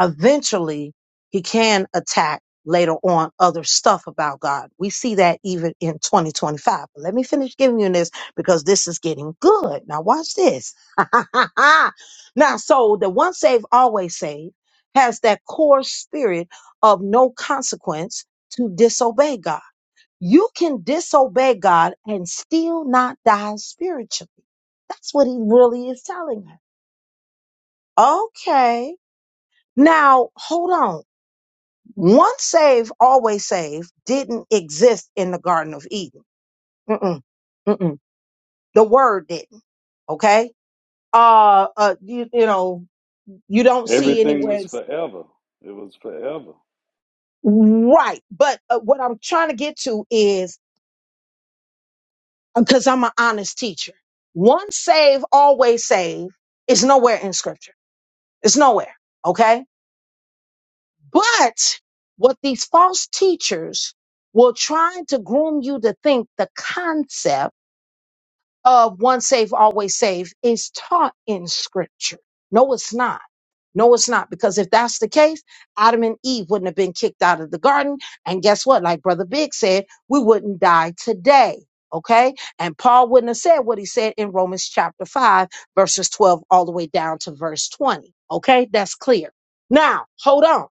A: eventually he can attack later on other stuff about God. We see that even in 2025. But let me finish giving you this because this is getting good. Now watch this. now, so the once saved, always saved has that core spirit of no consequence to disobey God. You can disobey God and still not die spiritually. That's what he really is telling her. Okay. Now, hold on once saved, always saved didn't exist in the Garden of Eden. Mm-mm, mm-mm. The word didn't. Okay. Uh, uh, you, you know, you don't see
D: Everything
A: anywhere
D: was
A: it's-
D: forever. It was forever.
A: right but uh, what i'm trying to get to is because i'm an honest teacher once saved always saved is nowhere in scripture it's nowhere okay but what these false teachers will try to groom you to think the concept of one safe, always safe is taught in scripture. No, it's not. No, it's not. Because if that's the case, Adam and Eve wouldn't have been kicked out of the garden. And guess what? Like Brother Big said, we wouldn't die today. Okay. And Paul wouldn't have said what he said in Romans chapter 5, verses 12 all the way down to verse 20. Okay. That's clear. Now, hold on.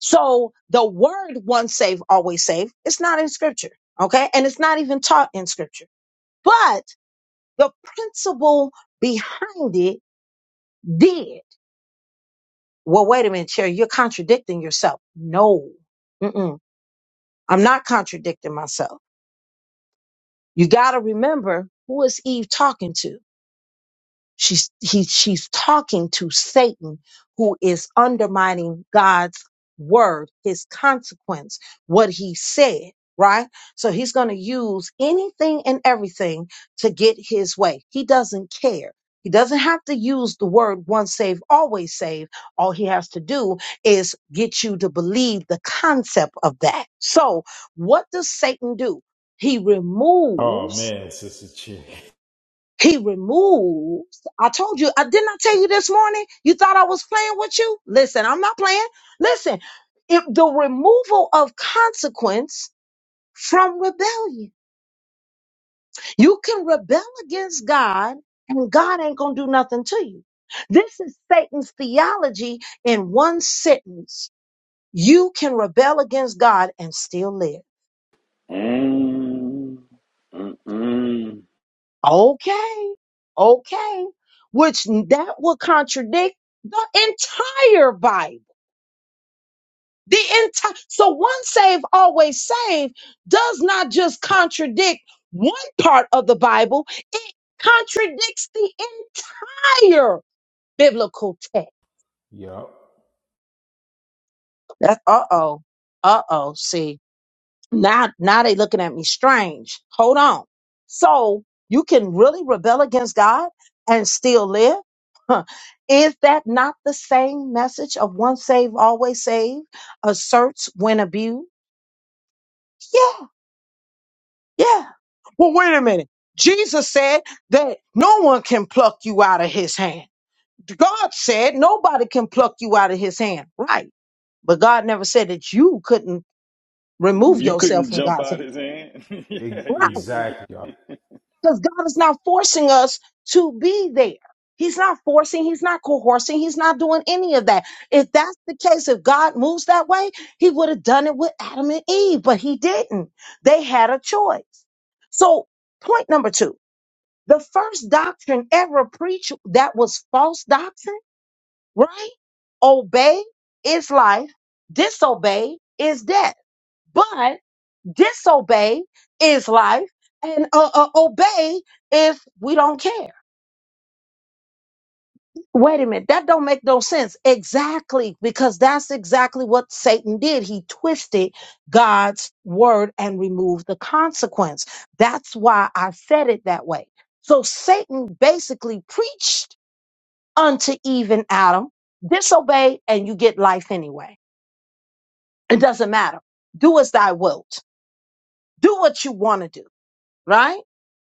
A: So the word once saved, always saved, it's not in scripture. Okay. And it's not even taught in scripture. But the principle behind it did. Well, wait a minute, Cherry, you're contradicting yourself. No, Mm-mm. I'm not contradicting myself. You got to remember who is Eve talking to? She's he she's talking to Satan who is undermining God's word, his consequence, what he said, right? So he's going to use anything and everything to get his way. He doesn't care. He doesn't have to use the word once saved, always saved. All he has to do is get you to believe the concept of that. So what does Satan do? He
C: Oh
A: removes
C: man, sister chick.
A: he removes. I told you, I didn't I tell you this morning? You thought I was playing with you? Listen, I'm not playing. Listen, if the removal of consequence from rebellion. You can rebel against God and God ain't going to do nothing to you. This is Satan's theology in one sentence. You can rebel against God and still live.
D: Mm, mm, mm.
A: Okay. Okay. Which that will contradict the entire Bible The entire so one save always save does not just contradict one part of the Bible, it contradicts the entire biblical text.
C: Yep.
A: That's uh oh. Uh oh. See, now now they looking at me strange. Hold on. So you can really rebel against God and still live? Huh. Is that not the same message of one save, always save asserts when abused? Yes. Yeah. Well, wait a minute. Jesus said that no one can pluck you out of his hand. God said nobody can pluck you out of his hand. Right. But God never said that you couldn't remove
D: You
A: yourself
D: couldn't
A: from
D: jump
A: God's
D: out
A: hand.
D: his hand.
C: E-
D: yeah, you
A: Right.
D: can. Get...
C: exactly. Yep.
A: Because God is not forcing us to be there. He's not forcing, he's not coercing, he's not doing any of that. If that's the case, if God moves that way, he would have done it with Adam and Eve, but he didn't. They had a choice. So, point number two The first doctrine ever preached that was false doctrine, right? Obey is life, disobey is death. But disobey is life, and uh, uh, obey is we don't care. Wait a minute, that don't make no sense. Exactly, because that's exactly what Satan did. He twisted God's word and removed the consequence. That's why I said it that way. So Satan basically preached unto even Adam. Disobey and you get life anyway. It doesn't matter. Do as thy wilt. Do what you want to do, right?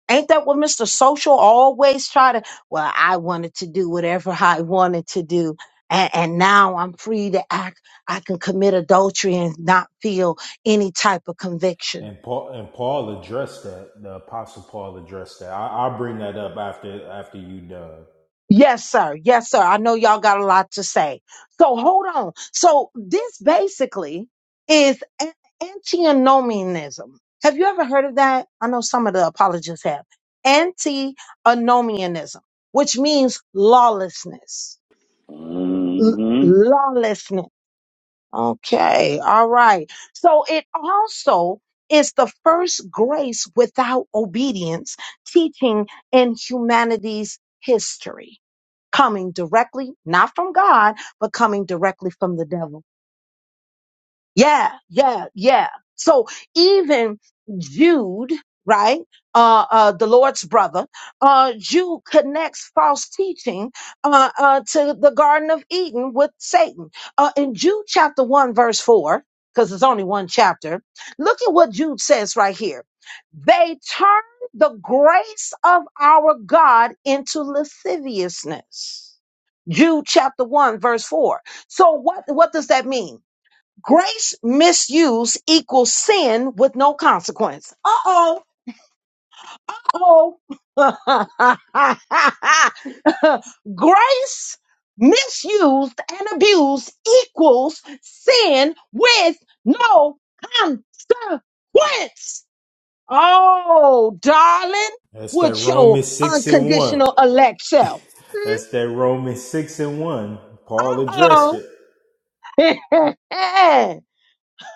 A: Ain't that what Mr. Social always try to? Well, I wanted to do whatever I wanted to do. And, and now I'm free to act. I can commit adultery and not feel any type of conviction.
C: And Paul and Paul addressed that. The apostle Paul addressed that. I, I'll bring that up after after you done.
A: Yes, sir. Yes, sir. I know y'all got a lot to say. So hold on. So this basically is a- antinomianism. Have you ever heard of that? I know some of the apologists have. Antinomianism, which means lawlessness. L-
D: hmm
A: lawlessness. Okay. All right. So it also is the first grace without obedience teaching in humanity's history coming directly, not from God, but coming directly from the devil. Yeah, yeah, yeah. So even Jude, right? Uh, uh, the Lord's brother, uh, Jude connects false teaching, uh, uh, to the Garden of Eden with Satan. Uh, in Jude chapter one, verse four, because it's only one chapter, look at what Jude says right here. They turn the grace of our God into lasciviousness. Jude chapter one, verse four. So what, what does that mean? Grace misuse equals sin with no consequence. Uh oh. Oh. Grace misused and abused equals sin with no consequence. Oh, darling,
C: That's that
A: with your
C: Romans six and one.
A: unconditional elect self.
C: That's that Romans six and one. Paul addressed
A: Mm-hmm.
C: it.
A: Oh.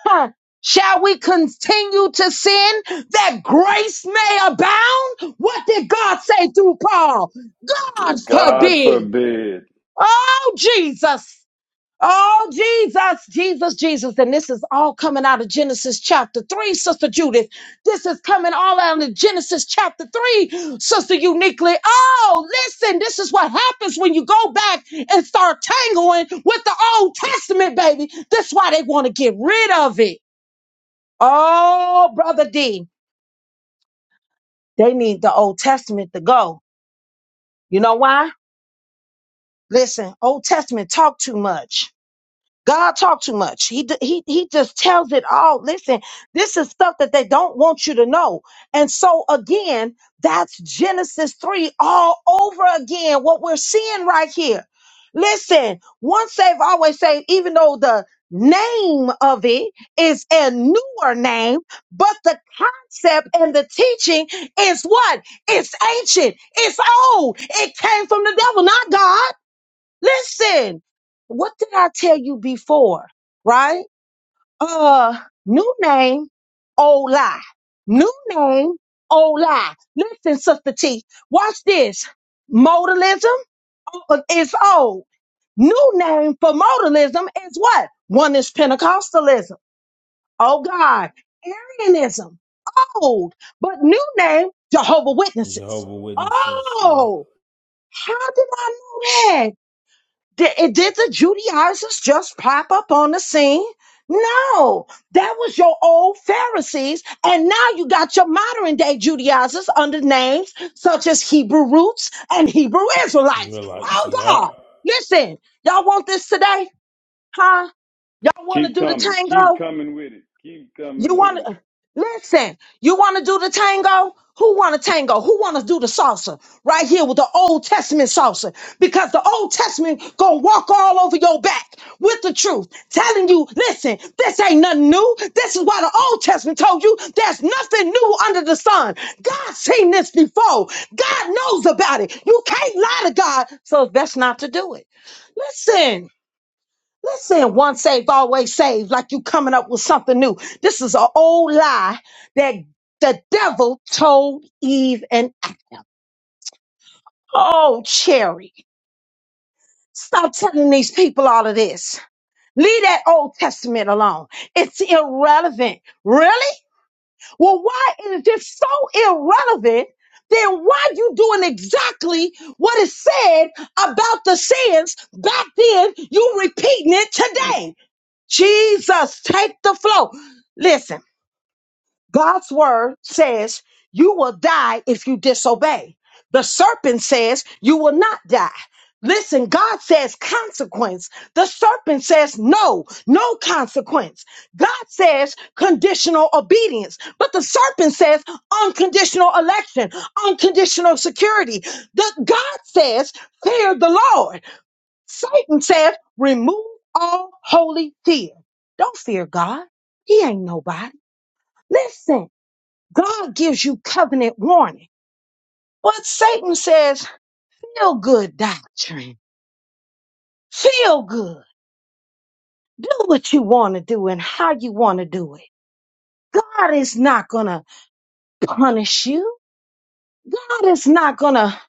A: Huh. Shall we continue to sin that grace may abound? What did God say through Paul? God
D: God
A: forbid.
D: forbid.
A: Oh, Jesus. Oh, Jesus, Jesus, Jesus. And this is all coming out of Genesis chapter 3, Sister Judith. This is coming all out of Genesis chapter 3, Sister Uniquely. Oh, listen, this is what happens when you go back and start tangling with the Old Testament, baby. That's why they want to get rid of it. Oh, brother D, they need the Old Testament to go. You know why? Listen, Old Testament talk too much. God talk too much. He d- he he just tells it all. Listen, this is stuff that they don't want you to know. And so again, that's Genesis 3 all over again what we're seeing right here. Listen, once saved, always saved. even though the name of it is a newer name, but the concept and the teaching is what? It's ancient. It's old. It came from the devil, not God. Listen, what did I tell you before? Right? Uh, new name, old lie. New name, old lie. Listen, Sister T, watch this. Modalism uh, is old. New name for modalism is what? One is Pentecostalism. Oh God. Arianism. Old. But new name, Jehovah Witnesses.
C: Jehovah Witnesses. Yep.
A: Oh, how did I know did, did the Judaizers just pop up on the scene? No, that was your old Pharisees, and now you got your modern day Judaizers under names such as Hebrew Roots and Hebrew Israelites.
C: Israelites,
A: Oh
C: yeah.
A: God, listen, y'all want this today, huh? Y'all want to
D: Keep
A: do the
D: coming. Keep
A: tango?
D: coming with it. Keep
A: You
D: coming with
A: want
D: it.
A: to listen? You want to do the tango? Who want to tango? Who want to do the salsa? Right here with the Old Testament salsa, because the Old Testament gonna walk all over your back with the truth, telling you, listen, this ain't nothing new. This is why the Old Testament told you there's nothing new under the sun. God's seen this before. God knows about it. You can't lie to God, so that's not to do it. Listen. Listen, once saved, always saved, like you coming up with something new. This is an old lie that the devil told Eve and oh, Cherry, stop telling these people all of this. Leave that Old Testament alone. It's irrelevant. Really? Well, why is it so irrelevant? Then why you doing exactly what is said about the sins back then? You repeating it today. Jesus, take the flow. Listen, God's word says you will die if you disobey. The serpent says you will not die. Listen, God says consequence. The serpent says no, no consequence. God says conditional obedience, but the serpent says unconditional election, unconditional security. The God says fear the Lord. Satan says, remove all holy fear. Don't fear God. He ain't nobody. Listen, God gives you covenant warning. But Satan says, feel good doctrine. Feel good. Do what you want to do and how you want to do it. God is not going to punish you. God is not going to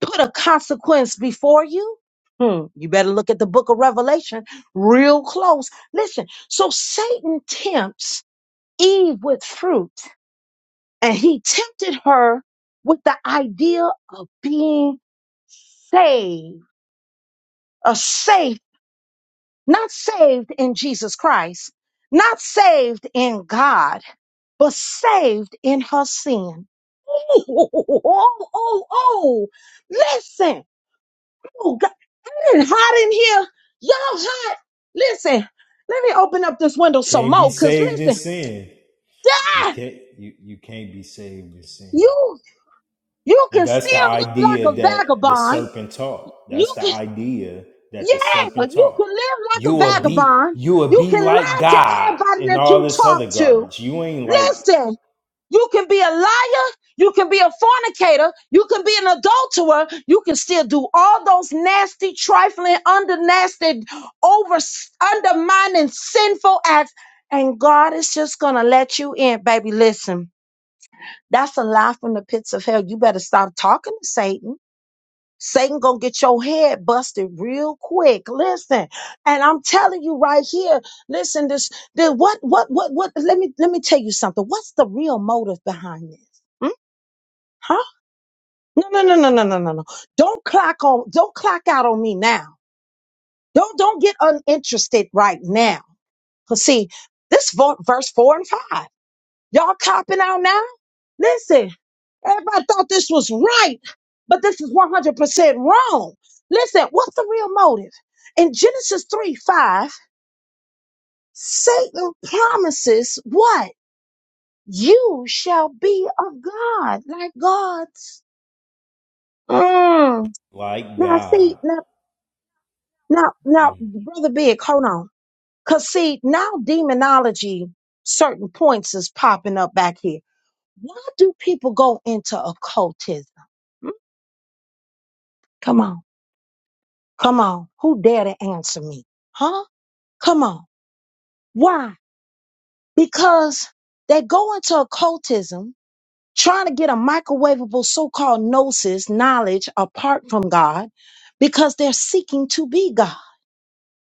A: put a consequence before you. Hmm, you better look at the book of Revelation real close. Listen, so Satan tempts Eve with fruit, and he tempted her with the idea of being saved, a safe, not saved in Jesus Christ, not saved in God, but saved in her sin. Oh, oh, oh, oh. listen. Oh, God, it is hot in here. Y'all hot. Listen, let me open up this window some
C: Can't be
A: more, because
C: saved in
A: listen,
C: sin. You
A: ah,
C: can't you, you can't be saved in sin.
A: you you
C: And
A: can
C: that's the
A: still look like
C: idea
A: a
C: that the
A: vagabond.
C: serpent taught.
A: You
C: That's the
A: can.
C: idea that the
A: Yeah,
C: serpent
A: you
C: taught.
A: can live like
C: You
A: a
C: will be
A: vagabond.
C: you will
A: You
C: be
A: can
C: like
A: lie to
C: God
A: everybody
C: and
A: that
C: all
A: you
C: this
A: talk
C: other
A: to.
C: garbage. You ain't like
A: Listen, you can be a liar. You can be a fornicator. You can be an adulterer. You can still do all those nasty, trifling, under nasty, over undermining, sinful acts. And God is just going to let you in, baby. Listen, that's a lie from the pits of hell. You better stop talking to Satan. Satan gonna get your head busted real quick. Listen, and I'm telling you right here. Listen, this, this what, what, what, what? Let me, let me tell you something. What's the real motive behind this? Hmm? Huh? No, no, no, no, no, no, no, no. Don't clock on. Don't clock out on me now. Don't, don't get uninterested right now. Cause see, this vo- verse four and five. Y'all copping out now? Listen, everybody thought this was right, but this is 100% wrong. Listen, what's the real motive? In Genesis 3 5, Satan promises what? You shall be a God, like gods. Mm.
C: like
A: Now,
C: God.
A: see, now, now, now,
C: Mm.
A: Brother Big, hold on. Because, see, now demonology, certain points is popping up back here. Why do people go into occultism? Come on. Come on. Who dare to answer me? Huh? Come on. Why? Because they go into occultism trying to get a microwavable so called gnosis, knowledge apart from God, because they're seeking to be God.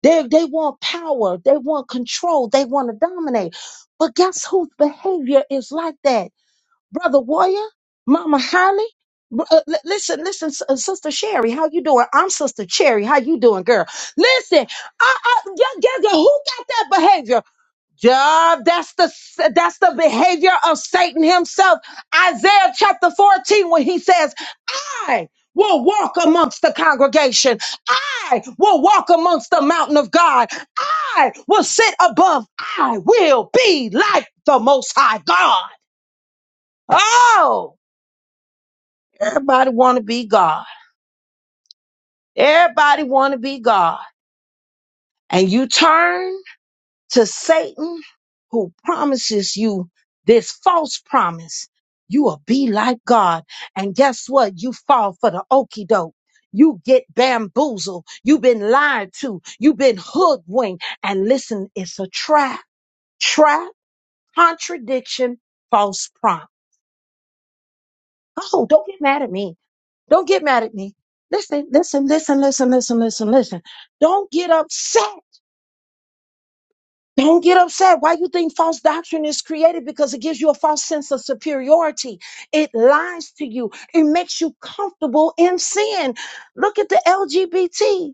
A: They, they want power, they want control, they want to dominate. But guess whose behavior is like that? brother Warrior, Mama Holly. br- uh, li- listen, listen, S- uh, Sister Sherry, how you doing? I'm Sister Cherry. How you doing, girl? Listen, I, I, yeah, yeah, yeah, who got that behavior? Yeah, that's the s- that's the behavior of Satan himself. Isaiah chapter 14, when he says, "I will walk amongst the congregation. I will walk amongst the mountain of God. I will sit above. I will be like the Most High God." Oh. Everybody want to be God. Everybody want to be God. And you turn to Satan who promises you this false promise. You will be like God. And guess what? You fall for the okey doke. You get bamboozled. You've been lied to. You've been hoodwinked. And listen, it's a trap. Trap, contradiction, false prompt. Oh, don't get mad at me. Don't get mad at me. Listen, listen, listen, listen, listen, listen, listen. Don't get upset. Don't get upset. Why you think false doctrine is created? Because it gives you a false sense of superiority. It lies to you. It makes you comfortable in sin. Look at the LGBT.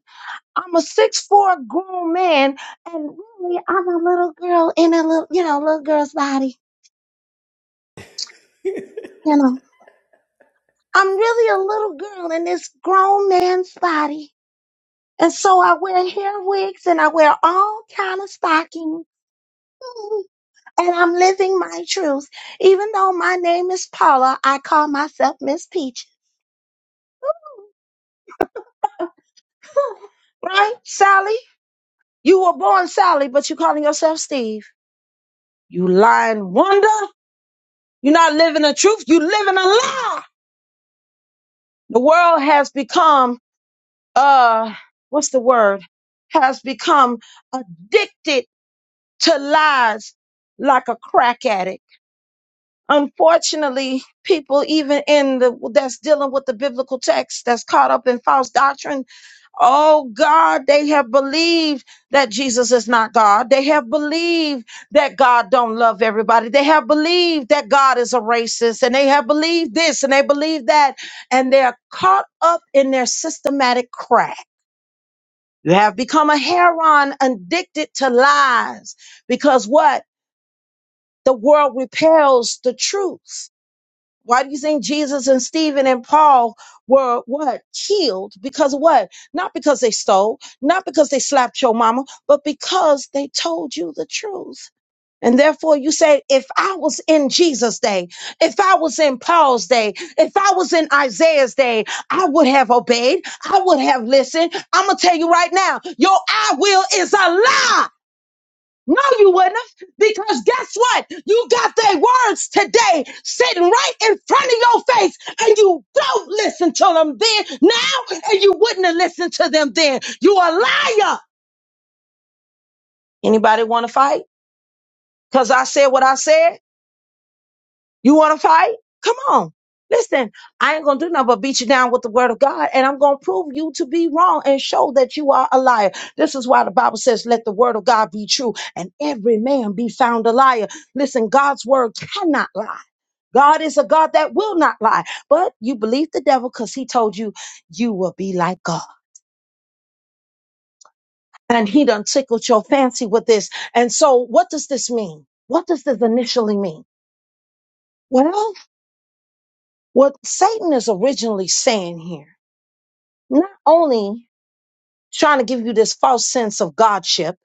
A: I'm a six four grown man, and really, I'm a little girl in a little, you know, little girl's body. You know, I'm really a little girl in this grown man's body. And so I wear hair wigs and I wear all kind of stockings. And I'm living my truth. Even though my name is Paula, I call myself Miss Peach. Right, Sally? You were born Sally, but you're calling yourself Steve. You lying wonder. You're not living the truth. You living a lie. The world has become uh what's the word? Has become addicted to lies like a crack addict unfortunately people even in the that's dealing with the biblical text that's caught up in false doctrine oh god they have believed that jesus is not god they have believed that god don't love everybody they have believed that god is a racist and they have believed this and they believe that and they're caught up in their systematic crack they have become a heron addicted to lies because what the world repels the truth why do you think Jesus and Stephen and Paul were what? Killed because of what? Not because they stole, not because they slapped your mama, but because they told you the truth. And therefore, you say, if I was in Jesus' day, if I was in Paul's day, if I was in Isaiah's day, I would have obeyed. I would have listened. I'm going to tell you right now, your I will is a lie. No, you wouldn't have. Because guess what? You got their words today sitting right in front of your face, and you don't listen to them then now, and you wouldn't have listened to them then. You a liar. Anybody want to fight? Because I said what I said. You want to fight? Come on. Listen, I ain't gonna do nothing but beat you down with the word of God, and I'm gonna prove you to be wrong and show that you are a liar. This is why the Bible says, Let the word of God be true, and every man be found a liar. Listen, God's word cannot lie. God is a God that will not lie. But you believe the devil because he told you you will be like God. And he done tickled your fancy with this. And so what does this mean? What does this initially mean? Well, what Satan is originally saying here. not only trying to give you this false sense of godship,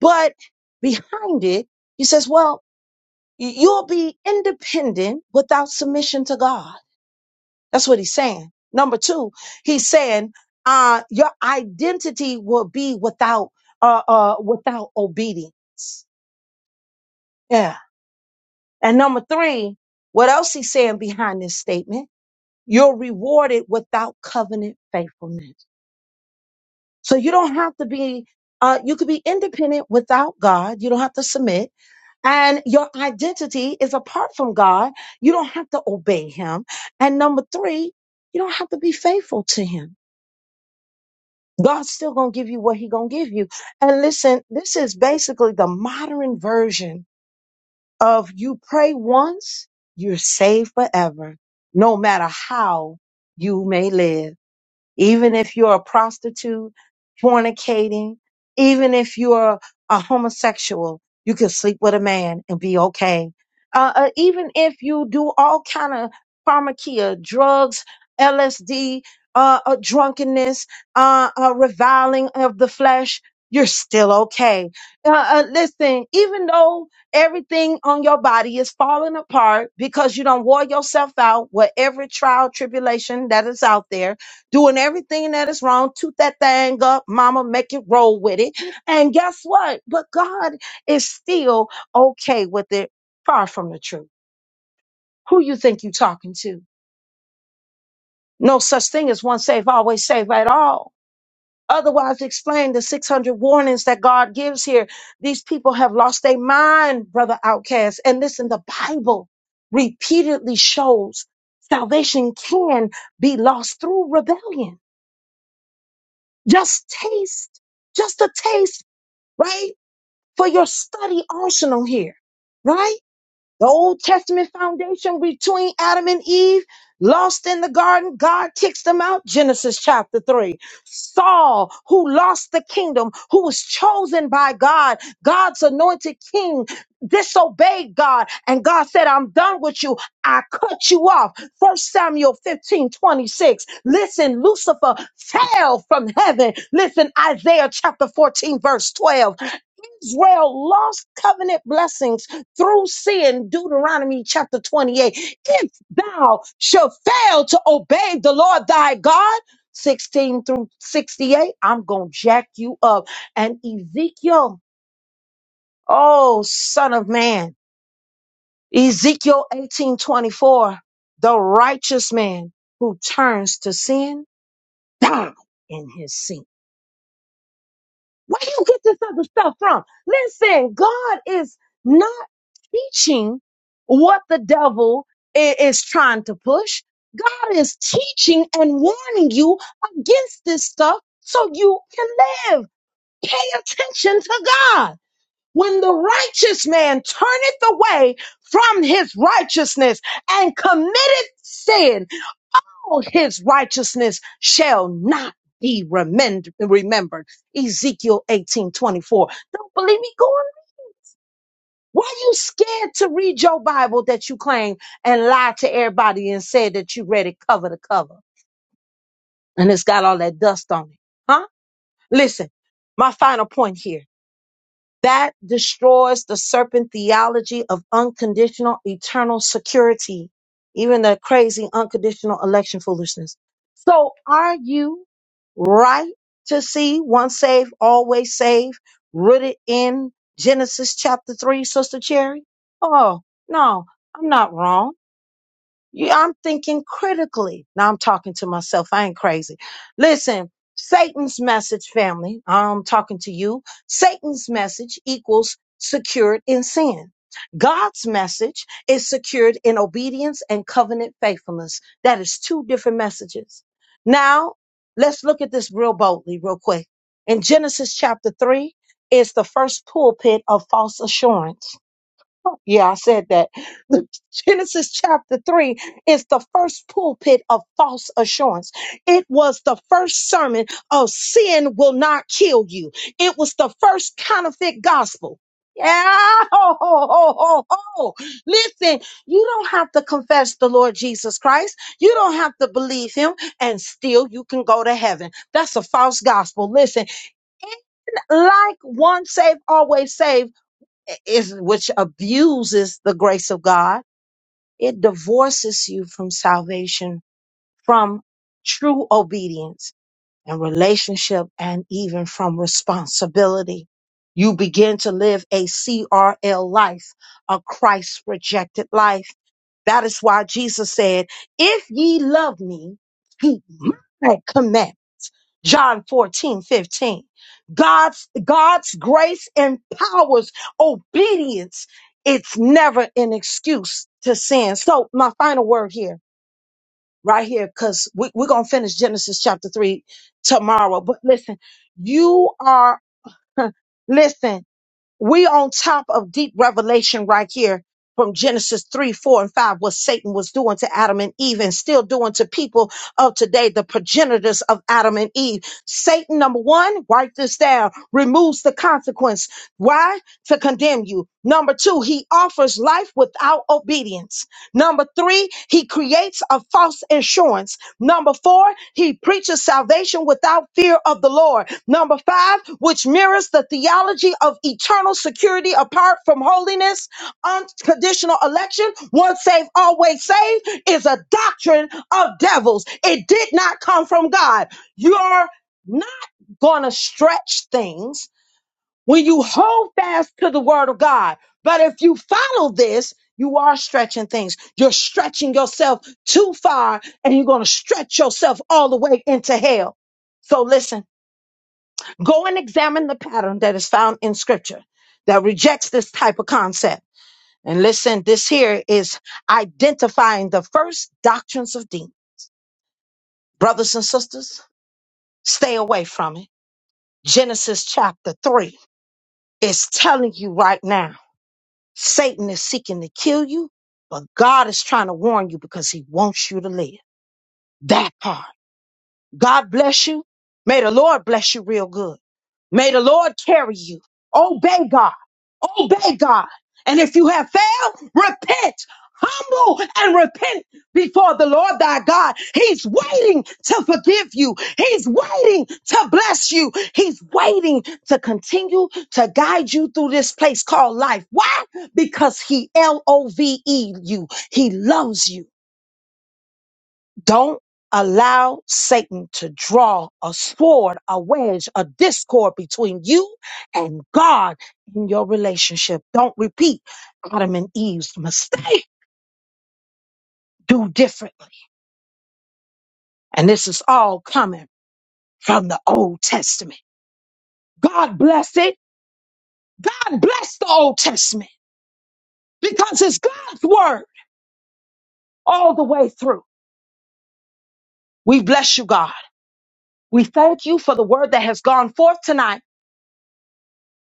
A: but behind it, he says, well, y- you'll be independent without submission to God. That's what he's saying. Number two, he's saying, uh, your identity will be without, uh, uh, without obedience. Yeah. And number three, what else he's saying behind this statement? You're rewarded without covenant faithfulness. So you don't have to be, uh, you could be independent without God. You don't have to submit. And your identity is apart from God. You don't have to obey Him. And number three, you don't have to be faithful to Him. God's still going to give you what He going to give you. And listen, this is basically the modern version of you pray once, you're saved forever, no matter how you may live. Even if you're a prostitute, fornicating, even if you're a homosexual, you can sleep with a man and be okay. Uh, uh, even if you do all kind of pharmakia, drugs, LSD, uh, uh, drunkenness, uh, uh, reviling of the flesh, you're still okay. Uh, uh, listen, even though everything on your body is falling apart because you don't wore yourself out with every trial, tribulation that is out there doing everything that is wrong. Toot that thing up, mama, make it roll with it. And guess what? But God is still okay with it. Far from the truth. Who you think you talking to? No such thing as one safe, always safe at all. Otherwise, explain the 600 warnings that God gives here. These people have lost their mind, brother outcast. And listen, the Bible repeatedly shows salvation can be lost through rebellion. Just taste, just a taste, right? For your study arsenal here, right? The Old Testament foundation between Adam and Eve, lost in the garden, God kicks them out. Genesis chapter 3. Saul, who lost the kingdom, who was chosen by God, God's anointed king, disobeyed God. And God said, I'm done with you. I cut you off. First Samuel 15 26. Listen, Lucifer fell from heaven. Listen, Isaiah chapter 14, verse 12. Israel lost covenant blessings through sin, Deuteronomy chapter 28. If thou shalt fail to obey the Lord thy God, 16 through 68, I'm going to jack you up. And Ezekiel, oh, son of man, Ezekiel 18 24, the righteous man who turns to sin died in his sin. Where you get this other stuff from? Listen, God is not teaching what the devil i- is trying to push. God is teaching and warning you against this stuff so you can live. Pay attention to God. When the righteous man turneth away from his righteousness and committed sin, all his righteousness shall not be remem- remembered. Ezekiel eighteen twenty-four. Don't believe me? Go on. Why you scared to read your Bible that you claim and lie to everybody and said that you read it cover to cover and it's got all that dust on it? Huh? Listen, my final point here That destroys the serpent theology of unconditional eternal security, even the crazy unconditional election foolishness. So are you right to see once saved, always saved, rooted in Genesis chapter three, Sister Cherry? Oh, no, I'm not wrong. You- I'm thinking critically. Now I'm talking to myself. I ain't crazy. Listen, Satan's message, family, I'm talking to you. Satan's message equals secured in sin. God's message is secured in obedience and covenant faithfulness. That is two different messages. Now, let's look at this real boldly, real quick. In Genesis chapter 3 is the first pulpit of false assurance. Yeah, I said that. Genesis chapter 3 is the first pulpit of false assurance. It was the first sermon of sin will not kill you. It was the first counterfeit gospel. Yeah, ho, ho, ho, ho, ho. Listen, you don't have to confess the Lord Jesus Christ. You don't have to believe him, and still you can go to heaven. That's a false gospel. Listen, like once saved, always saved is which abuses the grace of God, it divorces you from salvation, from true obedience and relationship, and even from responsibility. You begin to live a CRL life, a Christ rejected life. That is why Jesus said, If ye love me, keep my commandments. John 14 15. God's, God's grace empowers obedience. It's never an excuse to sin. So, my final word here, right here, because we, we're going to finish Genesis chapter 3 tomorrow. But listen, you are, listen, we on top of deep revelation right here from Genesis 3, 4, and 5, what Satan was doing to Adam and Eve and still doing to people of today, the progenitors of Adam and Eve. Satan, number one, write this down, removes the consequence. Why? To condemn you. Number two, he offers life without obedience. Number three, he creates a false insurance. Number four, he preaches salvation without fear of the Lord. Number five, which mirrors the theology of eternal security apart from holiness, unconditional election, once saved, always saved, is a doctrine of devils. It did not come from God. You're not going to stretch things when you hold fast to the word of God. But if you follow this, you are stretching things. You're stretching yourself too far and you're going to stretch yourself all the way into hell. So listen. Go and examine the pattern that is found in scripture that rejects this type of concept. And listen, this here is identifying the first doctrines of demons. Brothers and sisters, stay away from it. Genesis chapter 3 is telling you right now Satan is seeking to kill you, but God is trying to warn you because he wants you to live. That part. God bless you. May the Lord bless you real good. May the Lord carry you. Obey God. Obey God. And if you have failed, repent. Humble and repent before the Lord thy God. He's waiting to forgive you. He's waiting to bless you. He's waiting to continue to guide you through this place called life. Why? Because he L O V E you. He loves you. Don't allow Satan to draw a sword, a wedge, a discord between you and God in your relationship. Don't repeat Adam and Eve's mistake. Do differently. And this is all coming from the Old Testament. God bless it. God bless the Old Testament because it's God's word all the way through. We bless you, God. We thank you for the word that has gone forth tonight.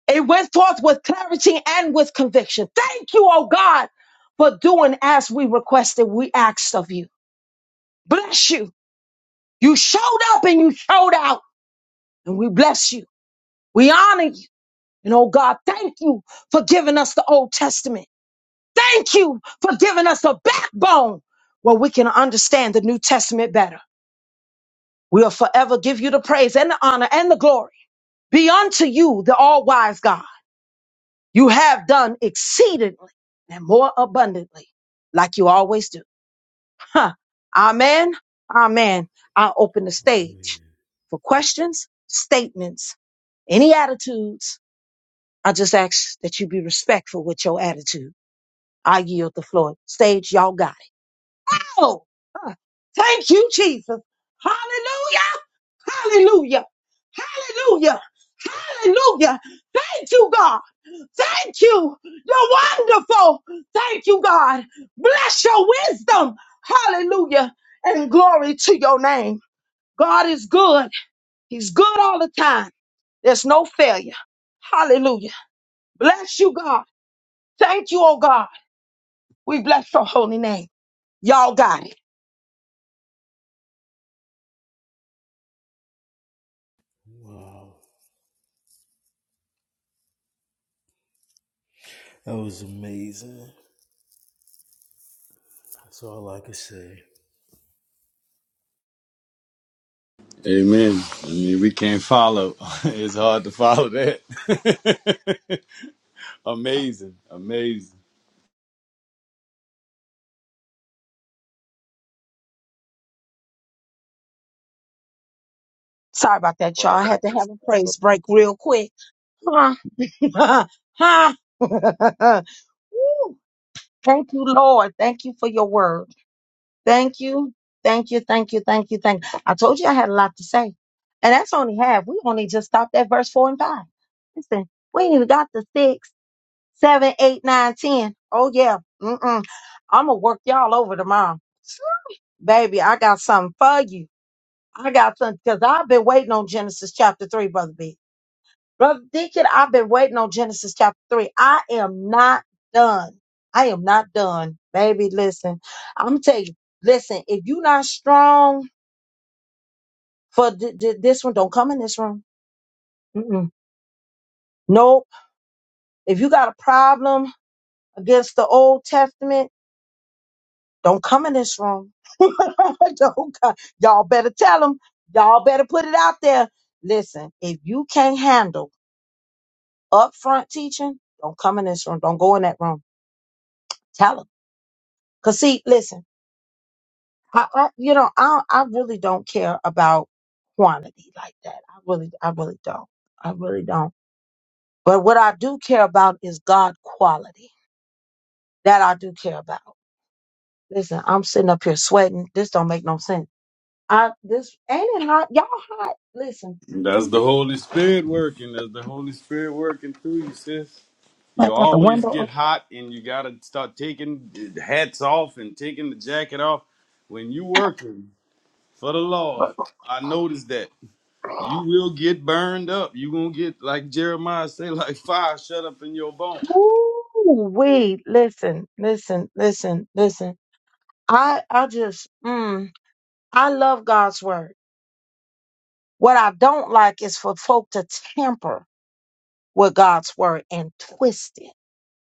A: It went forth with clarity and with conviction. Thank you, oh God, for doing as we requested, we asked of you. Bless you. You showed up and you showed out, and we bless you. We honor you. And oh God, thank you for giving us the Old Testament. Thank you for giving us a backbone where we can understand the New Testament better. We'll forever give you the praise and the honor and the glory. Be unto you, the all wise God. You have done exceedingly and more abundantly, like you always do. Huh. Amen. Amen. I open the
C: Oh,
A: stage
C: man.
A: for questions, statements, any attitudes. I just ask that you be respectful with your attitude. I yield the floor. Stage, y'all got it. Oh, huh. thank you, Jesus. Hallelujah. Hallelujah. Hallelujah. Hallelujah. Thank you, God. Thank you. You're wonderful. Thank you, God. Bless your wisdom. Hallelujah. And glory to your name. God is good. He's good all the time. There's no failure. Hallelujah. Bless you, God. Thank you, oh God. We bless your holy name. Y'all got it.
C: Wow. That was amazing. That's all I could say.
D: Amen. I mean, we can't follow. It's hard to follow that. amazing, amazing.
A: Sorry about that, y'all. I
E: Horror
A: had to
E: actors.
A: have a praise break real quick. Huh? huh? Woo. Thank you, Lord. Thank you for your word. Thank you. Thank you. Thank you. Thank you. Thank you. I told you I had a lot to say. And that's only half. We only just stopped at verse four and five. Listen, we ain't even got the six, seven, eight, nine, ten. Oh yeah. Mm-mm. I'ma work y'all over tomorrow. Baby, I got something for you. I got something because I've been waiting on Genesis chapter three, brother B. Brother Deacon, I've been waiting on Genesis chapter 3. I am not done. I am not done. Baby, listen. I'm going to tell you, listen, if you're not strong for th- th- this one, don't come in this room. Mm-mm. Nope. If you got a problem against the Old Testament, don't come in this room. don't come. Y'all better tell them. Y'all better put it out there. Listen, if you can't handle upfront teaching, don't come in this room. Don't go in that room. Tell them. Because, see, listen. I, I you know, I I really don't care about quantity like that. I really I really don't. I really don't. But what I do care about is God quality. That I do care about. Listen, I'm sitting up here sweating. This don't make no sense. I this ain't it hot. Y'all hot. Listen.
D: That's the Holy Spirit working. That's the Holy Spirit working through you, sis.
A: I
D: You
A: got the
D: always
A: window
D: get
A: up.
D: hot and you gotta start taking the hats off and taking the jacket off. When you working for the Lord, I noticed that you will get burned up. You gonna get like Jeremiah say, like fire shut up in your bones.
A: Ooh, wait, listen, listen, listen, listen. I I just mm, I love God's word. What I don't like is for folk to tamper with God's word and twist it.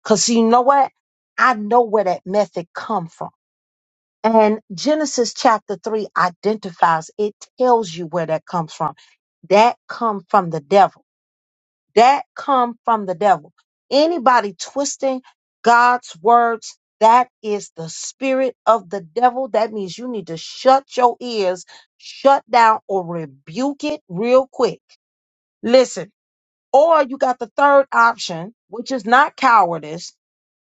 A: Cause you know what? I know where that method come from. And Genesis chapter three identifies, it tells you where that comes from. That come from the devil. That come from the devil. Anybody twisting God's words, that is the spirit of the devil. That means you need to shut your ears, shut down or rebuke it real quick. Listen. Or you got the third option, which is not cowardice.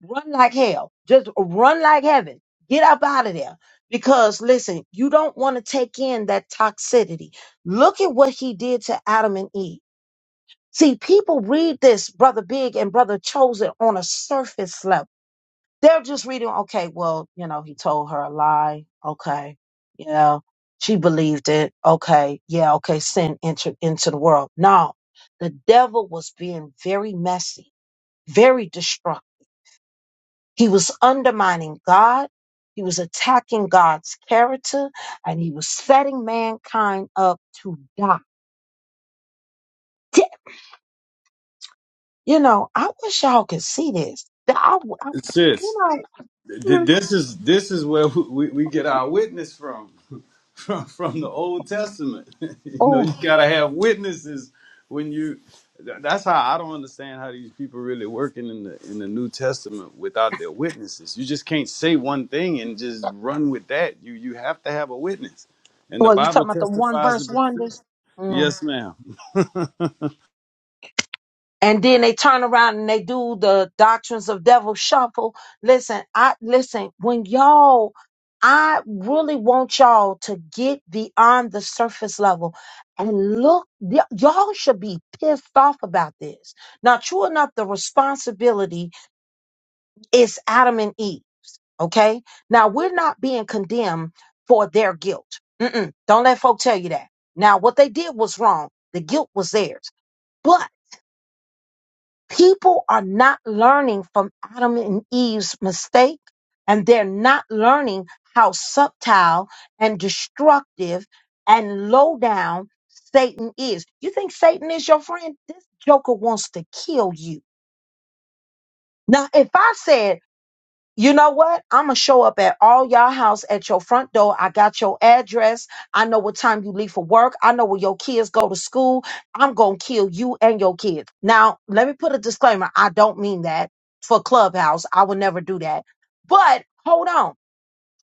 A: Run like hell. Just run like heaven. Get up out of there. Because listen, you don't want to take in that toxicity. Look at what he did to Adam and Eve. See, people read this, Brother Big and Brother Chosen, on a surface level they're just reading, okay, well, you know, he told her a lie. Okay. You know, she believed it. Okay. Yeah. Okay. Sin entered into the world. No, the devil was being very messy, very destructive. He was undermining God. He was attacking God's character and he was setting mankind up to die. Di- You know, I wish y'all could see this. That I, I-
D: Sis,
A: you
D: Th-
A: know,
D: This is this is where we, we we get our witness from, from from the Old Testament. you know,
A: oh,
D: you gotta have witnesses when you. th- That's how I don't understand how these people really working in the in the New Testament without their witnesses. You just can't say one thing and just run with that. You you have to have a witness, and the
A: well, you
D: Bible
A: talking about the one
D: testifies
A: verse
D: of itself.
A: wonders? Mm.
D: Yes, ma'am.
A: and then they turn around and they do the doctrines of devil shuffle. Listen, I listen when y'all. I really want y'all to get beyond the surface level and look. y- y'all should be pissed off about this. Now, true enough, the responsibility is Adam and Eve's. Okay. Now we're not being condemned for their guilt. Mm-mm, don't let folk tell you that. Now, what they did was wrong. The guilt was theirs, but People are not learning from Adam and Eve's mistake, and they're not learning how subtle and destructive and low down Satan is. You think Satan is your friend? This joker wants to kill you. Now, if I said you know what? I'm gonna show up at all y'all house at your front door. I got your address. I know what time you leave for work. I know where your kids go to school. I'm gonna kill you and your kids. Now, let me put a disclaimer. I don't mean that for Clubhouse. I would never do that. But hold on.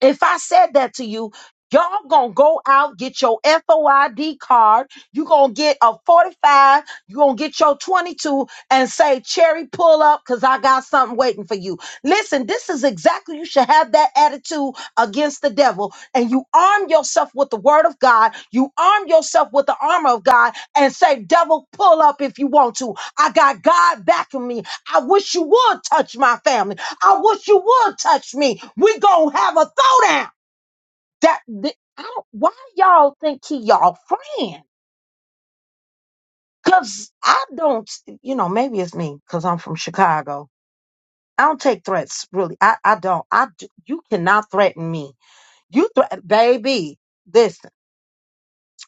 A: If I said that to you, y'all gonna go out, get your FOID card, you gonna get a 45, you gonna get your 22 and say, Cherry, pull up because I got something waiting for you. Listen, this is exactly, you should have that attitude against the devil. And you arm yourself with the word of God, you arm yourself with the armor of God and say, Devil, pull up if you want to. I got God backing me. I wish you would touch my family. I wish you would touch me. We gonna have a throwdown. That the, I don't. Why y'all think he y'all friend? Cause I don't. You know, maybe it's me. Cause I'm from Chicago. I don't take threats really. I I don't. I d- you cannot threaten me. You threat, baby. Listen,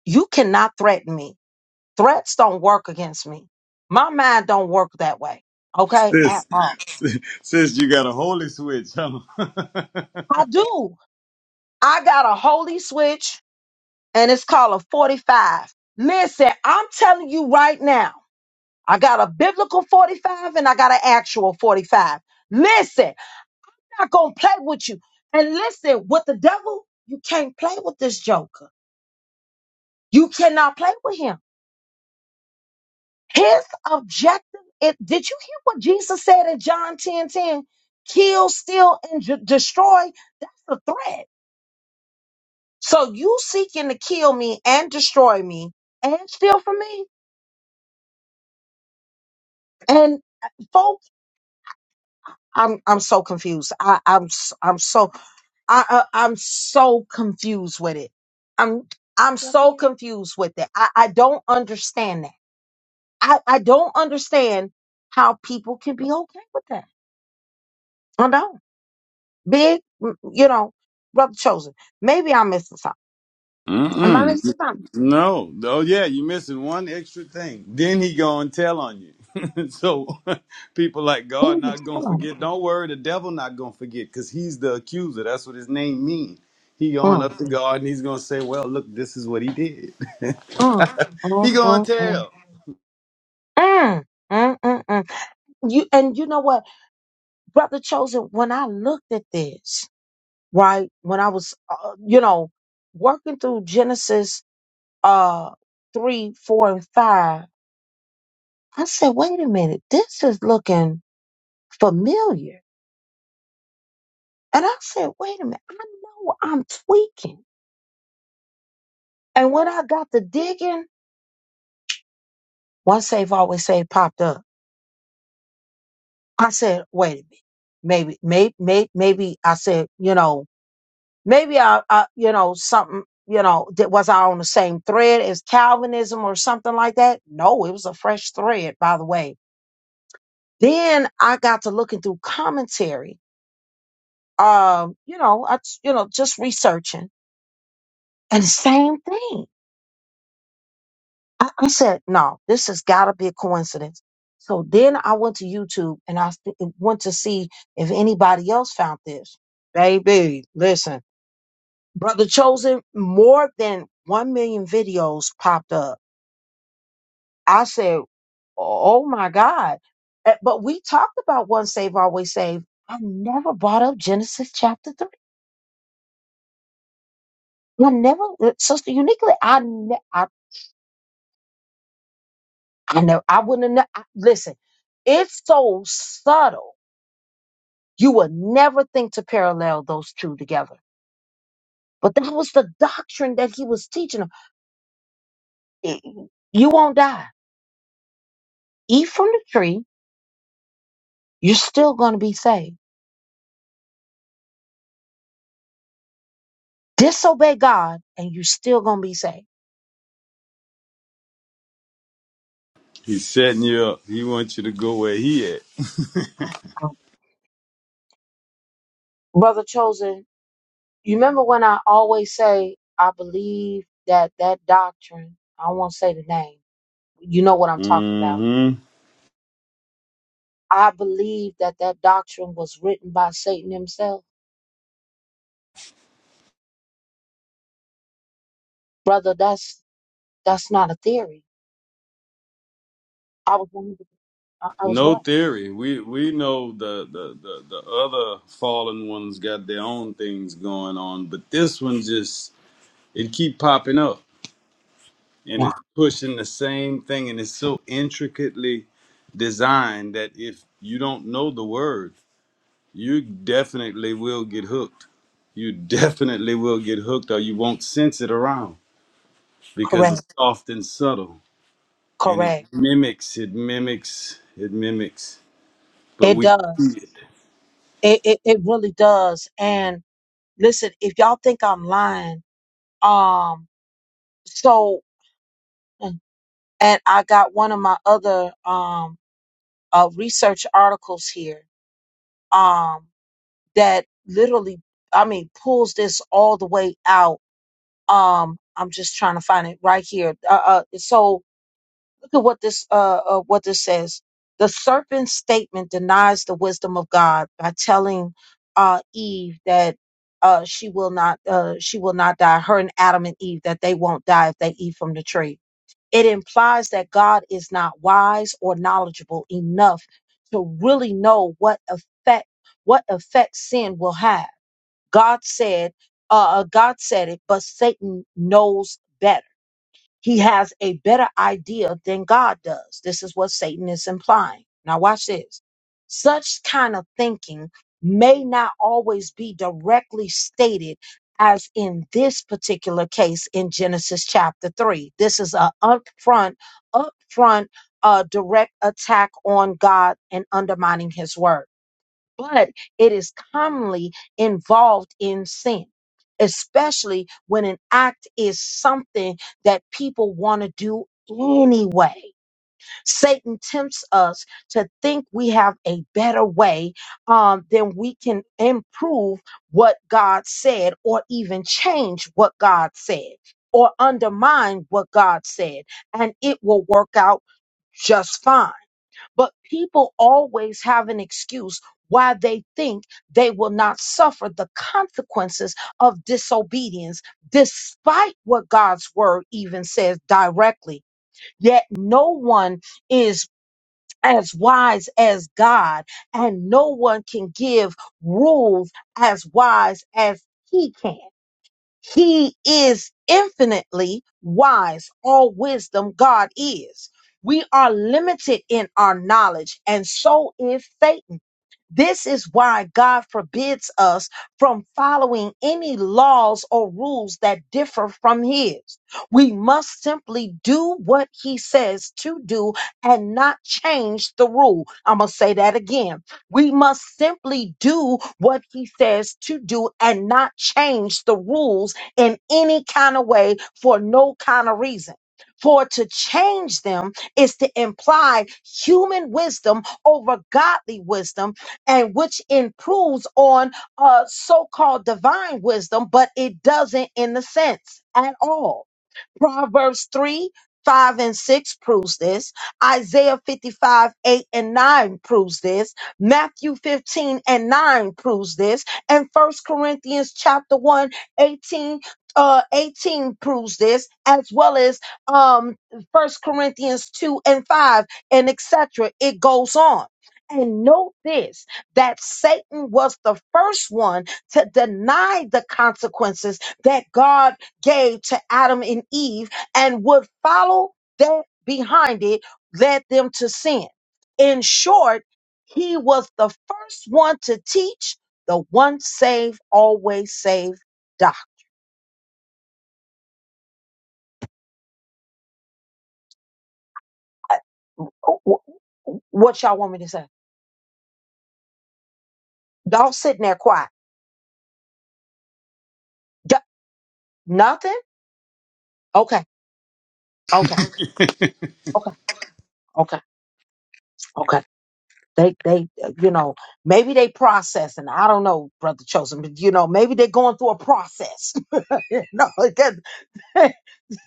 A: you cannot threaten me. Threats don't work against me. My mind don't work that way. Okay, at
D: Sis,
A: all.
D: sis, you got a holy switch, huh?
A: I do. I got a holy switch and it's called a 45. Listen, I'm telling you right now, I got a biblical 45 and I got an actual 45. Listen, I'm not going to play with you. And listen, with the devil, you can't play with this joker. You cannot play with him. His objective, it, did you hear what Jesus said in John 10 10? Kill, steal, and ju- destroy. That's the threat. So you seeking to kill me and destroy me and steal from me. And uh, folk, I'm I'm so confused. I I'm s- I'm so I, I I'm so confused with it. I'm I'm so confused with it. I I don't understand that. I I don't understand how people can be okay with that. I don't. Big, m- you know, brother chosen. Maybe I'm missing something. Am I
D: Mm-mm.
A: missing something?
D: No. Oh, yeah, you're missing one extra thing. Then he going to tell on you. so people like God
A: Please
D: not going to
A: tell me.
D: forget. Don't worry, the devil not going to forget because he's the accuser. That's what his name means. He going
A: Mm,
D: up to God and he's going to say, well, look, this is what he did.
A: mm,
D: He
A: mm,
D: going
A: mm,
D: to
A: mm.
D: tell.
A: Mm, mm, mm, mm. You and you know what, brother chosen. When I looked at this. right? When I was, uh, you know, working through Genesis uh, 3, 4, and 5, I said, wait a minute, this is looking familiar. And I said, wait a minute, I know I'm tweaking. And when I got to digging, one save, always save popped up. I said, wait a minute, maybe, maybe, maybe, maybe I said, you know, maybe I, I you know, something, you know, that was I on the same thread as Calvinism or something like that? No, it was a fresh thread, by the way Then I got to looking through commentary. Um, you know, I you know just researching, and the same thing. I, I said, no, this has got to be a coincidence. So then I went to YouTube and I st- went to see if anybody else found this. Baby, listen, brother chosen. More than one million videos popped up. I said, oh oh my god. Eh, But we talked about once saved, always saved. I never brought up Genesis chapter 3. I never, uh, Sister Uniquely, I, ne- I, I never, I wouldn't have, ne- I, listen, it's so subtle. You would never think to parallel those two together. But that was the doctrine that he was teaching them. I- You won't die. Eat from the tree, you're still going to be saved. Disobey God, and you're still going to be saved.
D: He's setting you up. He wants you to go where he at.
A: Brother Chosen, you remember when I always say, I believe that that doctrine, I won't say the name, you know what I'm talking about
D: hmm
A: I believe that that doctrine was written by Satan himself. Brother, that's that's not a theory. I was 100% I, I was
D: No
A: right.
D: theory. We we know the, the the the other fallen ones got their own things going on, but this one just It keep popping up and
A: Yeah.
D: it's pushing the same thing and it's so intricately designed that if you don't know the word, you definitely will get hooked. You definitely will get hooked or you won't sense it around because
A: Correct.
D: it's soft and subtle and it
A: Correct.
D: mimics, it mimics, it mimics. But
A: It
D: we see
A: does.
D: it.
A: It, it it really does. And listen, if y'all think I'm lying, um, so and I got one of my other um uh research articles here um that literally I mean pulls this all the way out um i'm just trying to find it right here uh, uh so look at what this uh, uh what this says the serpent's statement denies the wisdom of god by telling uh eve that uh she will not uh she will not die her and adam and eve that they won't die if they eat from the tree it implies that god is not wise or knowledgeable enough to really know what effect what effect sin will have God said, uh, uh, God said it, but Satan knows better. He has a better idea than God does. This is what Satan is implying. Now watch this. Such kind of thinking may not always be directly stated as in this particular case in Genesis chapter 3. This is an upfront, upfront, uh, direct attack on God and undermining his word but it is commonly involved in sin, especially when an act is something that people want to do anyway. Satan tempts us to think we have a better way um, than we can improve what God said or even change what God said or undermine what God said, and it will work out just fine. But people always have an excuse why they think they will not suffer the consequences of disobedience, despite what God's word even says directly. Yet no one is as wise as God, and no one can give rules as wise as he can. He is infinitely wise. All wisdom, God is. We are limited in our knowledge, and so is Satan. This is why God forbids us from following any laws or rules that differ from His. We must simply do what He says to do and not change the rule. I'm going to say that again. We must simply do what he says to do and not change the rules in any kind of way for no kind of reason. For to change them is to imply human wisdom over godly wisdom, and which improves on uh, so called divine wisdom, but it doesn't in the sense at all. Proverbs 3, 5 and 6 proves this. Isaiah 55, 8 and 9 proves this. Matthew 15 and 9 proves this. And First Corinthians chapter one 18 uh, 18 proves this, as well as um, First Corinthians 2 and 5, and etc. It goes on. And note this that Satan was the first one to deny the consequences that God gave to Adam and Eve and would follow that behind it led them to sin. In short, he was the first one to teach the once saved, always saved doc. What y'all want me to say? Y'all sitting there quiet. D- nothing? Okay, okay, okay, okay, okay. They, they, uh, you know, maybe they processing. I don't know, brother chosen, but you know, maybe they're going through a process. no, it doesn't.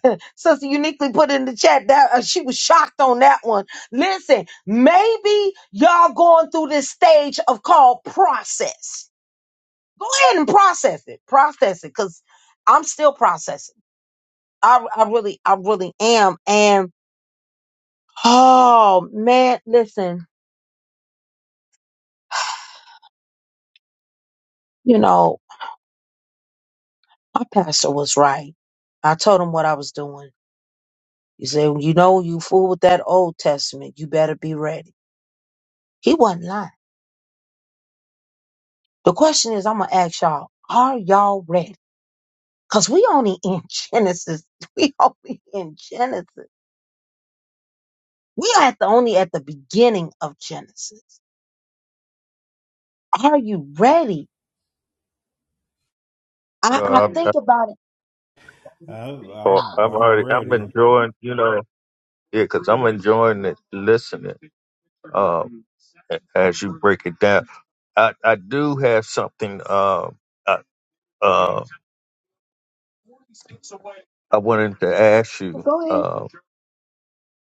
A: Sister Uniquely put in the chat that uh, she was shocked on that one. Listen, maybe y'all going through this stage of called process. Go ahead and process it. Process it because I'm still processing. I, I really, I really am. And oh man, listen, you know, my pastor was right. I told him what I was doing. He said, you know, you fool with that Old Testament. You better be ready. He wasn't lying. The question is, I'm going to ask y'all, are y'all ready? Cause we only in Genesis. We only in Genesis. We are at the only at the beginning of Genesis. Are you ready? I,
E: No,
A: I
E: I'm,
A: think
E: I'm
A: about it.
C: I'm
E: oh,
C: I'm,
E: I'm
C: I'm
E: already I'm
C: ready.
E: enjoying you know yeah because I'm enjoying it listening um as you break it down. I I do have something um uh, I, uh I wanted to ask you
A: Go ahead.
E: um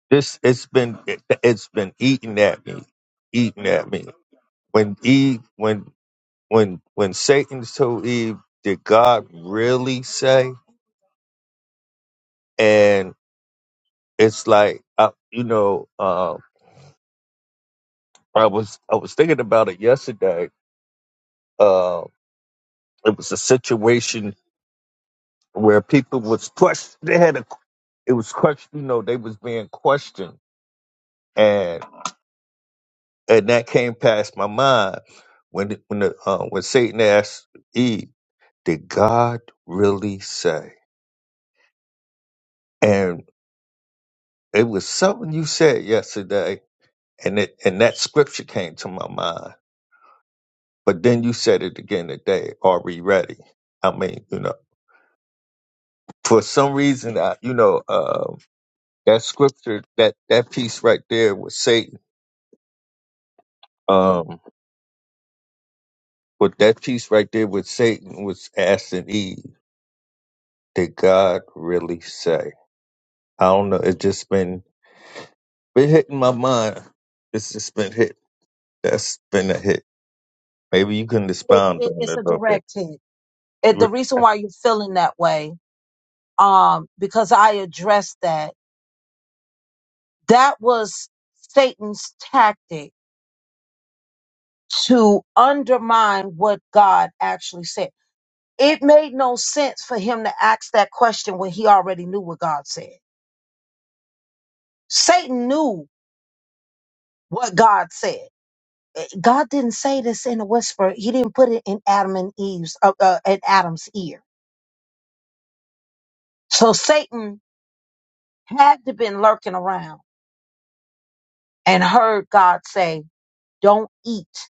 E: this it's been it, it's been eating at me eating at me when Eve when when when Satan told Eve did God really say and it's like I, you know um, I was I was thinking about it yesterday. Uh, it was a situation where people was questioned. They had a it was question. You know, they was being questioned, and and that came past my mind when the- when the uh, when Satan asked Eve, "Did God really say?" And it was something you said yesterday, and it and that scripture came to my mind. But then you said it again today. Are we ready? I mean, you know, for some reason, I you know. Uh, that scripture that that piece right there with Satan. Um, but that piece right there with Satan was asking Eve, did God really say? I don't know. It just been been hitting my mind. It's just been hit. That's been a hit. Maybe you can
A: It,
E: expound
A: it.
E: on it
A: It's
E: a
A: a
E: little bit.
A: direct hit. It, the
E: You
A: reason why you're feeling that way, um, because I addressed that. That was Satan's tactic to undermine what God actually said. It made no sense for him to ask that question when he already knew what God said. Satan knew what God said. Eh, God didn't say this in a whisper. He didn't put it in Adam and Eve's, uh, uh, in Adam's ear. So Satan had to been lurking around and heard God say, "Don't eat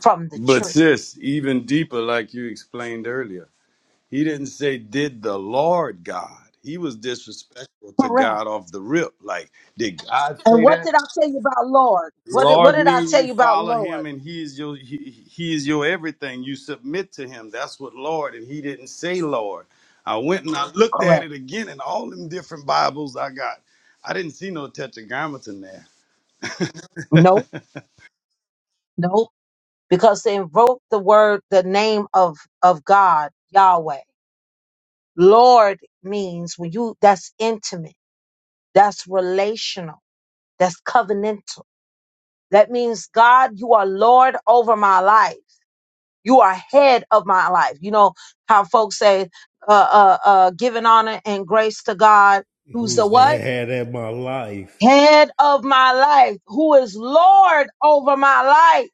A: from the
D: But
A: tree."
D: sis, even deeper like you explained earlier He didn't say, Did the Lord God? He was disrespectful to
A: Correct.
D: God off the rip. Like, did God
A: And
D: say
A: what did I
D: that?
A: tell you about Lord? What did, what
D: Lord
A: did I
D: mean
A: tell
D: you
A: you about
D: follow him
A: Lord?
D: and he is your he, he is your everything. You submit to him. That's what Lord, and he didn't say Lord. I went and I looked at
A: Correct.
D: it again in all them different Bibles I got. I didn't see no tetragrammaton there.
A: No, no, because they invoked the word, the name of of God, Yahweh. Lord means when you that's intimate, that's relational That's covenantal. That means, God, you are Lord over my life. You are head of my life. You know how folks say, uh, uh, uh, giving honor and grace to God, who's the
C: Who's the
A: what?
C: head of my life?
A: Head of my life, who is Lord over my life.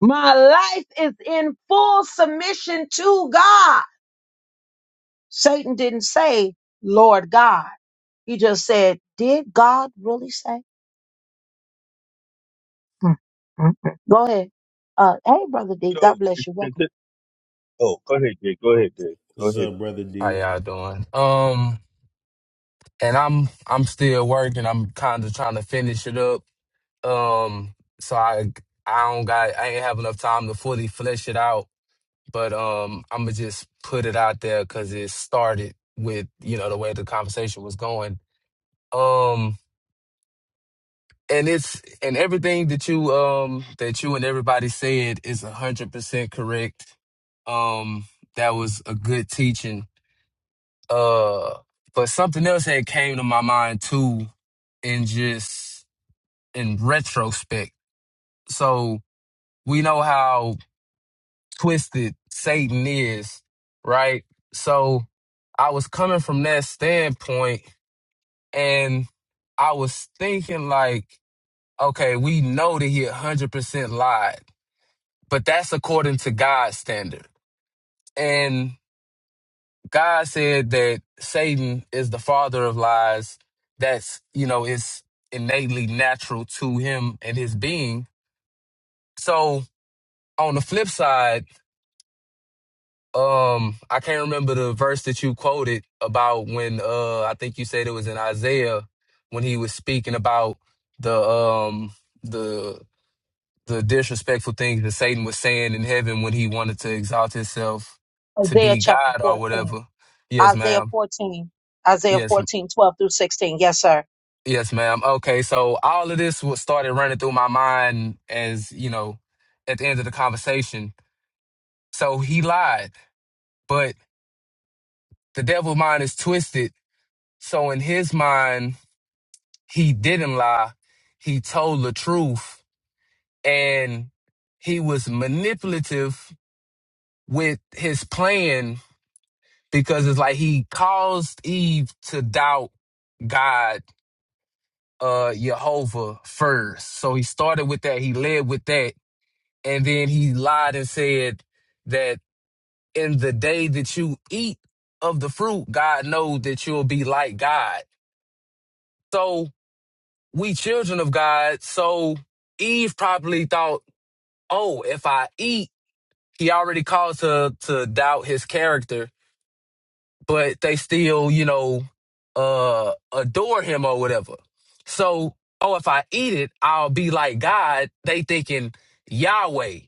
A: My life is in full submission to God. Satan didn't say, Lord God. He just said, Did God really say? Mm, mm, mm. Go ahead. Uh, hey, Brother D,
E: know.
A: God
E: it's-
A: bless you. Welcome.
E: it's- Oh, go ahead, Jay. Go ahead, Jay. Go
C: What's
E: ahead.
C: up, brother
F: How
C: D?
F: y'all doing? Um, and I'm I'm still working. I'm kind of trying to finish it up. Um, so I I don't got I ain't have enough time to fully flesh it out. But um, I'm gonna just put it out there because it started with you know the way the conversation was going. Um, and it's and everything that you um that you and everybody said is a hundred percent correct. Um, that was a good teaching. Uh, but something else had came to my mind too and just in retrospect. So we know how twisted Satan is, right? So I was coming from that standpoint and I was thinking like, okay, we know that he 100% lied, but that's according to God's standard. And God said that Satan is the father of lies. That's, you know, it's innately natural to him and his being. So on the flip side, um, I can't remember the verse that you quoted about when uh I think you said it was in Isaiah when he was speaking about the um the the disrespectful things that Satan was saying in heaven when he wanted to exalt himself to
A: Isaiah
F: be
A: chapter
F: God or
A: 14.
F: whatever. Yes,
A: Isaiah
F: ma'am.
A: 14. Isaiah
F: Yes, m-
A: 14, 12 through 16. Yes, sir.
F: yes, ma'am. Okay, so all of this was started running through my mind as, you know, at the end of the conversation. So he lied, but the devil mind is twisted So in his mind, he didn't lie. He told the truth and he was manipulative with his plan because it's like he caused Eve to doubt God, uh, Jehovah first. So he started with that. He led with that. And then he lied and said that in the day that you eat of the fruit, God knows that you'll be like God. So. we children of God, so Eve probably thought, "Oh, if I eat," he already caused her to doubt his character, but they still, you know, uh, adore him or whatever. So, oh, if I eat it, I'll be like God. They thinking Yahweh,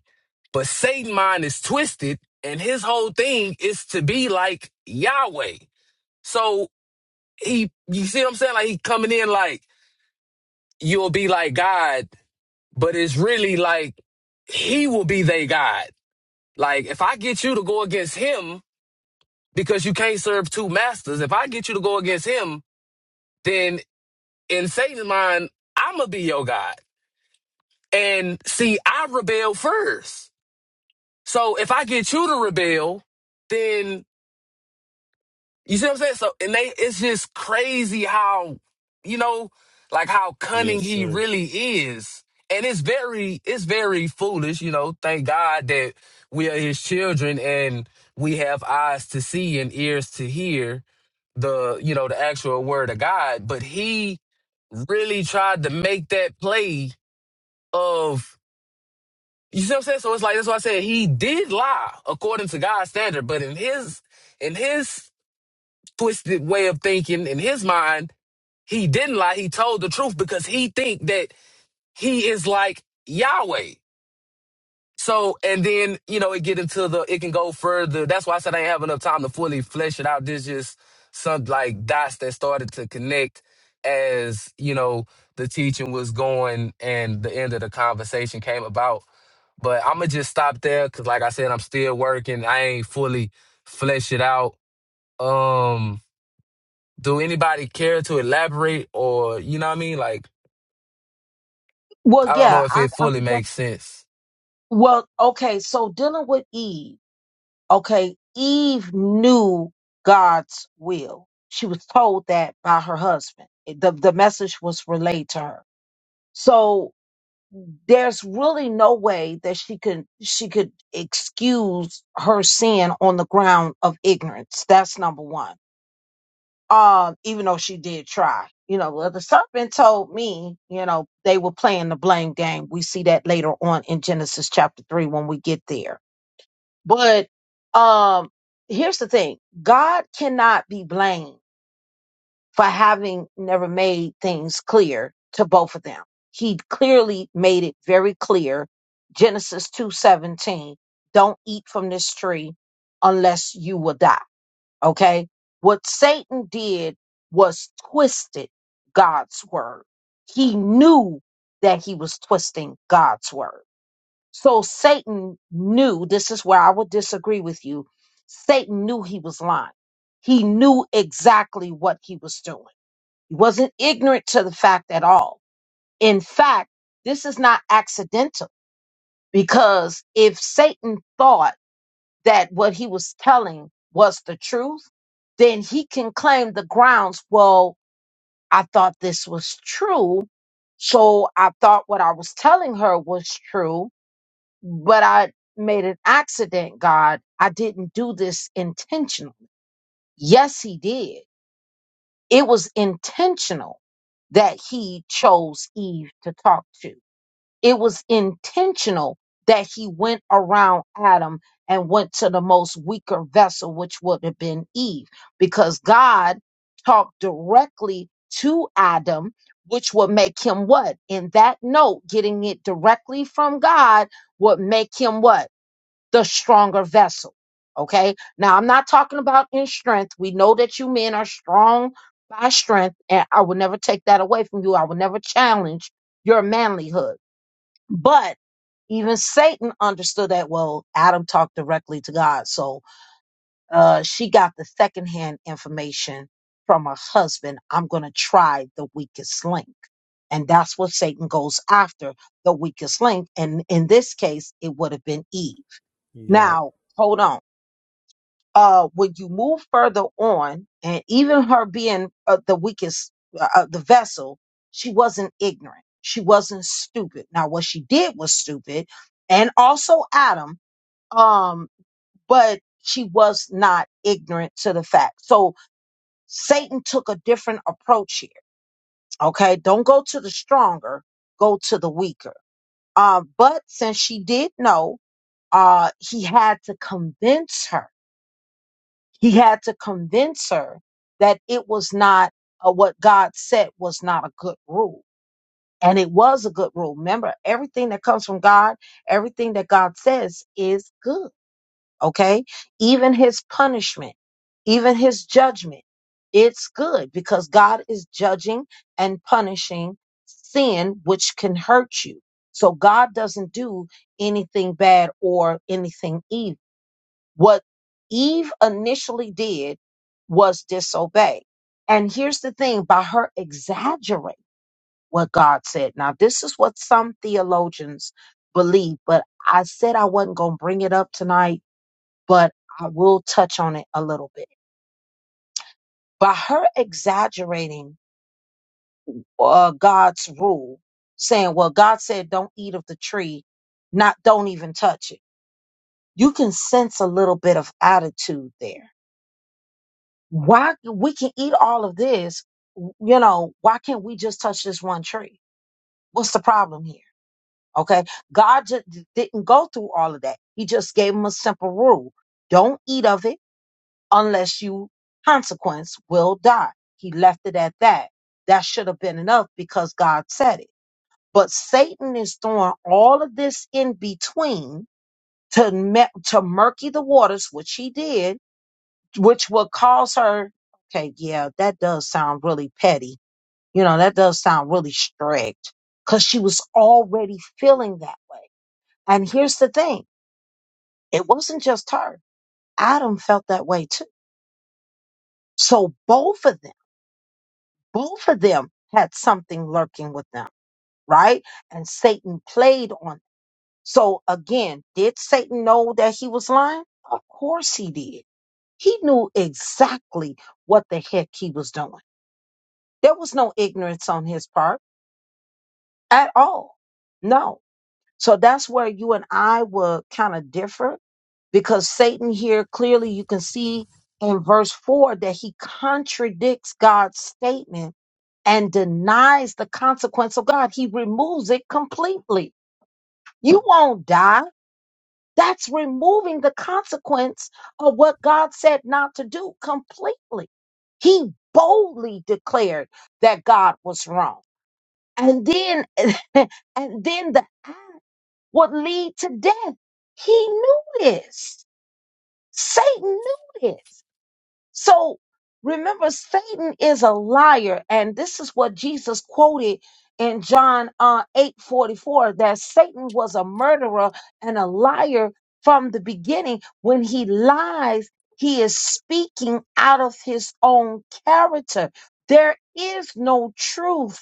F: but Satan mind is twisted, and his whole thing is to be like Yahweh. So he, you see what I'm saying? Like he coming in like you'll be like God but it's really like he will be their God. Like if I get you to go against him because you can't serve two masters, if I get you to go against him, then in Satan's mind, I'ma be your God. And see, I rebel first. So if I get you to rebel, then You see what I'm saying? So and they it's just crazy how, you know, like how cunning
C: Yes,
F: he
C: sir.
F: really is. And it's very it's very foolish, you know. Thank God that we are his children and we have eyes to see and ears to hear the, you know, the actual word of God. But he really tried to make that play of you see what I'm saying? So it's like that's why I said he did lie according to God's standard, but in his in his twisted way of thinking in his mind, he didn't lie. He told the truth because he think that he is like Yahweh. So, and then, you know, it get into the, it can go further. That's why I said I ain't have enough time to fully flesh it out. There's just some like dots that started to connect as, you know, the teaching was going and the end of the conversation came about. But I'm gonna just stop there because, like I said, I'm still working. I ain't fully flesh it out. Um, do anybody care to elaborate or you know what I mean? Like
A: Well,
F: I don't know
A: yeah,
F: if
A: I,
F: it
A: I
F: fully
A: could def-
F: makes sense.
A: Well, okay, so dealing with Eve, okay, Eve knew God's will. She was told that by her husband. It- The, the message was relayed to her. So there's really no way that she could she could excuse her sin on the ground of ignorance. That's number one. um, even though she did try. You know, well, the serpent told me, you know, they were playing the blame game. We see that later on in Genesis chapter three when we get there. But um, here's the thing God cannot be blamed for having never made things clear to both of them. He clearly made it very clear. Genesis 2:17, don't eat from this tree unless you will die Okay. What Satan did was twisted God's word. He knew that he was twisting God's word. So Satan knew, this is where I would disagree with you. Satan knew he was lying. He knew exactly what he was doing. He wasn't ignorant to the fact at all. In fact, this is not accidental because if Satan thought that what he was telling was the truth, then he can claim the grounds. Well, I thought this was true. So I thought what I was telling her was true, but I made an accident, God. I didn't do this intentionally. Yes, he did. It was intentional that he chose Eve to talk to it was intentional that he went around Adam and went to the most weaker vessel, which would have been Eve, because God talked directly to Adam, which would make him what? In that note, getting it directly from God would make him what? The stronger vessel. Okay. Now, I'm not talking about in strength. We know that you men are strong by strength, and I will never take that away from you. I will never challenge your manlyhood but even Satan understood that, well, Adam talked directly to God. So uh, she got the secondhand information from her husband. I'm going to try the weakest link. And that's what Satan goes after the weakest link. And in this case, it would have been Eve.
C: Yep.
A: Now, hold on uh, when you move further on, and even her being uh, the weakest, uh, uh, the vessel, she wasn't ignorant. She wasn't stupid. Now, what she did was stupid, and also Adam, um, but she was not ignorant to the fact. So Satan took a different approach here. Okay, don't go to the stronger, go to the weaker. Uh, but since she did know, uh, he had to convince her He had to convince her that it was not uh, what God said was not a good rule. And it was a good rule. Remember, everything that comes from God, everything that God says is good. Okay. Even his punishment, even his judgment, it's good because God is judging and punishing sin, which can hurt you. So God doesn't do anything bad or anything evil. What Eve initially did was disobey. And here's the thing by her exaggerating what God said. Now, this is what some theologians believe, but I said I wasn't going to bring it up tonight, but I will touch on it a little bit. By her exaggerating uh, God's rule, saying, well, God said, don't eat of the tree, not don't even touch it. You can sense a little bit of attitude there why we can eat all of this w- you know why can't we just touch this one tree what's the problem here okay god just didn't go through all of that he just gave him a simple rule don't eat of it unless you consequence will die he left it at that that should have been enough because god said it but satan is throwing all of this in between to me- to murky the waters which he did which will cause her okay yeah that does sound really petty you know that does sound really strict because she was already feeling that way and here's the thing it wasn't just her adam felt that way too so both of them both of them had something lurking with them right and satan played on so again did satan know that he was lying of course he did he knew exactly what the heck he was doing There was no ignorance on his part at all. No. So that's where you and I would kind of differ because Satan here clearly you can see in verse 4 that he contradicts God's statement and denies the consequence of God. He removes it completely. You won't die. That's removing the consequence of what God said not to do completely. He boldly declared that God was wrong. and then and then the eye would lead to death. He knew this. Satan knew this. So remember, Satan is a liar, and this is what Jesus quoted in John uh, eight forty four that Satan was a murderer and a liar from the beginning. When he lies, he is speaking out of his own character. There is no truth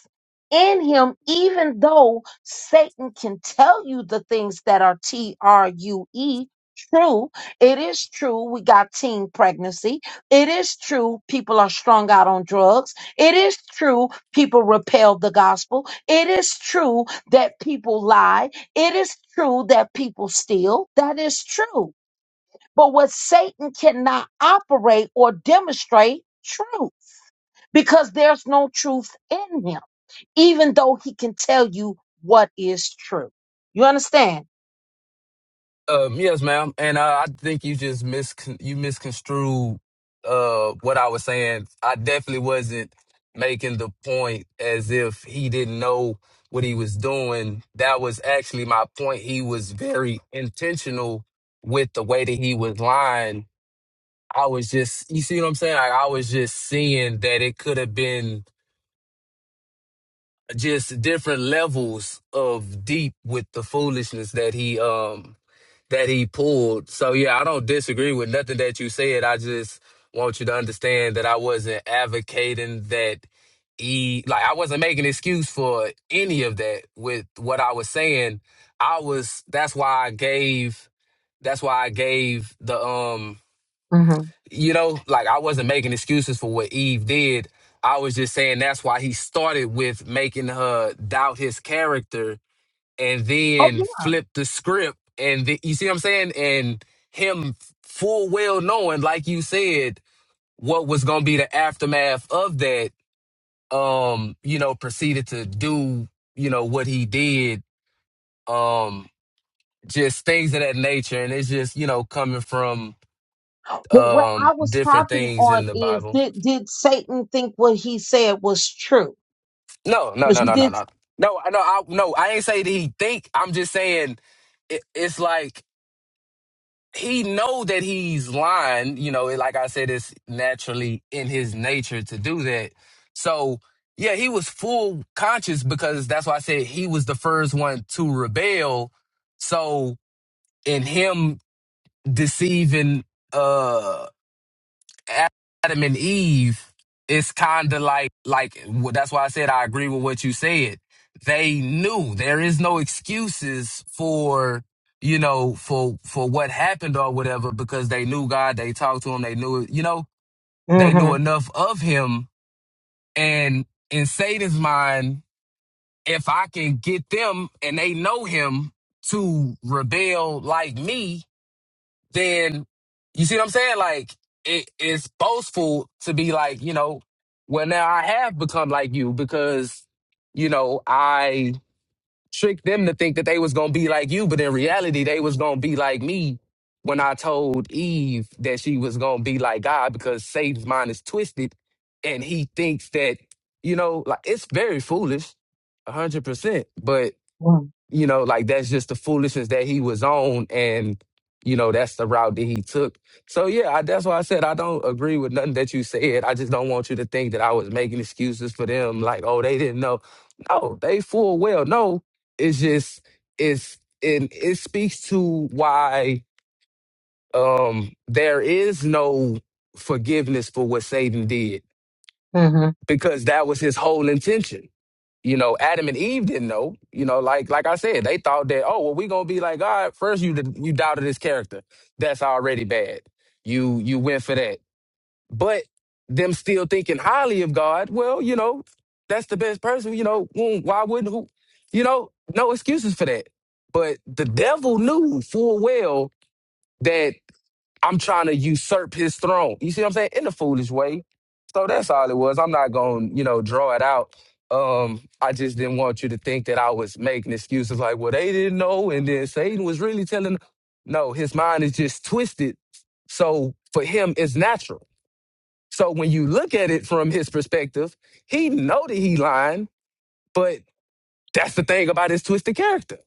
A: in him, even though Satan can tell you the things that are T R U E, true. It is true. We got teen pregnancy it is true people are strung out on drugs. It is true people repel the gospel. It is true that people lie. It is true that people steal. That is true. But what Satan cannot operate or demonstrate truth because there's no truth in him, even though he can tell you what is true. You understand?
F: Um, yes, ma'am, and uh, I think you just mis you misconstrued uh what I was saying. I definitely wasn't making the point as if he didn't know what he was doing. That was actually my point. He was very intentional with the way that he was lying. I was just, you see what I'm saying? Like I was just seeing that it could have been just different levels of deep with the foolishness that he um that he pulled. So yeah, I don't disagree with nothing that you said. I just want you to understand that I wasn't advocating that he like I wasn't making excuse for any of that with what I was saying. I was that's why I gave that's why I gave the um
A: hmm
F: you know, like I wasn't making excuses for what Eve did. I was just saying that's why he started with making her doubt his character and
A: Oh
F: then
A: yeah.
F: flip the script. And the, you see what I'm saying? And him full well knowing, like you said, what was going to be the aftermath of that, um, you know, proceeded to do, you know, what he did, um, just things of that nature. And it's just, you know, coming from
A: Well, what
F: um
A: I was
F: different
A: harping
F: things in
A: on
F: the
A: is
F: Bible.
A: did did Satan think what he said was true?
F: No, no,
A: Because
F: no,
A: you
F: no, no,
A: did.
F: no. No, I no, I no, I ain't say that he think. I'm just saying it, it's like he know that he's lying, you know, like I said, it's naturally in his nature to do that. So yeah, he was full conscious because that's why I said he was the first one to rebel. So in him deceiving uh. Adam and Eve, it's kind of like like wh- that's why I said I agree with what you said. They knew there is no excuses for you know for for what happened or whatever because they knew God. They talked to him. They knew you know they knew
A: Mm-hmm.
F: enough of him. And in Satan's mind, if I can get them and they know him to rebel like me, then you see what I'm saying? Like it, it's boastful to be like, you know, well now I have become like you because, you know, I tricked them to think that they was gonna be like you, but in reality they was gonna be like me when I told Eve that she was gonna be like God because Satan's mind is twisted and he thinks that, you know, like it's very foolish, a hundred percent. But you know, like that's just the foolishness that he was on, and you know that's the route that he took. So yeah, I, that's why I said I don't agree with nothing that you said. I just don't want you to think that I was making excuses for them, like oh they didn't know. No, they full well. No, it's just it's and it speaks to why um there is no forgiveness for what Satan did
A: Mm-hmm.
F: because that was his whole intention you know, Adam and Eve didn't know. You know, like like I said, they thought that, oh, well, we gonna be like God. First, you did- you doubted His character. That's already bad. You you went for that, but them still thinking highly of God. Well, you know, that's the best person. You know, mm, why wouldn't who? You know, no excuses for that. But the devil knew full well that. I'm trying to usurp his throne. You see what I'm saying? In a foolish way. So that's all it was. I'm not going to, you know, draw it out. Um, I just didn't want you to think that I was making excuses like, well, they didn't know. And then Satan was really telling. No, his mind is just twisted. So for him, it's natural. So when you look at it from his perspective, he know that he lying, but that's the thing about his twisted character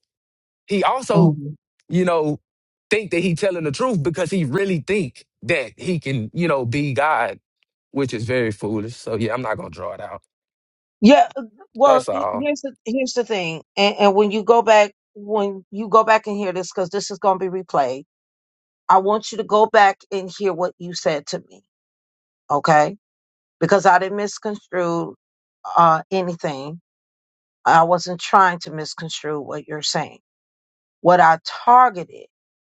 F: he also,
A: mm-hmm.
F: you know, think that he telling the truth because he really think that he can, you know, be God, which is very foolish. So yeah, I'm not gonna draw it out.
A: Yeah. uh, Well,
F: That's
A: he-
F: all.
A: here's the here's the thing, and, and when you go back, when you go back and hear this, because this is going to be replayed, I want you to go back and hear what you said to me, okay? Because I didn't misconstrue uh, anything. I wasn't trying to misconstrue what you're saying. What I targeted,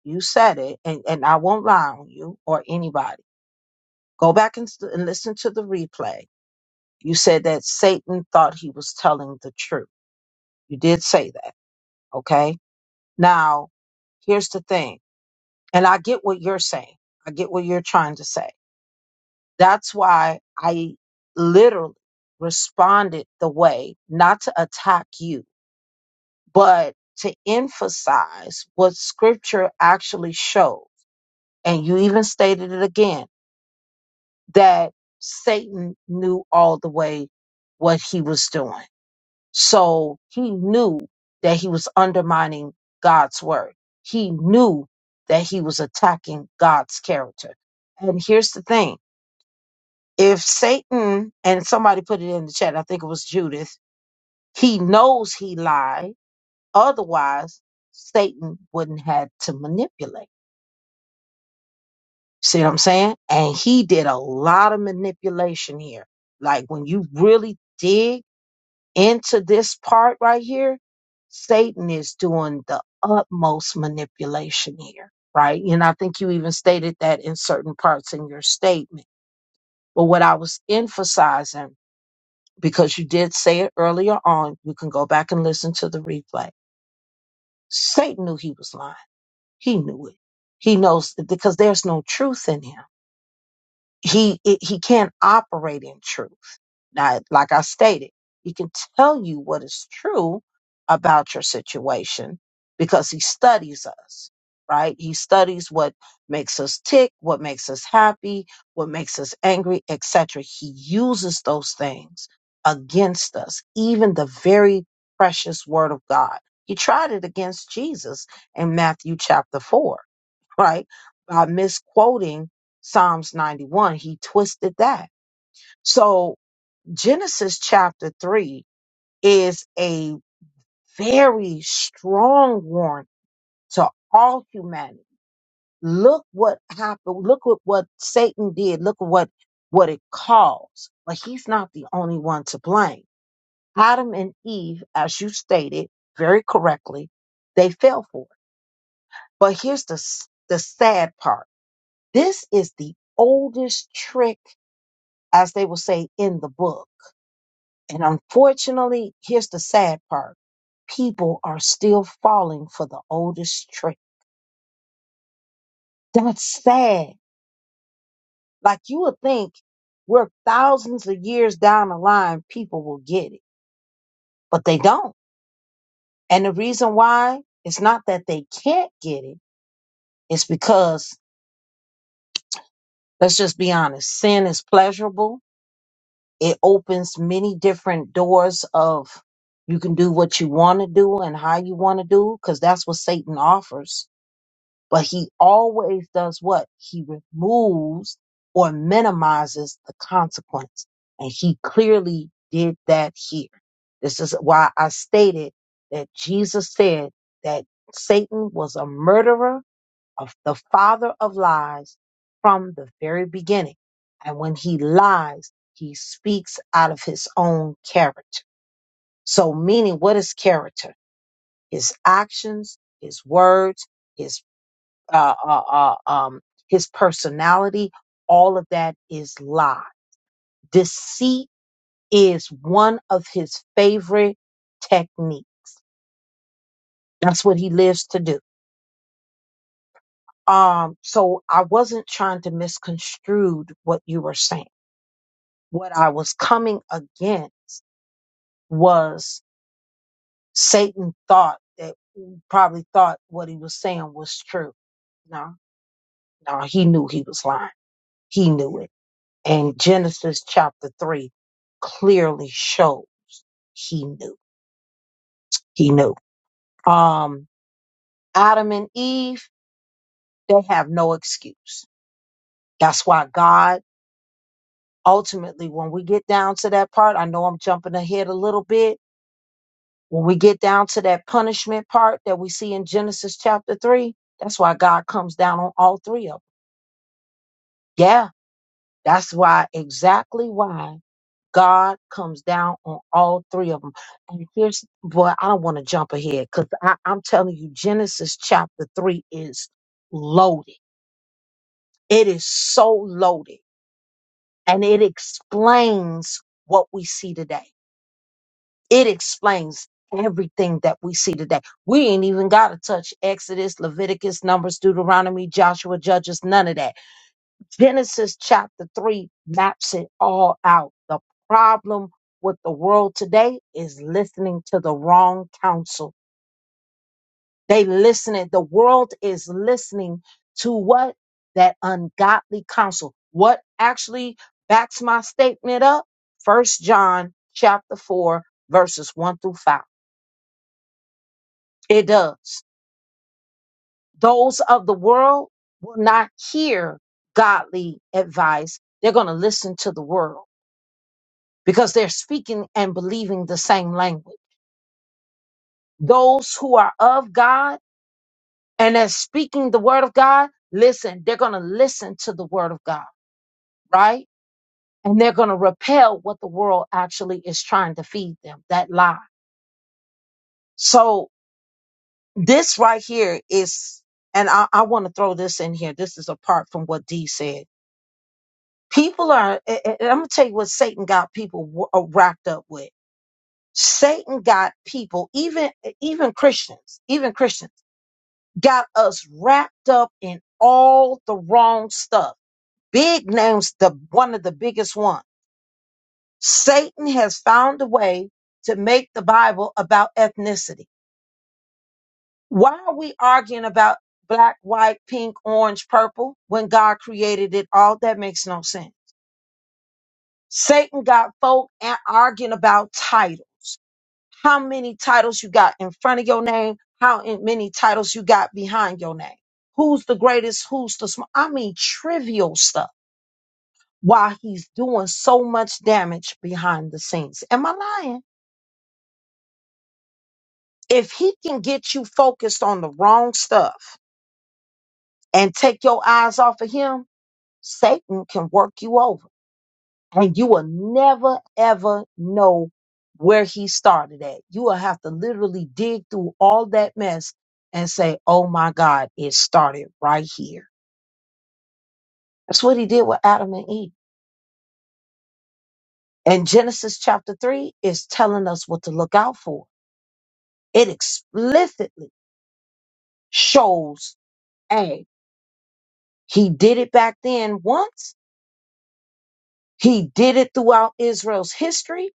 A: you said it, and and I won't lie on you or anybody. Go back and, st- and listen to the replay You said that Satan thought he was telling the truth. You did say that. Okay. Now, here's the thing. And I get what you're saying. I get what you're trying to say. That's why I literally responded the way not to attack you, but to emphasize what scripture actually shows. And you even stated it again that Satan knew all the way what he was doing. So he knew that he was undermining God's word. He knew that he was attacking God's character. And here's the thing if Satan, and somebody put it in the chat, I think it was Judith, he knows he lied. Otherwise, Satan wouldn't have to manipulate. See what I'm saying? And he did a lot of manipulation here. Like when you really dig into this part right here, Satan is doing the utmost manipulation here, right? And I think you even stated that in certain parts in your statement. But what I was emphasizing, because you did say it earlier on, you can go back and listen to the replay. Satan knew he was lying. He knew it. He knows because there's no truth in him he it, he can't operate in truth. Now, like I stated, he can tell you what is true about your situation because he studies us, right? He studies what makes us tick, what makes us happy, what makes us angry, etc. He uses those things against us, even the very precious word of God. He tried it against Jesus in Matthew chapter 4 right? By misquoting Psalms 91, he twisted that. So Genesis chapter 3 is a very strong warning to all humanity. Look what happened. Look at what Satan did. Look at what, what it caused. But he's not the only one to blame. Adam and Eve, as you stated very correctly, they fell for it. But here's the, s- the sad part This is the oldest trick, as they will say, in the book. And unfortunately, here's the sad part people are still falling for the oldest trick. That's sad. Like you would think we're thousands of years down the line, people will get it, but they don't. And the reason why it's not that they can't get it, it's because, let's just be honest, sin is pleasurable It opens many different doors of you can do what you want to do and how you want to do because that's what Satan offers. But he always does what? He removes or minimizes the consequence. And he clearly did that here. This is why I stated that Jesus said that Satan was a murderer of the father of lies from the very beginning. And when he lies, he speaks out of his own character. So, meaning, what is character? His actions, his words, his uh, uh, uh, um, his personality. All of that is lie. Deceit is one of his favorite technique. That's what he lives to do. Um, so I wasn't trying to misconstrue what you were saying what I was coming against was Satan thought that probably thought what he was saying was true. No, no, he knew he was lying. He knew it. And Genesis chapter three clearly shows he knew. He knew. Um, Adam and Eve, they have no excuse. That's why God ultimately, when we get down to that part, I know I'm jumping ahead a little bit, When we get down to that punishment part that we see in Genesis chapter 3, that's why God comes down on all three of them. Yeah, that's why, exactly why God comes down on all three of them. And here's, boy, I don't want to jump ahead because I'm telling you, Genesis chapter 3 is loaded. It is so loaded and it explains what we see today. It explains everything that we see today. We ain't even got to touch Exodus, Leviticus, Numbers, Deuteronomy, Joshua, Judges, none of that. Genesis chapter 3 maps it all out. The problem with the world today is listening to the wrong counsel. They listening, the world is listening to what? That ungodly counsel. What actually backs my statement up? First John chapter 4, verses 1 through 5. It does. Those of the world will not hear godly advice. They're going to listen to the world because they're speaking and believing the same language. Those who are of God and are speaking the word of God, listen, they're going to listen to the word of God, right? And they're going to repel what the world actually is trying to feed them, that lie. So this right here is, and I, I want to throw this in here. This is apart from what D said People are, and and I'm gonna tell you what Satan got people wo- uh, wrapped up with. Satan got people, even even Christians, even Christians, got us wrapped up in all the wrong stuff. Big names, the one of the biggest ones. Satan has found a way to make the Bible about ethnicity. Why are we arguing about black, white, pink, orange, purple when God created it all? That makes no sense. Satan got folk and arguing about titles. How many titles you got in front of your name? How in- many titles you got behind your name? Who's the greatest? Who's the small? I mean, trivial stuff. While he's doing so much damage behind the scenes. Am I lying? If he can get you focused on the wrong stuff and take your eyes off of him, Satan can work you over. and you will never ever know where he started at. You will have to literally dig through all that mess and say, "Oh my God, it started right here." That's what he did with Adam and Eve. And Genesis chapter 3 is telling us what to look out for. It explicitly shows, hey, he did it back then once. He did it throughout Israel's history,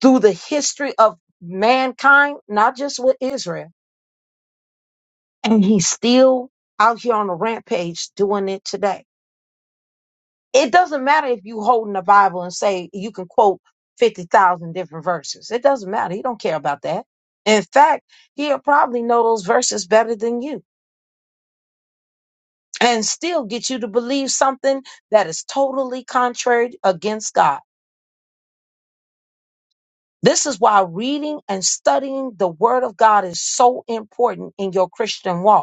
A: through the history of mankind, not just with Israel and he's still out here on a rampage doing it today. It doesn't matter if you holding the Bible and say you can quote 50,000 different verses. It doesn't matter. He don't care about that. In fact, he'll probably know those verses better than you and still get you to believe something that is totally contrary against God. This is why reading and studying the word of God is so important in your Christian walk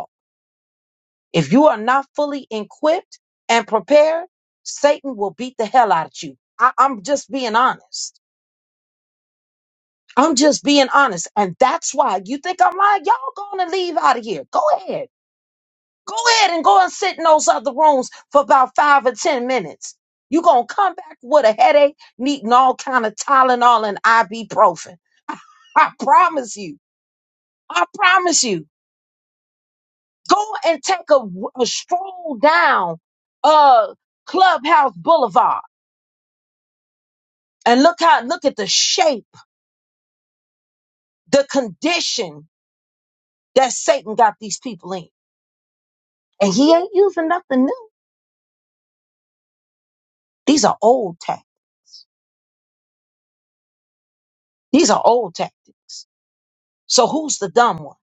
A: If you are not fully equipped and prepared, Satan will beat the hell out of you. I, am just being honest. I'm just being honest. And that's why you think I'm lying. Y'all going to leave out of here. Go ahead. Go ahead and go and sit in those other rooms for about five or 10 minutes. you going to come back with a headache, needing all kind of Tylenol and ibuprofen. I promise you. I promise you. Go and take a, a stroll down uh, Clubhouse Boulevard And look how look at the shape, the condition that Satan got these people in. And he ain't using nothing new. These are old tactics. These are old tactics. So who's the dumb one?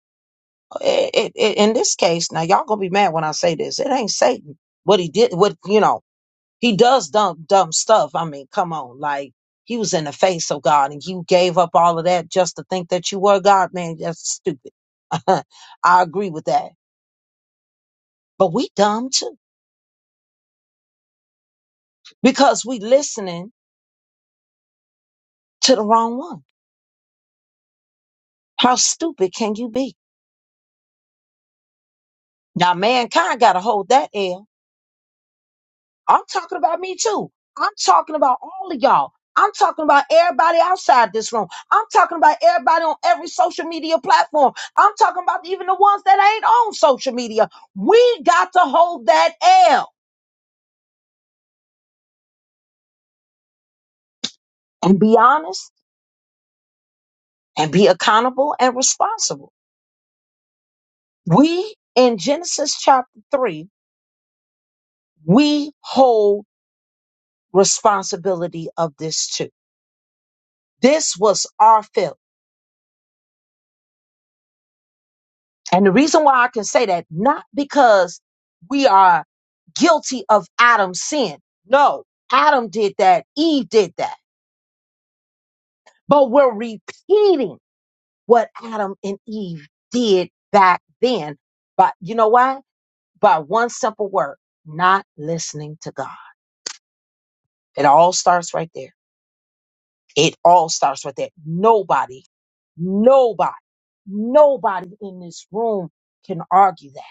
A: It- it- it- in this case, now y'all gonna be mad when I say this. It ain't Satan. What he did, what you know, he does dumb dumb stuff. I mean, come on, like he was in the face of God, and you gave up all of that just to think that you were God, man. That's stupid. I agree with that. But we dumb too because we listening to the wrong one. How stupid can you be? Now, mankind got to hold that L. I'm talking about me too. I'm talking about all of y'all. I'm talking about everybody outside this room. I'm talking about everybody on every social media platform. I'm talking about even the ones that ain't on social media. We got to hold that L and be honest and be accountable and responsible. We in Genesis chapter three, we hold responsibility of this too This was our fail. And the reason why I can say that, not because we are guilty of Adam's sin. No, Adam did that. Eve did that. But we're repeating what Adam and Eve did back then. But you know why? By one simple word, not listening to God. It all starts right there. It all starts right there. Nobody, nobody, nobody in this room can argue that.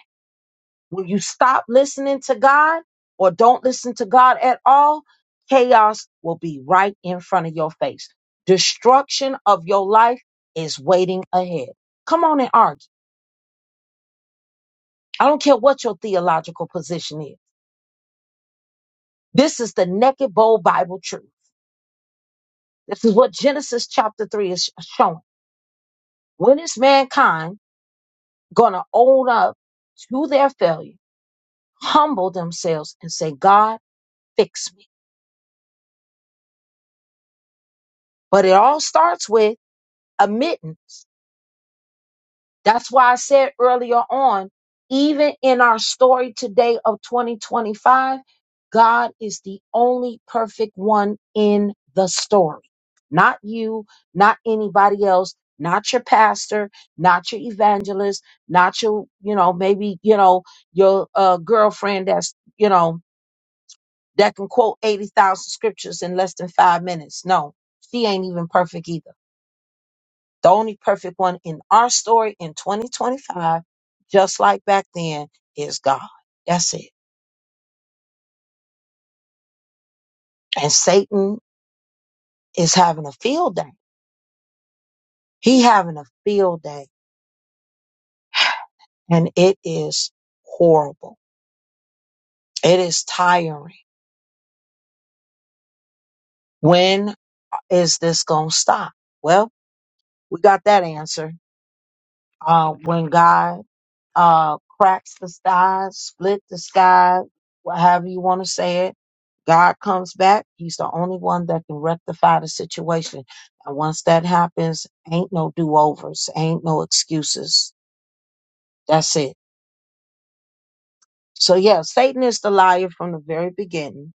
A: When you stop listening to God or don't listen to God at all, chaos will be right in front of your face. Destruction of your life is waiting ahead. Come on and argue. I don't care what your theological position is. This is the naked, bold Bible truth. This is what Genesis chapter 3 is showing. When is mankind going to own up to their failure, humble themselves, and say, God, fix me? But it all starts with admittance. That's why I said earlier on, even in our story today of 2025, God is the only perfect one in the story. Not you, not anybody else, not your pastor, not your evangelist, not your, you know, maybe, you know, your uh, girlfriend that's, you know, that can quote 80,000 scriptures in less than five minutes. No, she ain't even perfect either the only perfect one in our story in 2025, just like back then, is God. That's it. And Satan is having a field day. He having a field day and it is horrible. It is tiring. When is this going to stop? Well, we got that answer. Uh, when God uh, cracks the sky, split the sky, wha- however you want to say it. God comes back. He's the only one that can rectify the situation. And once that happens, ain't no do overs, ain't no excuses. That's it. So, yeah, Satan is the liar from the very beginning.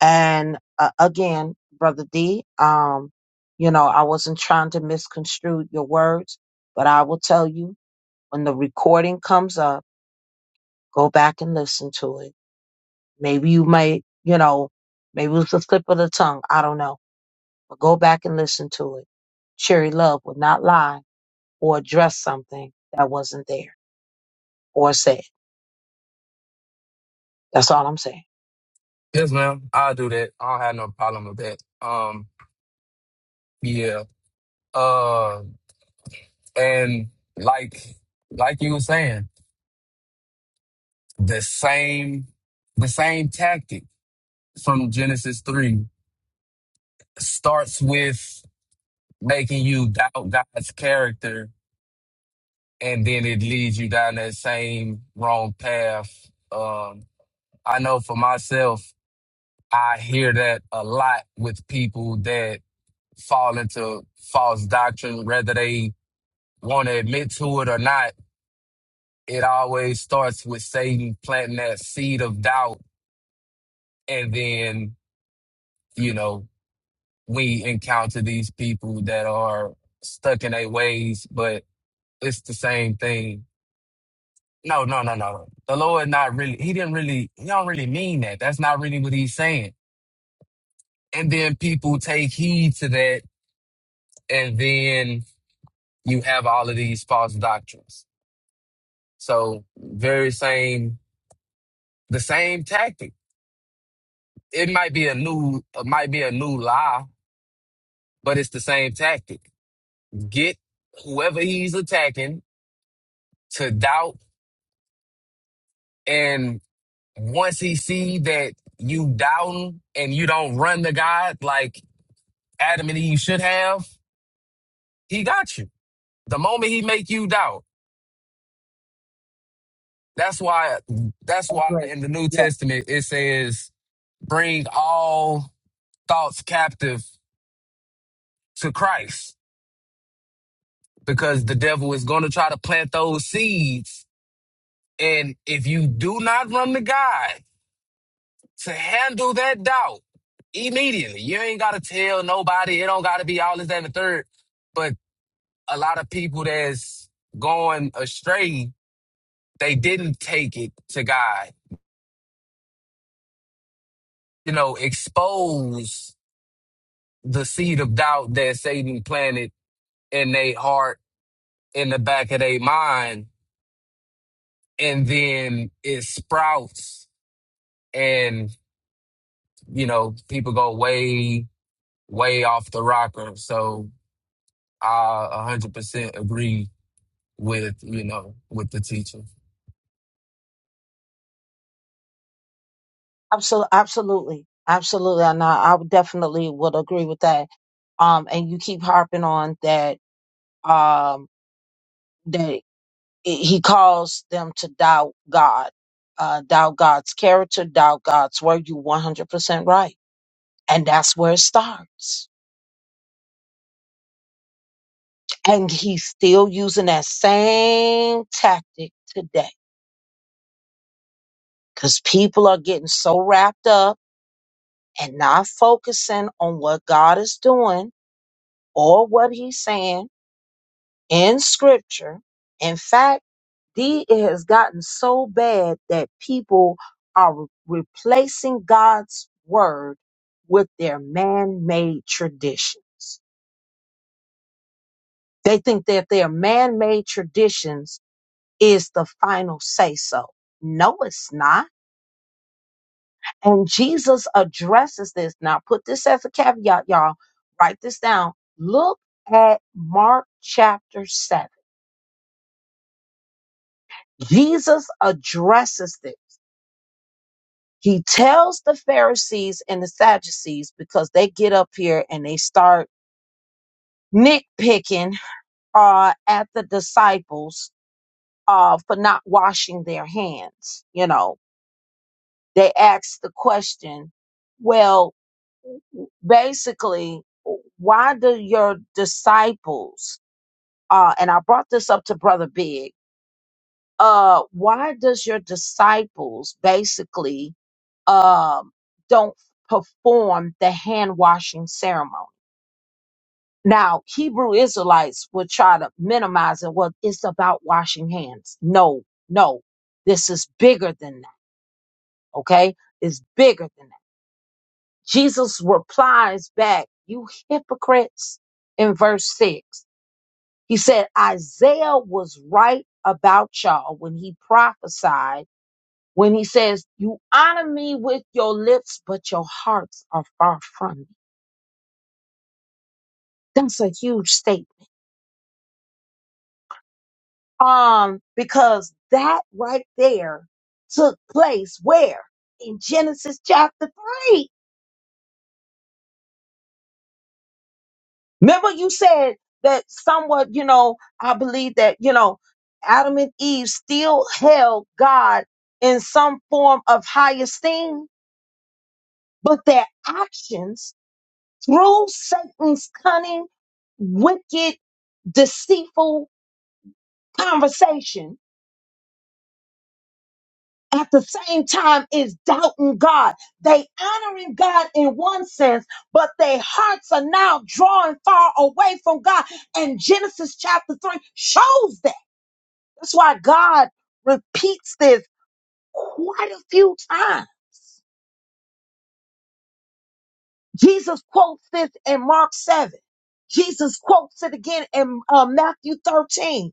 A: And uh, again, Brother D, um, you know, I wasn't trying to misconstrue your words, but I will tell you when the recording comes up, go back and listen to it Maybe you might, you know, maybe it was a slip of the tongue. I don't know. But go back and listen to it. Cherry Love would not lie or address something that wasn't there or said. That's all I'm saying.
F: Yes, ma'am. I'll do that. I don't have no problem with that. Um, yeah. Uh, and like, like you were saying, the same, the same tactic from Genesis three starts with making you doubt God's character and then it leads you down that same wrong path. Um, I know for myself, I hear that a lot with people that fall into false doctrine, whether they want to admit to it or not. It always starts with Satan planting that seed of doubt, and then you know we encounter these people that are stuck in their ways, but it's the same thing No, no, no, no. The Lord not really, he didn't really, he don't really mean that. That's not really what he's saying. And then people take heed to that, and then you have all of these false doctrines. So very same, the same tactic. It might be a new, it might be a new lie, but it's the same tactic. Get whoever he's attacking to doubt, and once he see that you doubting and you don't run to God like Adam and Eve should have he got you. The moment he make you doubt, that's why that's
A: I
F: why
A: agree.
F: in the New
A: Yes.
F: Testament it says, bring all thoughts captive to Christ. Because the devil is gonna try to plant those seeds. And if you do not run to God to handle that doubt immediately, you ain't gotta tell nobody, it don't gotta be all this, that, and the third. But a lot of people that's going astray, they didn't take it to God you know, expose the seed of doubt that Satan planted in their heart, in the back of their mind, and then it sprouts, and you know, people go way, way off the rocker. So I a hundred percent agree with you know with the teacher.
A: Absolutely. Absolutely. Absolutely. And I, I would definitely would agree with that. Um, and you keep harping on that, um, that he calls them to doubt God, uh, doubt God's character, doubt God's word. You 100% right. And that's where it starts. And he's still using that same tactic today because people are getting so wrapped up and not focusing on what God is doing or what he's saying in scripture. In fact, The, it has gotten so bad that people are re- replacing God's word with their man made traditions. They think that their man made traditions is the final say so. No, it's not. And Jesus addresses this. Now, put this as a caveat, y'all. Write this down. Look at Mark chapter 7. Jesus addresses this. He tells the Pharisees and the Sadducees because they get up here and they start nitpicking uh, at the disciples uh, for not washing their hands. You know, they ask the question, well, basically, why do your disciples, uh, and I brought this up to Brother Big, uh, why does your disciples basically um, don't perform the hand washing ceremony. Now, Hebrew Israelites would try to minimize it. Well, it's about washing hands. No, no, this is bigger than that. Okay. It's bigger than that. Jesus replies back, you hypocrites in verse six. He said, Isaiah was right about y'all when he prophesied, when he says, you honor me with your lips, but your hearts are far from me." That's a huge statement. Um, because that right there took place where? In Genesis chapter three. Remember you said that somewhat, you know, I believe that, you know, Adam and Eve still held God in some form of high esteem, but their actions through Satan's cunning, wicked, deceitful conversation at the same time is doubting God. They honoring God in one sense, but their hearts are now drawing far away from God. And Genesis chapter 3 shows that. That's why God repeats this quite a few times. Jesus quotes this in Mark 7. Jesus quotes it again in uh, Matthew 13.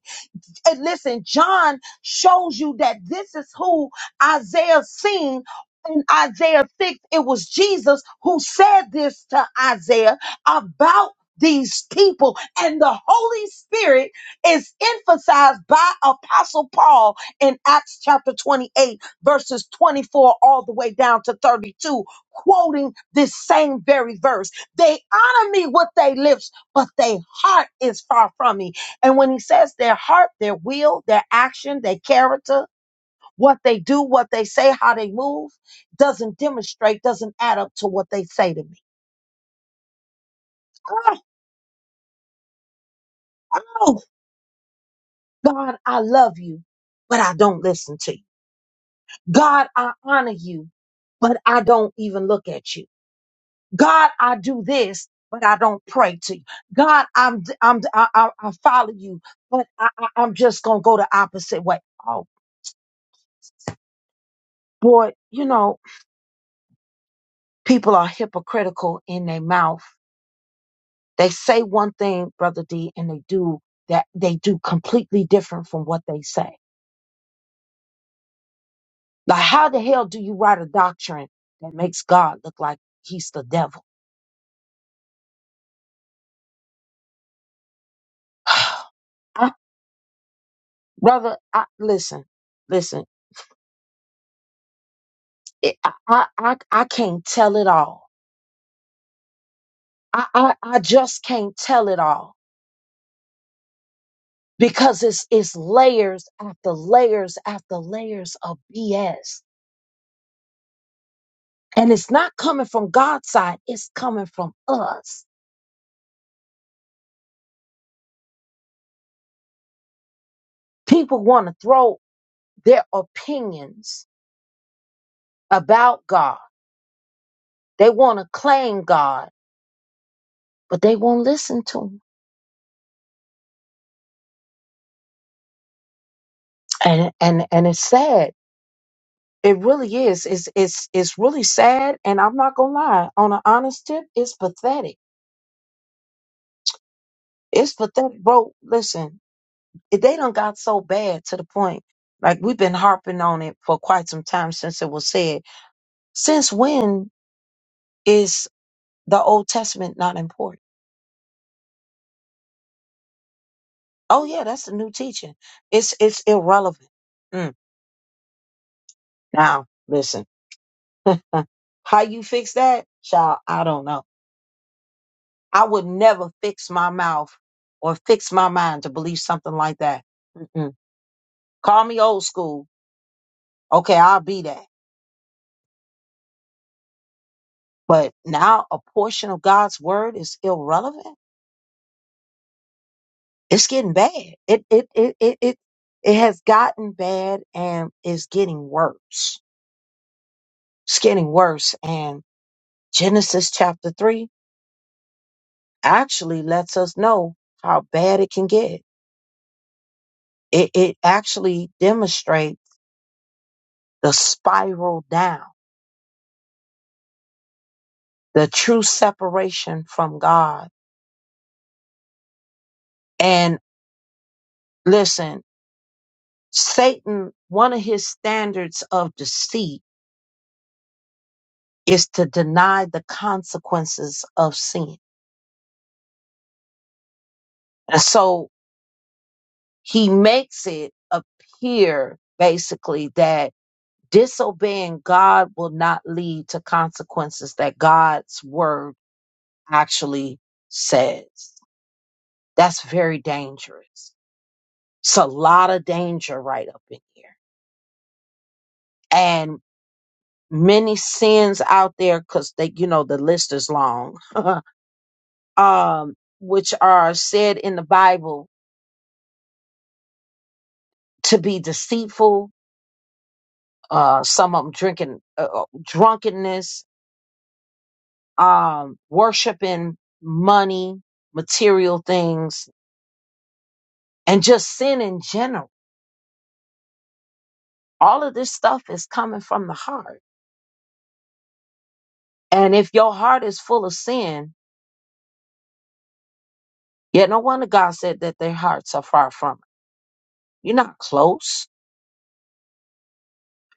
A: And listen, John shows you that this is who Isaiah seen in Isaiah 6. It was Jesus who said this to Isaiah about these people and the Holy Spirit is emphasized by Apostle Paul in Acts chapter 28 verses 24 all the way down to 32 quoting this same very verse they honor me with their lips but their heart is far from me and when he says their heart, their will, their action, their character, what they do, what they say, how they move, doesn't demonstrate, doesn't add up to what they say to me. Oh, oh, God, I love you, but I don't listen to you. God, I honor you, but I don't even look at you. God, I do this, but I don't pray to you. God, I'm, I'm, I, I, I follow you, but I, I, I'm just going to go the opposite way. Oh, boy, you know, people are hypocritical in their mouth. They say one thing, brother D, and they do that they do completely different from what they say. Like how the hell do you write a doctrine that makes God look like he's the devil? I, brother, I, listen, listen. It, I, I I I can't tell it all. I, I I just can't tell it all because it's it's layers after layers after layers of BS And it's not coming from God's side, it's coming from us. People want to throw their opinions about God. They want to claim God, but they won't listen to him. And and and it's sad. It really is. It's it's it's really sad. And I'm not gonna lie. On an honest tip, it's pathetic. It's pathetic, bro. Listen, if they done got so bad to the point, like we've been harping on it for quite some time since it was said. Since when is The Old Testament not important. Oh yeah, that's the new teaching. It's it's irrelevant. Mm. Now listen, how you fix that, child? I don't know. I would never fix my mouth or fix my mind to believe something like that. Mm-mm. Call me old school. Okay, I'll be that. But now a portion of God's word is irrelevant. It's getting bad. It it it it it, it has gotten bad and is getting worse. It's getting worse. and. Genesis chapter 3 actually lets us know how bad it can get. It, it actually demonstrates the spiral down, the true separation from God. And listen, Satan, one of his standards of deceit is to deny the consequences of sin. And so he makes it appear basically that disobeying God will not lead to consequences that God's word actually says. That's very dangerous. It's a lot of danger right up in here. And many sins out there, because they, you know, the list is long, um, which are said in the Bible to be deceitful, uh, some of them drinking, uh, uh, drunkenness, um, worshiping money, material things, and just sin in general. All of this stuff is coming from the heart And if your heart is full of sin, yet no wonder God said that their hearts are far from it. You're not close.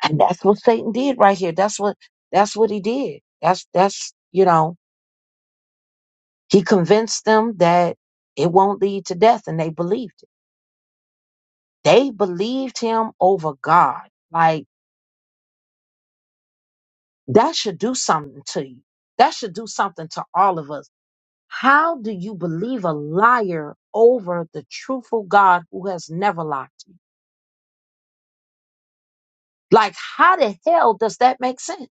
A: And that's what Satan did right here. That's what that's what he did. That's that's you know, he convinced them that it won't lead to death and they believed it. They believed him over God. Like that should do something to you. That should do something to all of us. How do you believe a liar over the truthful God who has never lied? Like, how the hell does that make sense?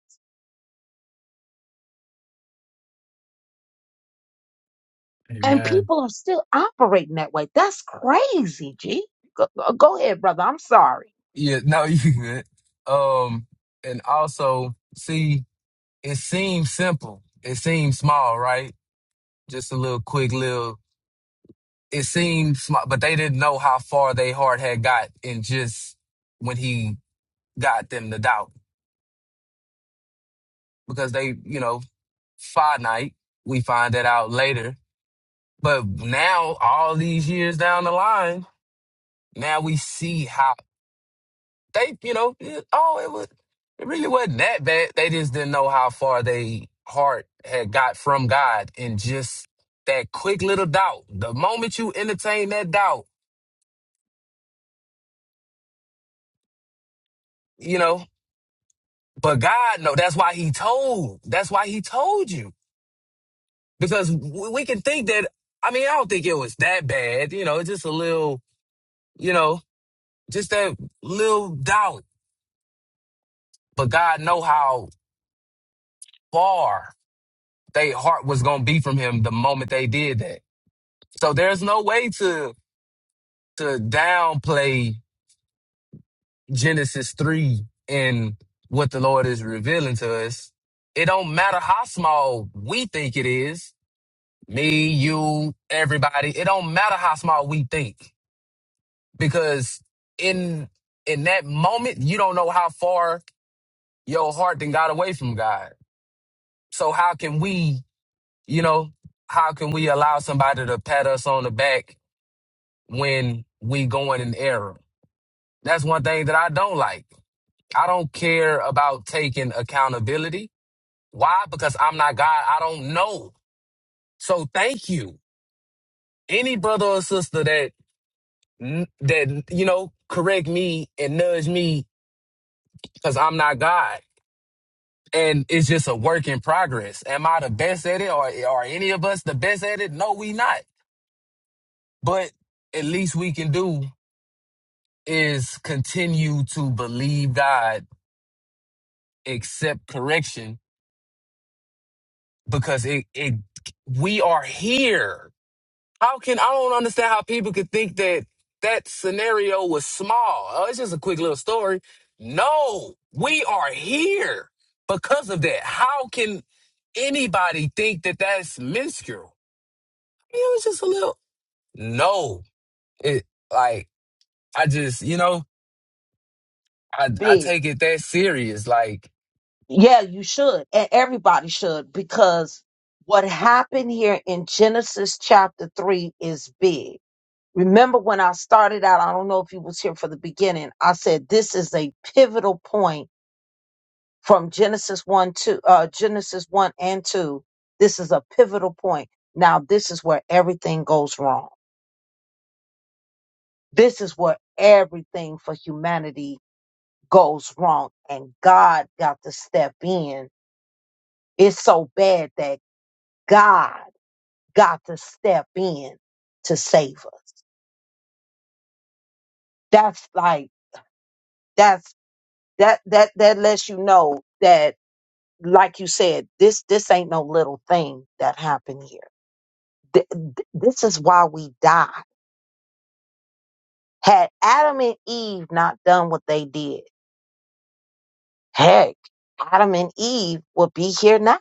A: And
F: Amen.
A: people are still operating that way. That's crazy, G. Go, go ahead, brother. I'm sorry.
F: Yeah, no, you good. Um, and also see, it seems simple, it seems small, right? Just a little quick little it seemed smart, but they didn't know how far they heart had got in just when he got them to doubt because they, you know, finite. We find that out later. But now, all these years down the line, now we see how they, you know, it- oh, it was, it really wasn't that bad. They just didn't know how far they heart had got from God and just that quick little doubt. The moment you entertain that doubt, you know. But God, no, that's why he told. That's why he told you. Because w- we can think that, I mean, I don't think it was that bad. You know, it's just a little, you know, just that little doubt. But God know how far they heart was going to be from him the moment they did that. So there's no way to, to downplay Genesis 3 and what the Lord is revealing to us. It don't matter how small we think it is me, you, everybody. It don't matter how small we think because in in that moment, you don't know how far your heart then got away from God. So how can we, you know, how can we allow somebody to pat us on the back when we going in error? That's one thing that I don't like. I don't care about taking accountability. Why? Because I'm not God. I don't know. So thank you. Any brother or sister that. n- that you know correct me and nudge me because I'm not God, and it's just a work in progress. Am I the best at it, or are any of us the best at it? No, we not. But at least we can do is continue to believe God, accept correction because it it we are here. How can I don't understand how people could think that that scenario was small. Oh, it's just a quick little story. No, we are here because of that. How can anybody think that that's minuscule? I mean, it was just a little. No, it like I just you know I I
A: Big.
F: take it that serious. Like
A: Yeah, you should. And everybody should because what happened here in Genesis chapter 3 is big. Remember when I started out, I don't know if you was here for the beginning. I said this is a pivotal point from Genesis 1 to uh Genesis 1 and 2. This is a pivotal point. Now this is where everything goes wrong This is where everything for humanity goes wrong, and God got to step in. It's so bad that God got to step in to save us. That's like that's that that that lets you know that, like you said, this this ain't no little thing that happened here. Th- th- this is why we die. Had Adam and Eve not done what they did, heck, Adam and Eve would be here now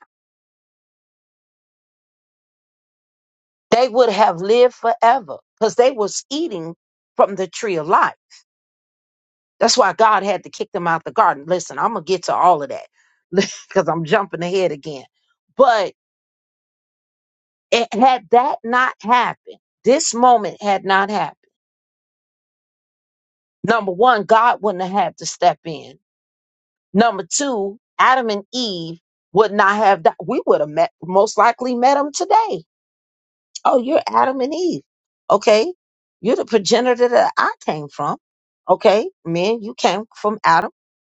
A: They would have lived forever because they was eating from the tree of life. That's why God had to kick them out the garden. Listen, I'm gonna get to all of that because I'm jumping ahead again. But it, had that not happened, this moment had not happened. Number one, God wouldn't have had to step in. Number two, Adam and Eve would not have. Di- we would have met, most likely met them today Oh, you're Adam and Eve. Okay. You're the progenitor that I came from. Okay. Men, you came from Adam.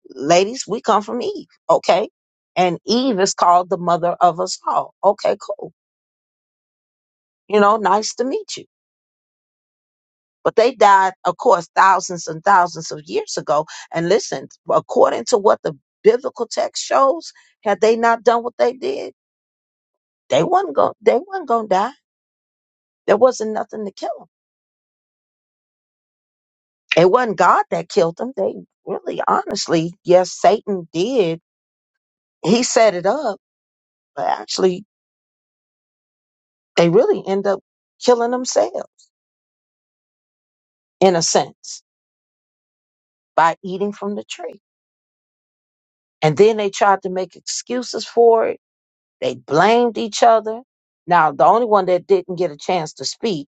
A: Ladies, we come from Eve. Okay. And Eve is called the mother of us all. Okay, cool. You know, nice to meet you. But they died, of course, thousands and thousands of years ago. And listen, according to what the biblical text shows, had they not done what they did, they wasn't going they wasn't gonna die. There wasn't nothing to kill them. It wasn't God that killed them. They really, honestly, yes, Satan did. He set it up, but actually, they really end up killing themselves in a sense by eating from the tree. And then they tried to make excuses for it. They blamed each other. Now, the only one that didn't get a chance to speak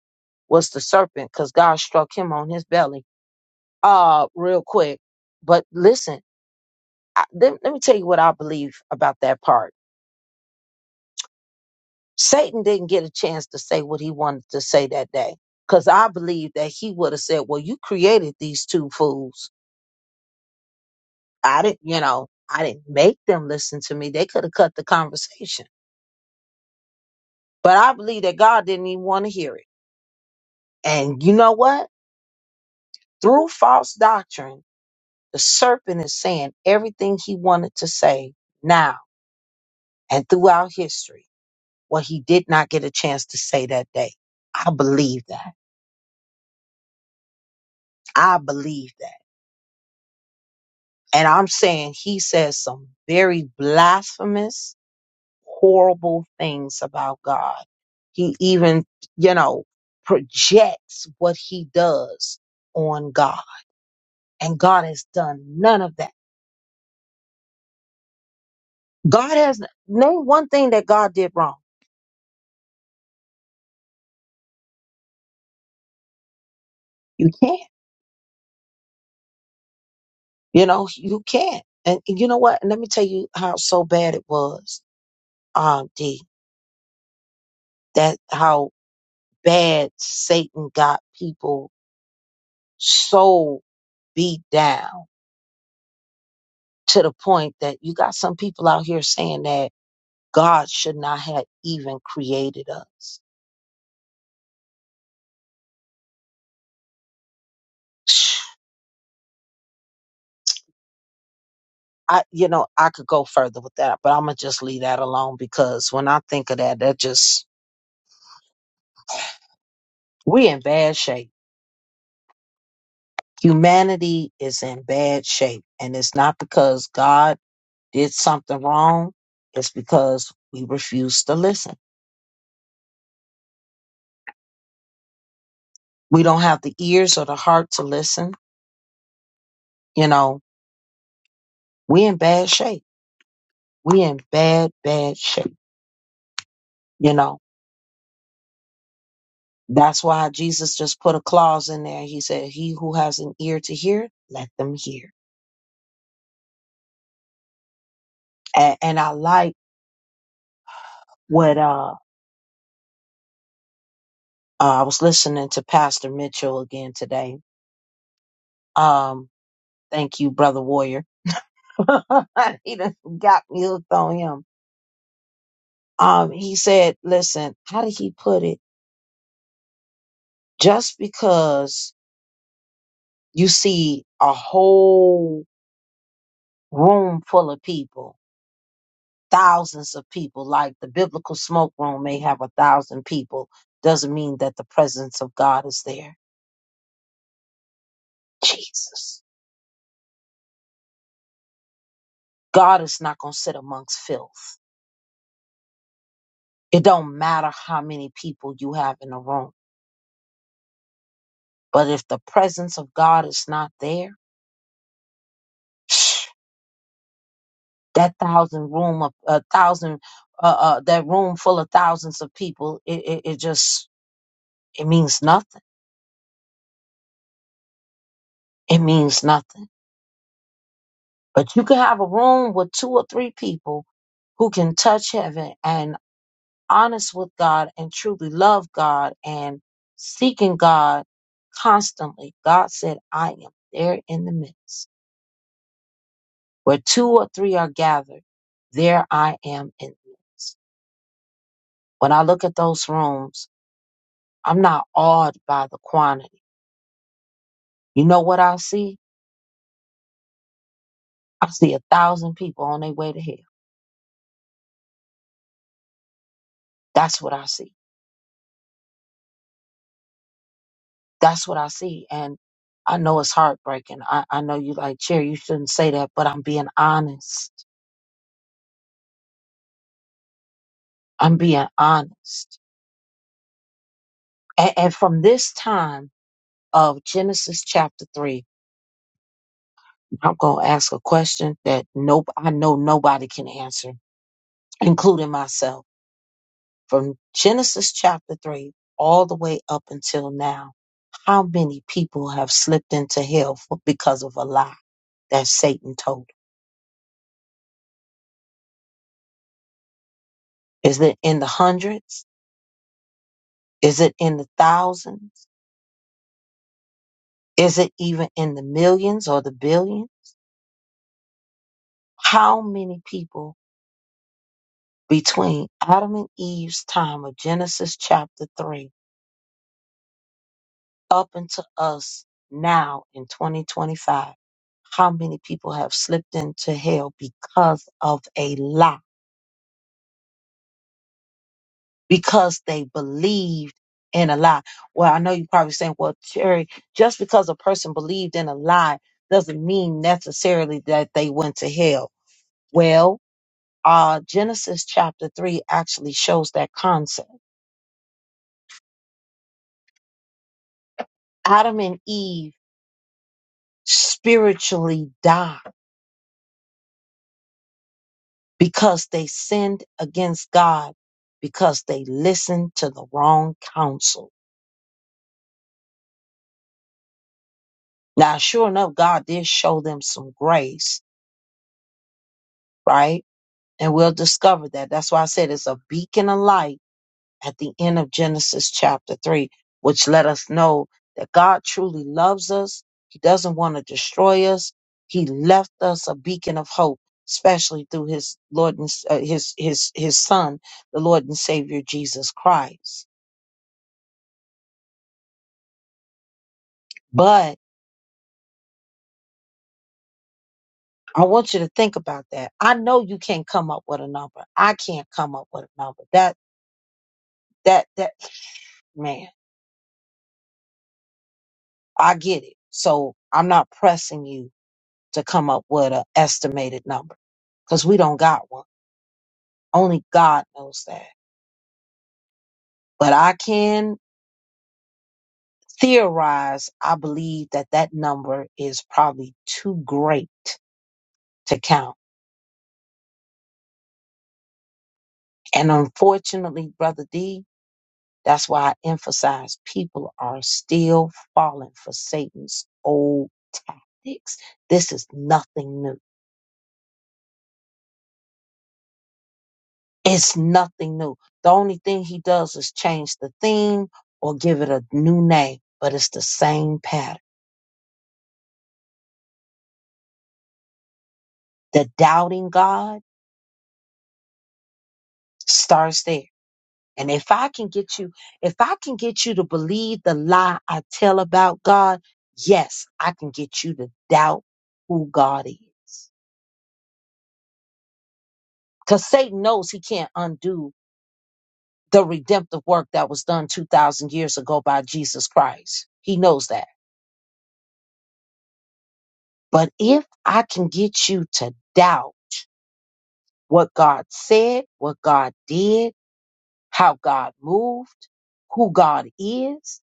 A: was the serpent because God struck him on his belly uh, real quick. But listen, I, let let me tell you what I believe about that part Satan didn't get a chance to say what he wanted to say that day. Cause I believe that he would have said, Well, you created these two fools. I didn't, you know, I didn't make them listen to me. They could have cut the conversation. But I believe that God didn't even want to hear it. And you know what? Through false doctrine, the serpent is saying everything he wanted to say now and throughout history, what he did not get a chance to say that day. I believe that. I believe that. And I'm saying he says some very blasphemous, horrible things about God. He even, you know, projects what he does on God. And God has done none of that. God has, name one thing that God did wrong. You can't, you know, you can't. And you know what? Let me tell you how so bad it was, um, D, that how bad Satan got people so beat down to the point that you got some people out here saying that God should not have even created us. I, you know, I could go further with that, but I'm gonna just leave that alone because when I think of that, that just we in bad shape. Humanity is in bad shape, and it's not because God did something wrong. It's because we refuse to listen. We don't have the ears or the heart to listen. You know, we in bad shape. We in bad, bad shape. You know, That's why Jesus just put a clause in there. He said, He who has an ear to hear, let them hear. And, and I like what uh, uh, I was listening to Pastor Mitchell again today. Um, thank you, Brother Warrior. he done got me hooked on him. Um, he said, Listen, how did he put it? Just because you see a whole room full of people thousands of people. Like the biblical smoke room may have a thousand people, doesn't mean that the presence of God is there. Jesus. God is not going to sit amongst filth. It don't matter how many people you have in a room, but if the presence of God is not there, that thousand room of a thousand, uh, uh, that room full of thousands of people, it, it, it just it means nothing. It means nothing. But you can have a room with two or three people who can touch heaven and honest with God and truly love God and seeking God constantly. God said, I am there in the midst. Where two or three are gathered, there I am in the midst. When I look at those rooms, I'm not awed by the quantity. You know what I see? I see a thousand people on their way to hell. That's what I see. That's what I see. And I know it's heartbreaking. I, I know you like, Chair, you shouldn't say that, but I'm being honest. I'm being honest. And, and from this time of Genesis chapter three, I'm going to ask a question that nope, I know nobody can answer, including myself. From Genesis chapter three all the way up until now, how many people have slipped into hell for, because of a lie that Satan told? Is it in the hundreds? Is it in the thousands? Is it even in the millions or the billion? How many people between Adam and Eve's time of Genesis chapter 3 up into us now in 2025? How many people have slipped into hell because of a lie? Because they believed in a lie. Well, I know you're probably saying, well, Terry, just because a person believed in a lie doesn't mean necessarily that they went to hell. Well, uh, Genesis chapter 3 actually shows that concept. Adam and Eve spiritually died because they sinned against God because they listened to the wrong counsel. Now, sure enough, God did show them some grace, right? And we'll discover that. That's why I said it's a beacon of light at the end of Genesis chapter 3, which let us know that God truly loves us. He doesn't want to destroy us. He left us a beacon of hope, especially through his Lord and uh, his his his son, the Lord and Savior Jesus Christ. But I want you to think about that. I know you can't come up with a number. I can't come up with a number. That that that man, I get it. So I'm not pressing you to come up with an estimated number because we don't got one. Only God knows that. But I can theorize, I believe that that number is probably too great to count. And unfortunately, Brother D, that's why I emphasize people are still falling for Satan's old tactics. This is nothing new. It's nothing new. The only thing he does is change the theme or give it a new name, but it's the same pattern. The doubting God starts there. And if I can get you, if I can get you to believe the lie I tell about God, yes, I can get you to doubt who God is. Because Satan knows he can't undo the redemptive work that was done 2,000 years ago by Jesus Christ. He knows that. But if I can get you to doubt, what God said, what God did, how God moved, who God is,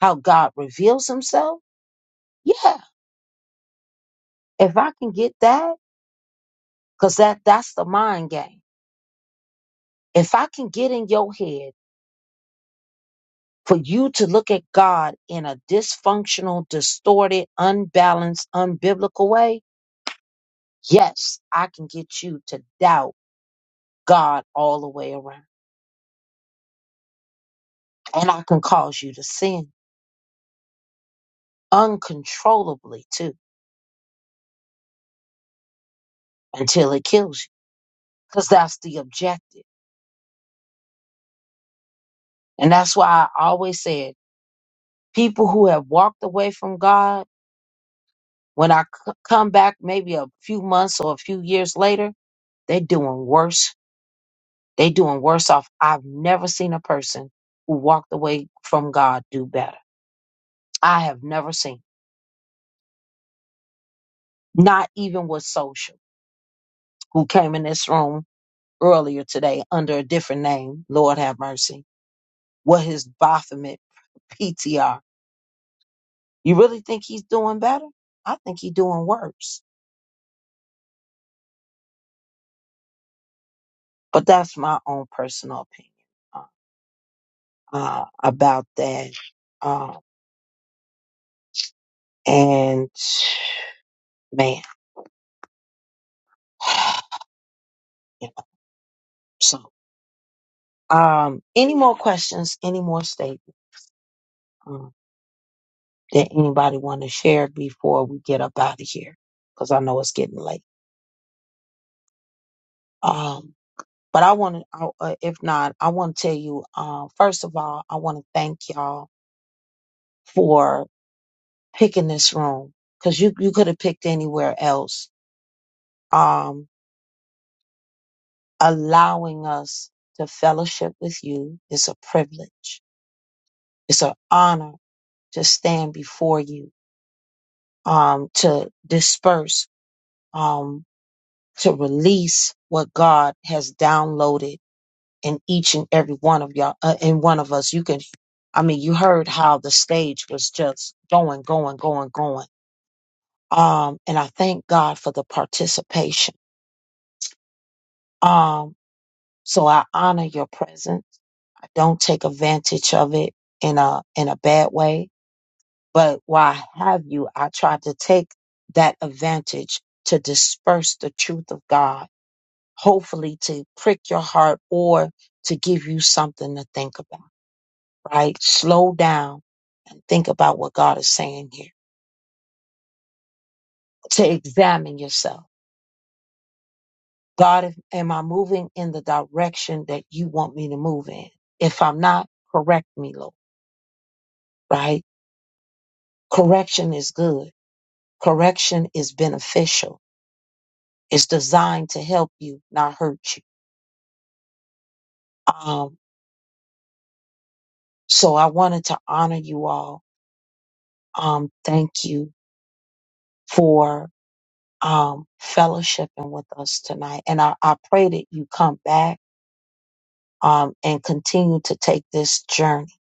A: how God reveals himself. Yeah, if I can get that, because that, that's the mind game. If I can get in your head for you to look at God in a dysfunctional, distorted, unbalanced, unbiblical way, yes, I can get you to doubt God all the way around. And I can cause you to sin uncontrollably too until it kills you. because that's the objective. And that's why I always said people who have walked away from God, when I c- come back maybe a few months or a few years later, they doing worse. They doing worse off. I've never seen a person who walked away from God do better. I have never seen. Not even with social, who came in this room earlier today under a different name, Lord have mercy, with his Baphomet PTR. You really think he's doing better? I think he's doing worse But that's my own personal opinion uh, uh, about that. Uh, and man, you know, so um, any more questions? Any more statements um, that anybody want to share before we get up out of here? Because I know it's getting late. Um, but I want to, uh, if not, I want to tell you. Uh, first of all, I want to thank y'all for picking this room because you you could have picked anywhere else. Um, allowing us to fellowship with you is a privilege. It's an honor to stand before you, um, to disperse, um, to release what God has downloaded in each and every one of y'all, uh, in one of us. You can, I mean, you heard how the stage was just going, going, going, going. Um, and I thank God for the participation. Um. So I honor your presence. I don't take advantage of it in a in a bad way. But while I have you, I try to take that advantage to disperse the truth of God, hopefully to prick your heart or to give you something to think about, right? Slow down and think about what God is saying here. To examine yourself. God, if, am I moving in the direction that you want me to move in? If I'm not, correct me, Lord, right? Correction is good. Correction is beneficial. It's designed to help you, not hurt you. Um, so I wanted to honor you all. Um, thank you for um, fellowshipping with us tonight. And I, I pray that you come back um, and continue to take this journey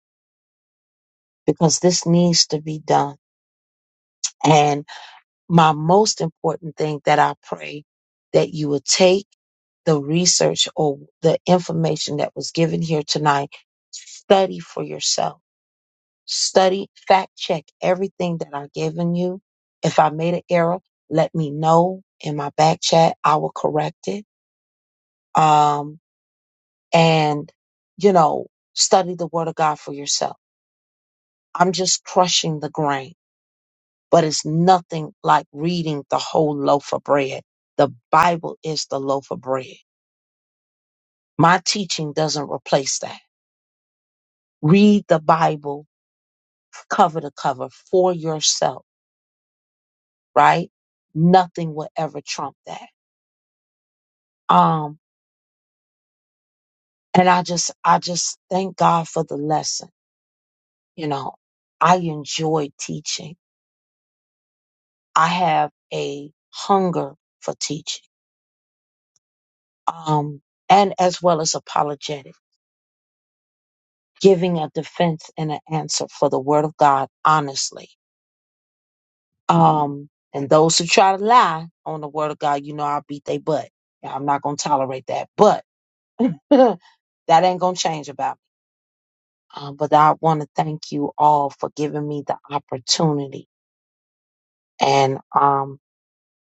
A: because this needs to be done. my most important thing that I pray that you will take the research or the information that was given here tonight, study for yourself. Study, fact check everything that I've given you. If I made an error, let me know in my back chat. I will correct it. Um, and, you know, study the word of God for yourself. I'm just crushing the grain. but it's nothing like reading the whole loaf of bread. The Bible is the loaf of bread. My teaching doesn't replace that. Read the Bible cover to cover for yourself, right? Nothing will ever trump that. Um, and I just, I just thank God for the lesson. You know, I enjoy teaching. I have a hunger for teaching. Um, and as well as apologetics. giving a defense and an answer for the word of God honestly. Um, and those who try to lie on the word of God, you know I'll beat they butt. Yeah, I'm not gonna tolerate that. But that ain't gonna change about me. Um, but I want to thank you all for giving me the opportunity, and um,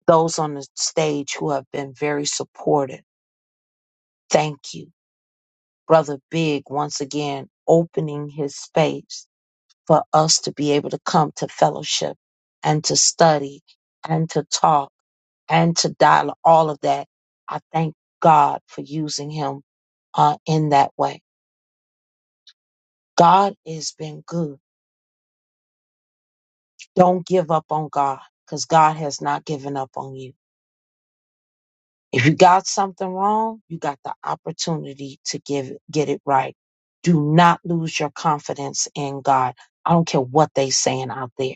A: those on the stage who have been very supportive. Thank you, brother Big, once again opening his space for us to be able to come to fellowship and to study and to talk and to dialogue, all of that. I thank God for using him uh, in that way. God has been good. Don't give up on God because God has not given up on you. If you got something wrong, you got the opportunity to give it, get it right. Do not lose your confidence in God. I don't care what they saying out there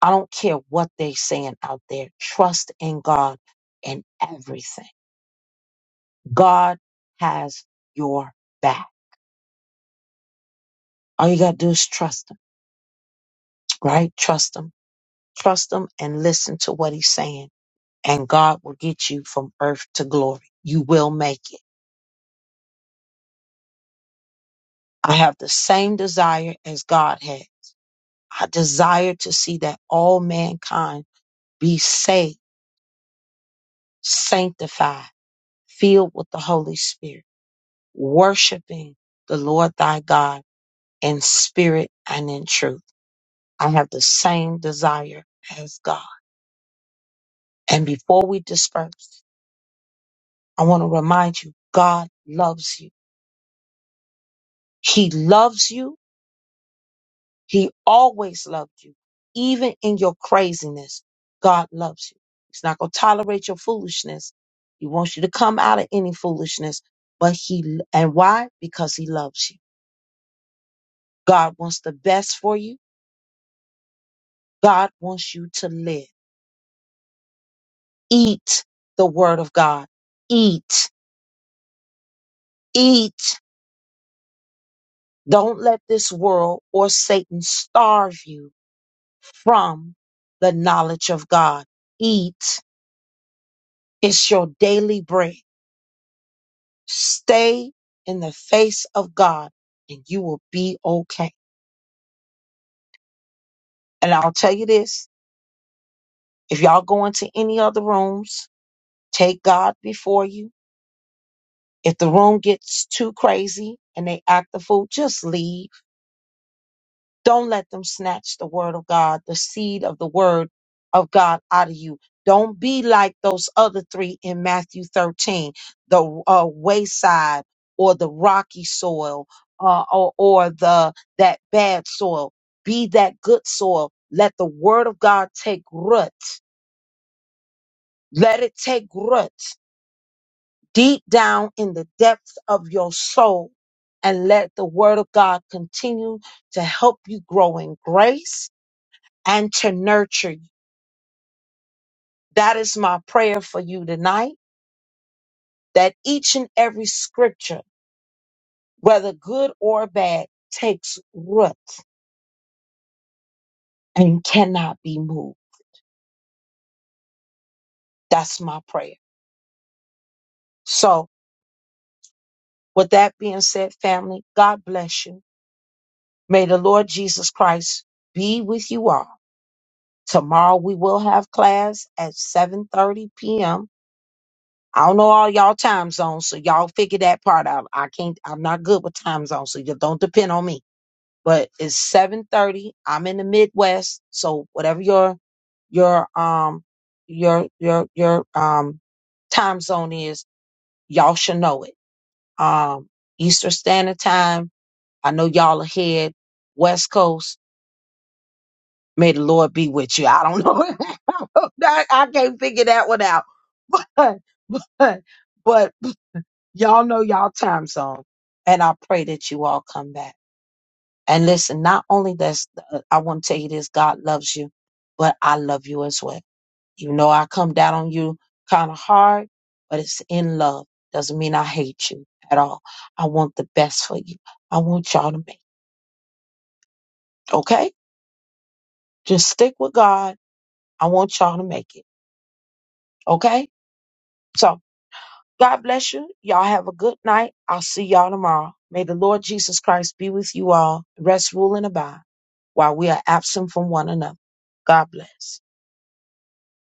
A: I don't care what they saying out there. Trust in God in everything. God has your back. All you gotta do is trust him, right? Trust him. Trust him and listen to what he's saying. And God will get you from earth to glory. You will make it. I have the same desire as God had. I desire to see that all mankind be saved, sanctified, filled with the Holy Spirit, worshiping the Lord thy God in spirit and in truth. I have the same desire as God. And before we disperse, I want to remind you God loves you. He loves you. He always loved you. Even in your craziness, God loves you. He's not going to tolerate your foolishness. He wants you to come out of any foolishness. But He, and why? Because He loves you. God wants the best for you. God wants you to live. Eat the Word of God. Eat Eat. Don't let this world or Satan starve you from the knowledge of God. Eat. It's your daily bread. Stay in the face of God and you will be okay. And I'll tell you this if y'all go into any other rooms, take God before you. If the room gets too crazy and they act the fool, just leave Don't let them snatch the word of God, the seed of the word of God out of you. Don't be like those other three in Matthew 13, the uh, wayside or the rocky soil uh, or, or the that bad soil. Be that good soil. Let the word of God take root. Let it take root deep down in the depths of your soul and let the word of God continue to help you grow in grace and to nurture you. That is my prayer for you tonight that each and every scripture, whether good or bad, takes root and cannot be moved. That's my prayer. So, with that being said, family, God bless you. May the Lord Jesus Christ be with you all. Tomorrow we will have class at 7:30 p.m. I don't know all y'all time zones, so y'all figure that part out. I can't I'm not good with time zones, so you don't depend on me. but it's seven thirty. I'm in the Midwest, so whatever your your um your your your um time zone is, y'all should know it. Um, Eastern Standard Time. I know y'all ahead. West Coast. May the Lord be with you. I don't know. I, I can't figure that one out. But but but y'all know y'all time zone, and I pray that you all come back. And listen, not only that's, I want to tell you this, God loves you, but I love you as well. You know, I come down on you kind of hard, but it's in love. Doesn't mean I hate you at all. I want the best for you. I want y'all to make it, okay? Just stick with God. I want y'all to make it, okay? So God bless you. Y'all have a good night. I'll see y'all tomorrow. May the Lord Jesus Christ be with you all. Rest, rule, and abide while we are absent from one another. God bless.